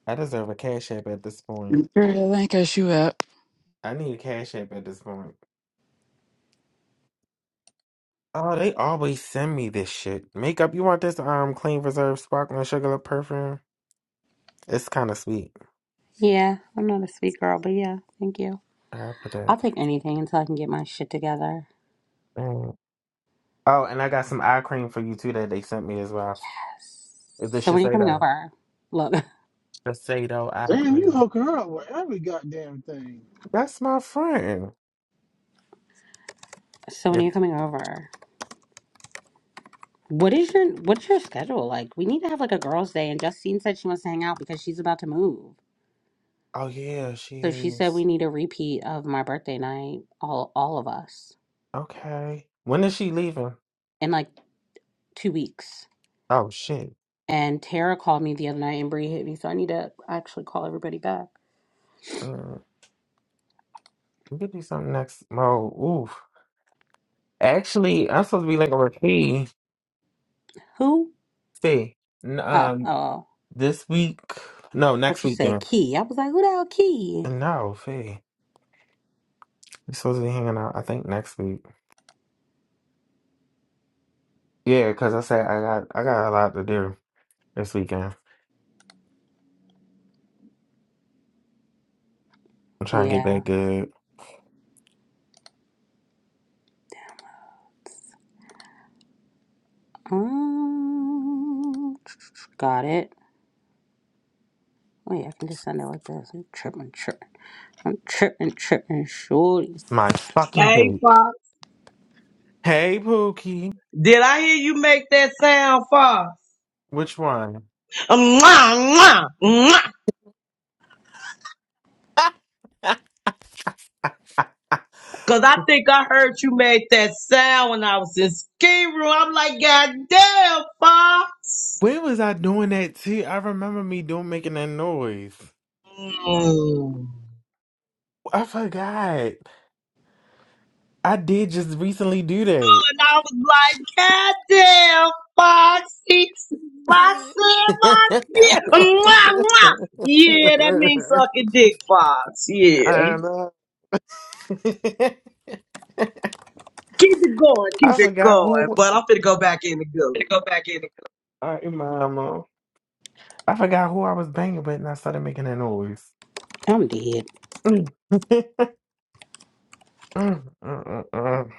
I deserve a cash app at this point. Girl, that ain't cause you out. I need a cash app at this point. Oh, they always send me this shit. Makeup, you want this um clean reserve sparkling sugar lip perfume? It's kind of sweet. Yeah. I'm not a sweet girl, but yeah. Thank you. I put that. I'll take anything until I can get my shit together. mm. Oh, and I got some eye cream for you too that they sent me as well. Yes. It's The So when are you coming Shiseido, over? Look. Shiseido eye damn, you cream. hook her up with every goddamn thing. That's my friend. So when are Yes. you coming over? What is your what's your schedule like? We need to have like a girls' day. And Justine said she wants to hang out because she's about to move. Oh yeah, she So she said we is. need a repeat of my birthday night, all all of us, Okay. When is she leaving? in like two weeks. Oh shit. And Tara called me the other night and Bree hit me, so I need to actually call everybody back. Mm. Get you something next. Oh, oof. Actually, I'm supposed to be like a key. Who? Fee, n- Oh, oh, um, oh. this week, no, but next you said weekend. Key. I was like, who the hell Key? No, Fee, we supposed to be hanging out. I think next week. Yeah, because I said I got I got a lot to do this weekend. I'm trying to get Yeah. back good. Um, got it. Wait, I can just send it like this. I'm tripping, tripping. I'm tripping, tripping, shorty. My fucking Hey, vape. Fox. Hey, Pookie, Did I hear you make that sound, Fox? which one? Um, Mwah, mwah, mwah. Ah, Cause I think I heard you make that sound when I was in ski room. I'm like, God damn, Fox. When was I doing that too? I remember me doing making that noise. Mm. I forgot. I did just recently do that. And I was like, God damn, Fox. He, Fox said my shit. Mwah, mwah. Yeah, that means sucking dick, Fox. Yeah. I know. Keep it going, keep I it forgot going. who But I'm finna go back in the to goo. go back in. I mama. I forgot who I was banging with and I started making that noise. I'm dead. Mm, mm, mm, mm.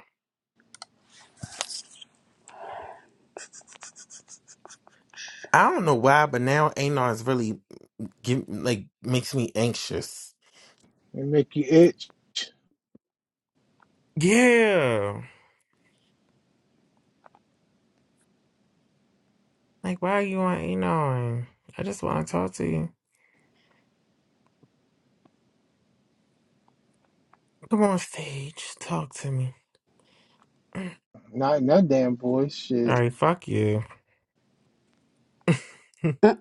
I don't know why, but now Anar is really give, like makes me anxious. They make you itch. Yeah. Like why are you on Anar? I just want to talk to you. Come on stage, talk to me. Mm. Not in that damn voice. All Shit. right, fuck you. Mm,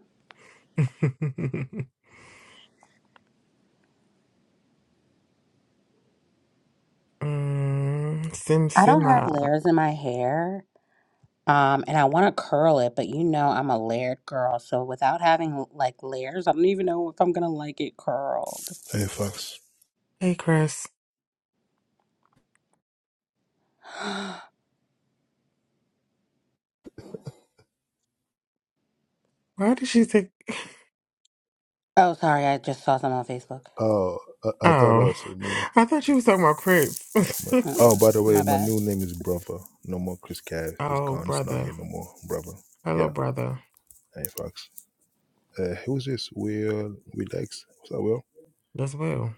mm, Sim I don't have Sima. layers in my hair. Um, and I want to curl it, but you know I'm a layered girl, so without having like layers, I don't even know if I'm gonna like it curled. Hey, Fox. Hey Chris. Why did she say? Oh, sorry, I just saw some on Facebook. Oh, I, I thought that Oh, was for me. I thought you was talking about Chris. Oh, my. oh, Mm-mm, by the way, my my bad. new name is Brother. No more Chris Cav. He's oh, gone. He's not here brother. no more, Brother. Hello, Yeah. brother. Hey, Fox. Uh, who's this? Will Relax. What's up, Will? That's Will.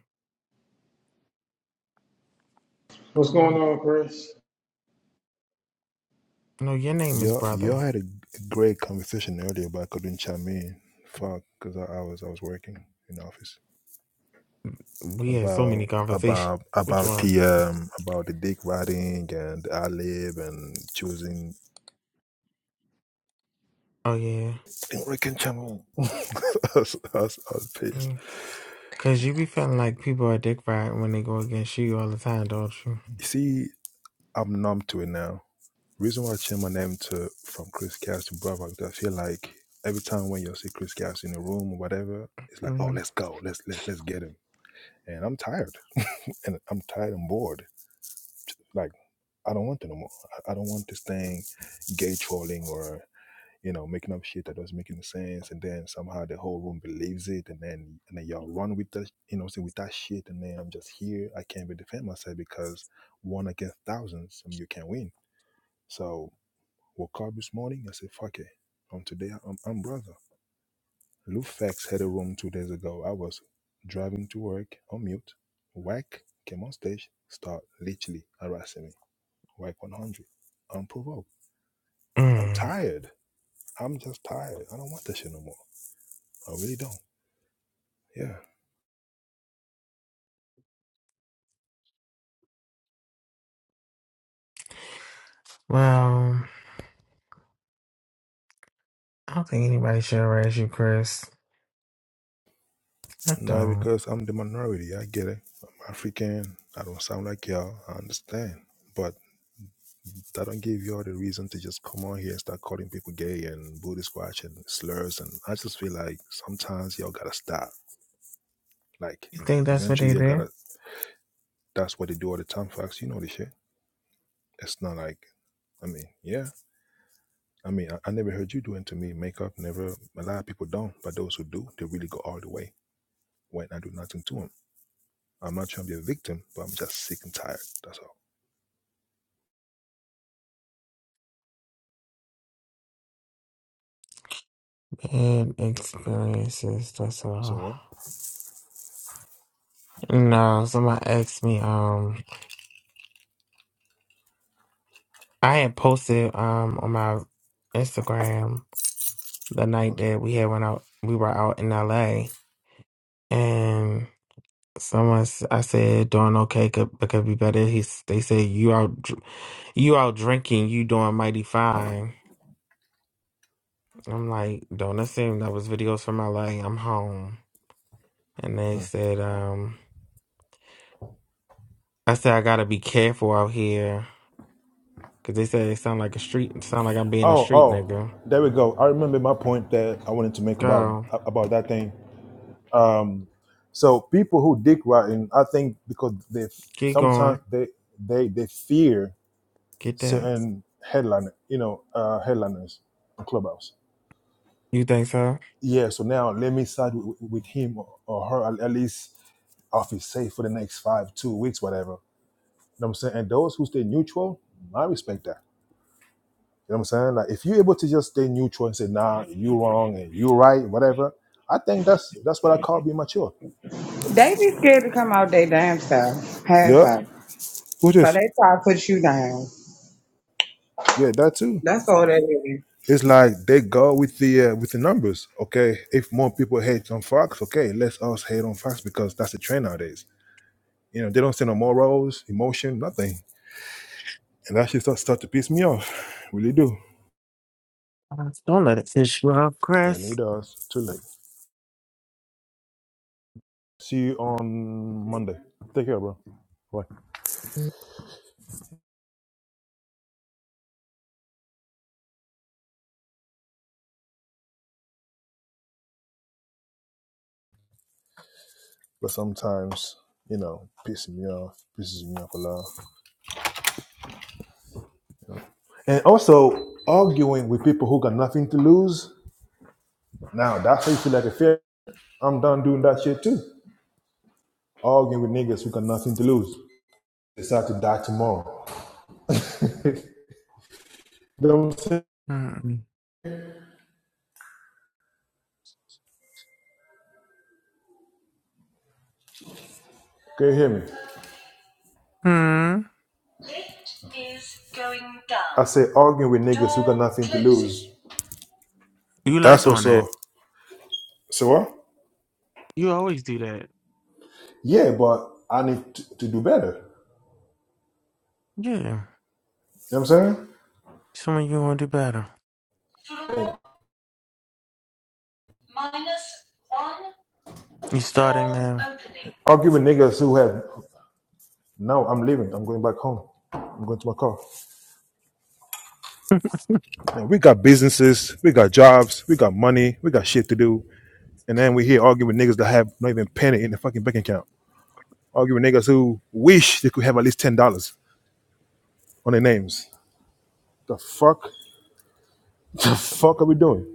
What's going Um, on, Chris? no, your name is Y'all, y'all brother. had a g- great conversation earlier, but I couldn't chime in. Fuck, because I, I was I was working in the office We had so about many conversations. about Which about one? the um about the dick riding and the ad lib and choosing. Oh yeah. I couldn't chime in. I was, I was, I was pissed. Mm. Cause you be feeling like people are dick right when they go against you all the time, don't you? You see, I'm numb to it now. Reason why I changed my name to from Chris Cass to Brother because I feel like every time when you see Chris Cass in a room or whatever, it's like, oh, hmm let's go, let's let's let's get him. And I'm tired, and I'm tired and bored. Like I don't want it no more. I, I don't want this thing, gay trolling or you know making up shit that doesn't make any sense, and then somehow the whole room believes it, and then and then y'all run with that, you know, what I'm saying with that shit, and then I'm just here. I can't even defend myself because one against thousands, I mean, you can't win. So Woke up this morning, I said, fuck it. On today, I'm, I'm brother. Lou Fax had a room two days ago. I was driving to work on mute. Whack came on stage, start literally harassing me. Whack 100. Unprovoked. I'm Mm. tired. I'm just tired. I don't want that shit no more. I really don't. Yeah. Well, I don't think anybody should harass you, Chris. I Not don't. because I'm the minority. I get it. I'm African. I don't sound like y'all. I understand. but. That don't give you all the reason to just come on here and start calling people gay and booty squatch and slurs. And I just feel like sometimes y'all gotta stop. Like You think that's what eventually they you do? gotta. That's what they do all the time, Fox. You know this shit. It's not like, I mean, yeah. I mean, I, I never heard you doing to me makeup. Never. A lot of people don't, but those who do, they really go all the way when I do nothing to them. I'm not trying to be a victim, but I'm just sick and tired. That's all. Bad experiences. That's So all. well, No, somebody asked me. Um, I had posted um on my Instagram the night what's that we had went out. We were out in LA, and someone s- I said doing okay could but could be better. He s- they said you out dr- you out drinking, you doing mighty fine. I'm like, don't assume that was videos from LA. I'm home, and they Hmm. said um I said I gotta be careful out here because they said it sound like a street. It sound like I'm being a Oh, street oh, nigga. there we go. I remember my point that I wanted to make about Go. about that thing. Um, so people who dick riding, I think because they Keep sometimes going. they they they fear Get that. certain headliner, you know, uh, headliners on Clubhouse. You think so? Yeah. So now let me side with, with him or her at at least off his safe for the next five, two weeks, whatever. You know what I'm saying? And those who stay neutral, I respect that. You know what I'm saying? Like if you're able to just stay neutral and say, nah, you wrong and you right, whatever, I think that's that's what I call being mature. They be scared to come out their damn self, half of. Yeah. 'em. Who's So this? they try to put you down. Yeah, that too. That's all that is. it's like they go with the uh, with the numbers. Okay, if more people hate on Fox, okay, let's us hate on Fox because that's the trend nowadays. You know, they don't see no morals, emotion, nothing, and that shit start start to piss me off. Really do. Don't let it fish you off, And Chris. it does. Too late. See you on Monday. Take care, bro. Bye. But sometimes, you know, pissing me off, pisses me off a lot. And also arguing with people who got nothing to lose. Now that's how you feel like a fair. I'm done doing that shit too. arguing with niggas who got nothing to lose. Decide to die tomorrow. you know what I'm saying? Hmm. Can you hear me? Hmm. It is going down. I say arguing with niggas who got nothing to lose. You like That's doing that. also so what? You always do that. Yeah, but I need to, to do better. Yeah. You know what I'm saying? Some of you want to do better. Door minus one. You door starting now. opening. Arguing with niggas who have no. I'm leaving. I'm going back home. I'm going to my car. Man, we got businesses, we got jobs, we got money, we got shit to do. And then we here arguing with niggas that have not even penny in the fucking bank account. Arguing with niggas who wish they could have at least ten dollars on their names. The fuck? The fuck are we doing?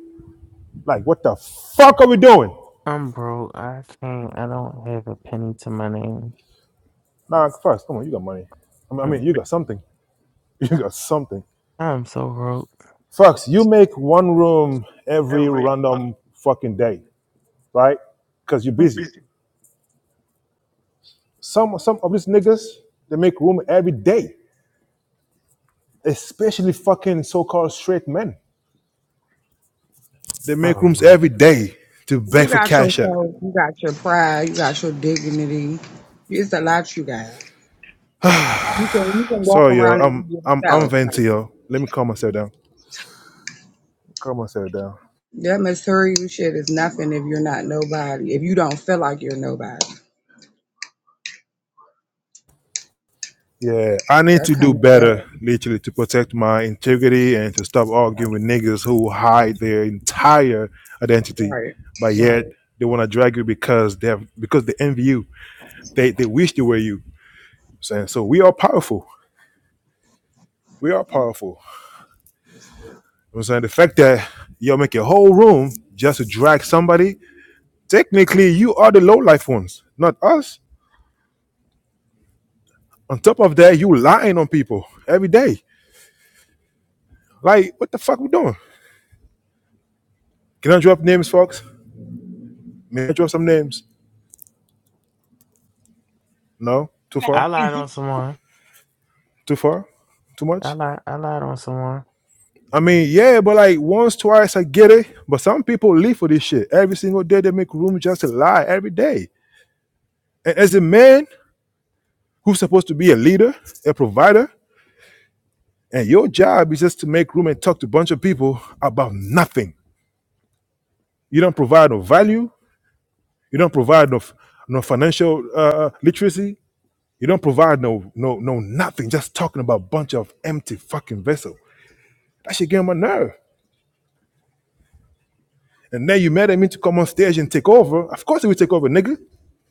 Like, what the fuck are we doing? I'm broke. I can't. I don't have a penny to my name. Nah, Fox, come on, you got money. I mean, I mean, you Mm-mm. got something. You got something. I'm so broke. Fox, you make one room every Every. random fucking day, right? Because you're busy. Some some of these niggas, they make room every day, especially fucking so-called straight men. They make Oh, rooms no. every day to beg You for got your cash out. soul, you got your pride, you got your dignity. It's a lot you got. You can you can walk Sorry, yo. around and I'm be I'm I'm yourself. Like, venting, yo. Let me calm myself down. Calm myself down. that material shit is nothing if you're not nobody. If you don't feel like you're nobody, Yeah, I need that to do kind of better, day. literally, to protect my integrity and to stop arguing with niggas who hide their entire identity, Right, but right. yet they want to drag you because they have because they envy you. They they wish they were you. Saying so, we are powerful. We are powerful. You know what I'm saying the fact that y'all make your whole room just to drag somebody Technically, you are the low life ones, not us. On top of that, you lying on people every day. Like, what the fuck we doing? Can I drop names, folks? May I drop some names? No? Too I far? lied on someone. Too far? Too I much? lied. I lied on someone. I mean, yeah, but like once, twice, I get it. But some people live for this shit. Every single day, they make room just to lie every day. And as a man who's supposed to be a leader, a provider, and your job is just to make room and talk to a bunch of people about nothing. You don't provide no value. You don't provide no, no financial uh, uh, literacy. You don't provide no no no nothing. Just talking about a bunch of empty fucking vessel. That shit get on my nerve. And then you made him to come on stage and take over. Of course he will take over, nigga.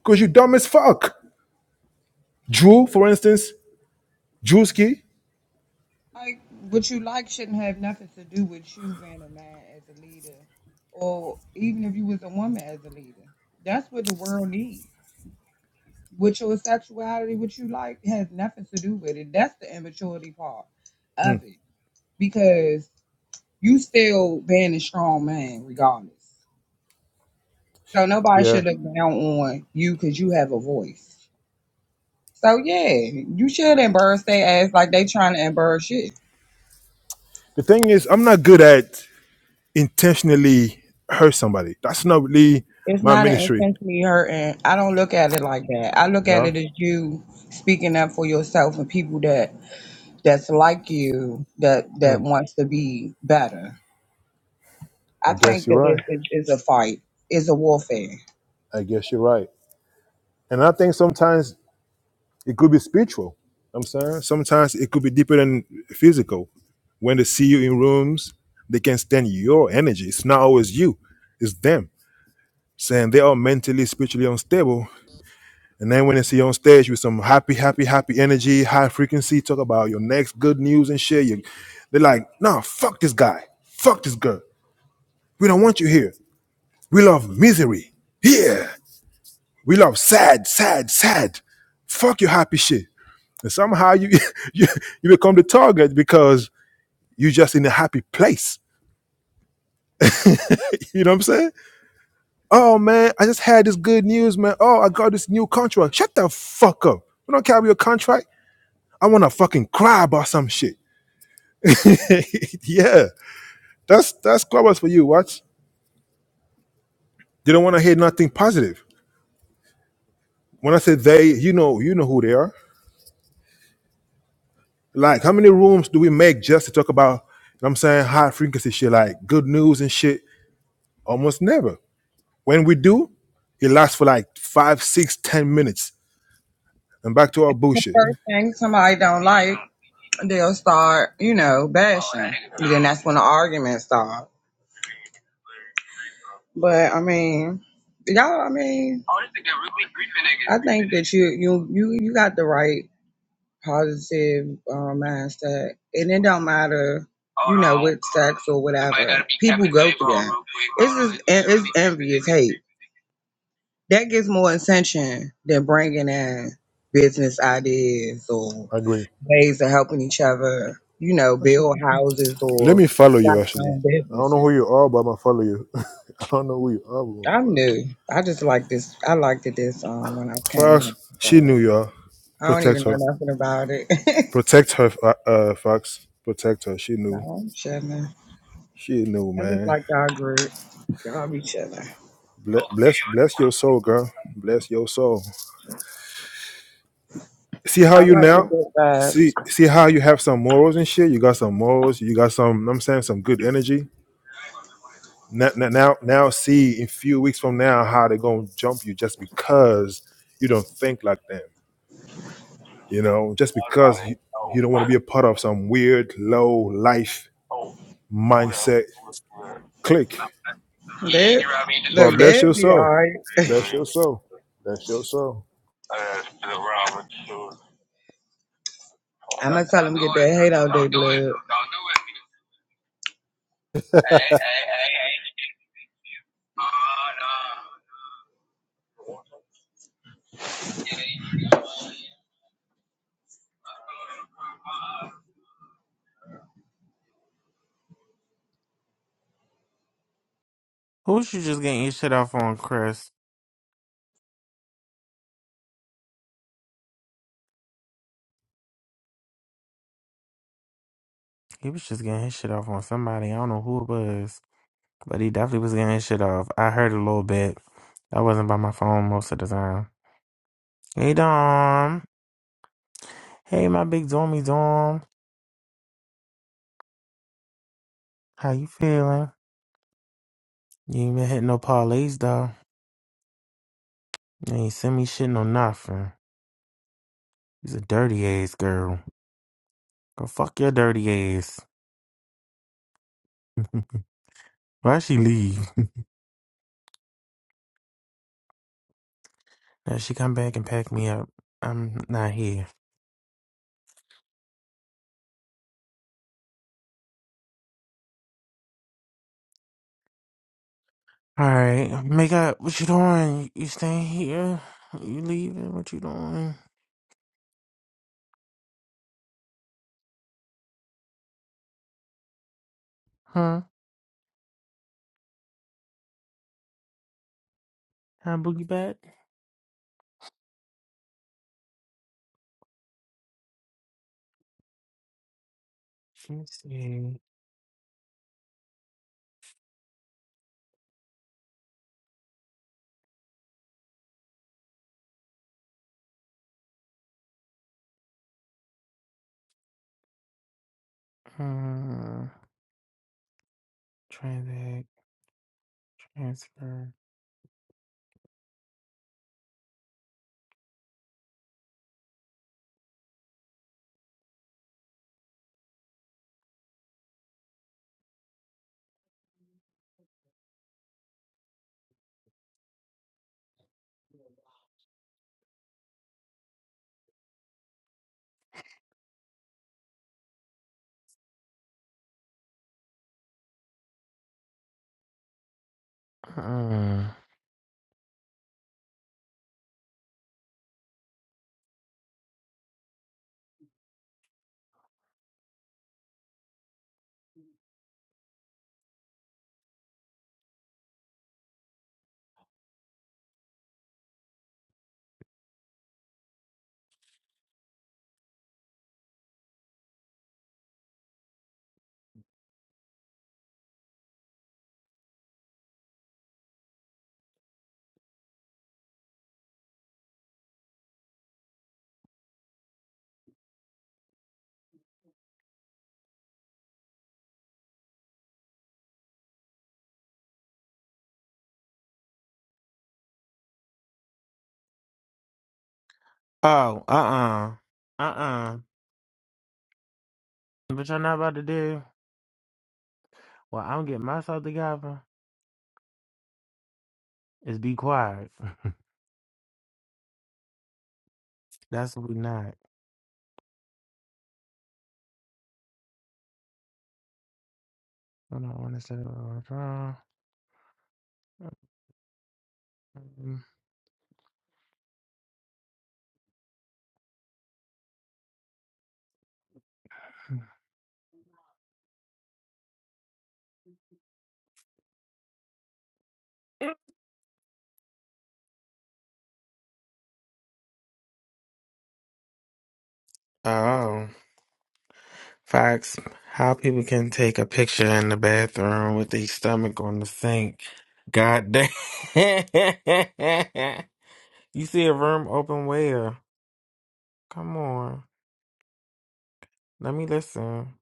Cause you dumb as fuck. Drew, for instance, Drewski. like what you like shouldn't have nothing to do with you being a man as a leader, or even if you was a woman as a leader. That's what the world needs. With your sexuality, what you like has nothing to do with it. That's the immaturity part of it, because you still being a strong man regardless. So nobody Yeah. should look down on you because you have a voice. So yeah, you should embarrass their ass like they trying to embarrass you. The thing is, I'm not good at intentionally hurt somebody. That's not really It's my not an ministry. intentionally hurting. I don't look at it like that. I look at No, it as you speaking up for yourself and people that that's like you that that wants to be better. I I guess think you're that it right. is it, it's a fight. It's a warfare. I guess you're right. And I think sometimes It could be spiritual. I'm saying sometimes it could be deeper than physical. When they see you in rooms, they can stand your energy. It's not always you, it's them. Saying they are mentally, spiritually unstable. And then when they see you on stage with some happy, happy, happy energy, high frequency, talk about your next good news and shit, you, they're like, nah, fuck this guy. Fuck this girl. We don't want you here. We love misery. Yeah. We love sad, sad, sad. Fuck your happy shit. And somehow you, you you become the target because you're just in a happy place. You know what I'm saying? Oh man, I just had this good news, man. Oh, I got this new contract. Shut the fuck up. We don't care about your contract. I want to fucking cry about some shit. yeah, that's that's clubhouse for you. What? They don't want to hear nothing positive. When I say they, you know, you know who they are. Like, how many rooms do we make just to talk about? You know what I'm saying high frequency shit, like good news and shit. Almost never. When we do, it lasts for like five, six, ten minutes. And back to our bullshit. First thing somebody don't like, they'll start, you know, bashing. And then that's when the arguments start. But I mean, y'all, I mean, I think that you you you you got the right positive um, mindset, and it don't matter, you know, with sex or whatever. People go through that. It's just it's envious hate that gets more attention than bringing in business ideas or I agree. ways of helping each other, you know, Actually, build houses let or me follow you, start your actually. own I don't know businesses. who you are, but I'm going to follow you. I don't know who you are, but I'm going to I'm follow you. new. I just like this. I liked it this um when I came Fox, in. she So knew y'all. I don't Protect even know her. nothing about it. Protect her, uh, uh, Fox. Protect her. She no, knew. I'm chilling. She knew, I just man. like y'all group. Y'all each other. Ble- Bless, bless your soul, girl. Bless your soul. See how I you like the now? good vibes. See, see how you have some morals and shit. You got some morals. You got some. I'm saying some good energy. now, now, now see in a few weeks from now how they're gonna jump you just because you don't think like them. You know, just because you, you don't want to be a part of some weird low life mindset clique. That, But look, bless your that'd be all soul. right. Bless your soul. Bless your soul. I'm gonna tell him get that hate out their blood. Who was you just getting your shit off on, Chris? He was just getting his shit off on somebody. I don't know who it was. But he definitely was getting his shit off. I heard a little bit. I wasn't by my phone most of the time. Hey Dom. Hey my big dormy Dom, How you feeling? You ain't been hitting no parlays though. You ain't send me shit no nothing. He's a dirty ass girl. Go fuck your dirty ass. Why would she leave? Now she come back and pack me up. I'm not here. Alright, make up. What you doing? You staying here? You leaving? What you doing? Huh? Can I boogie back? Let me see. Uh, transact, transfer. Uh-uh. Oh, uh-uh. Uh-uh. But y'all not about to do what I'm getting myself together is be quiet. That's what we not. I don't want to say Oh, facts. How people can take a picture in the bathroom with their stomach on the sink. God damn. you see a room open where? Come on. Let me listen.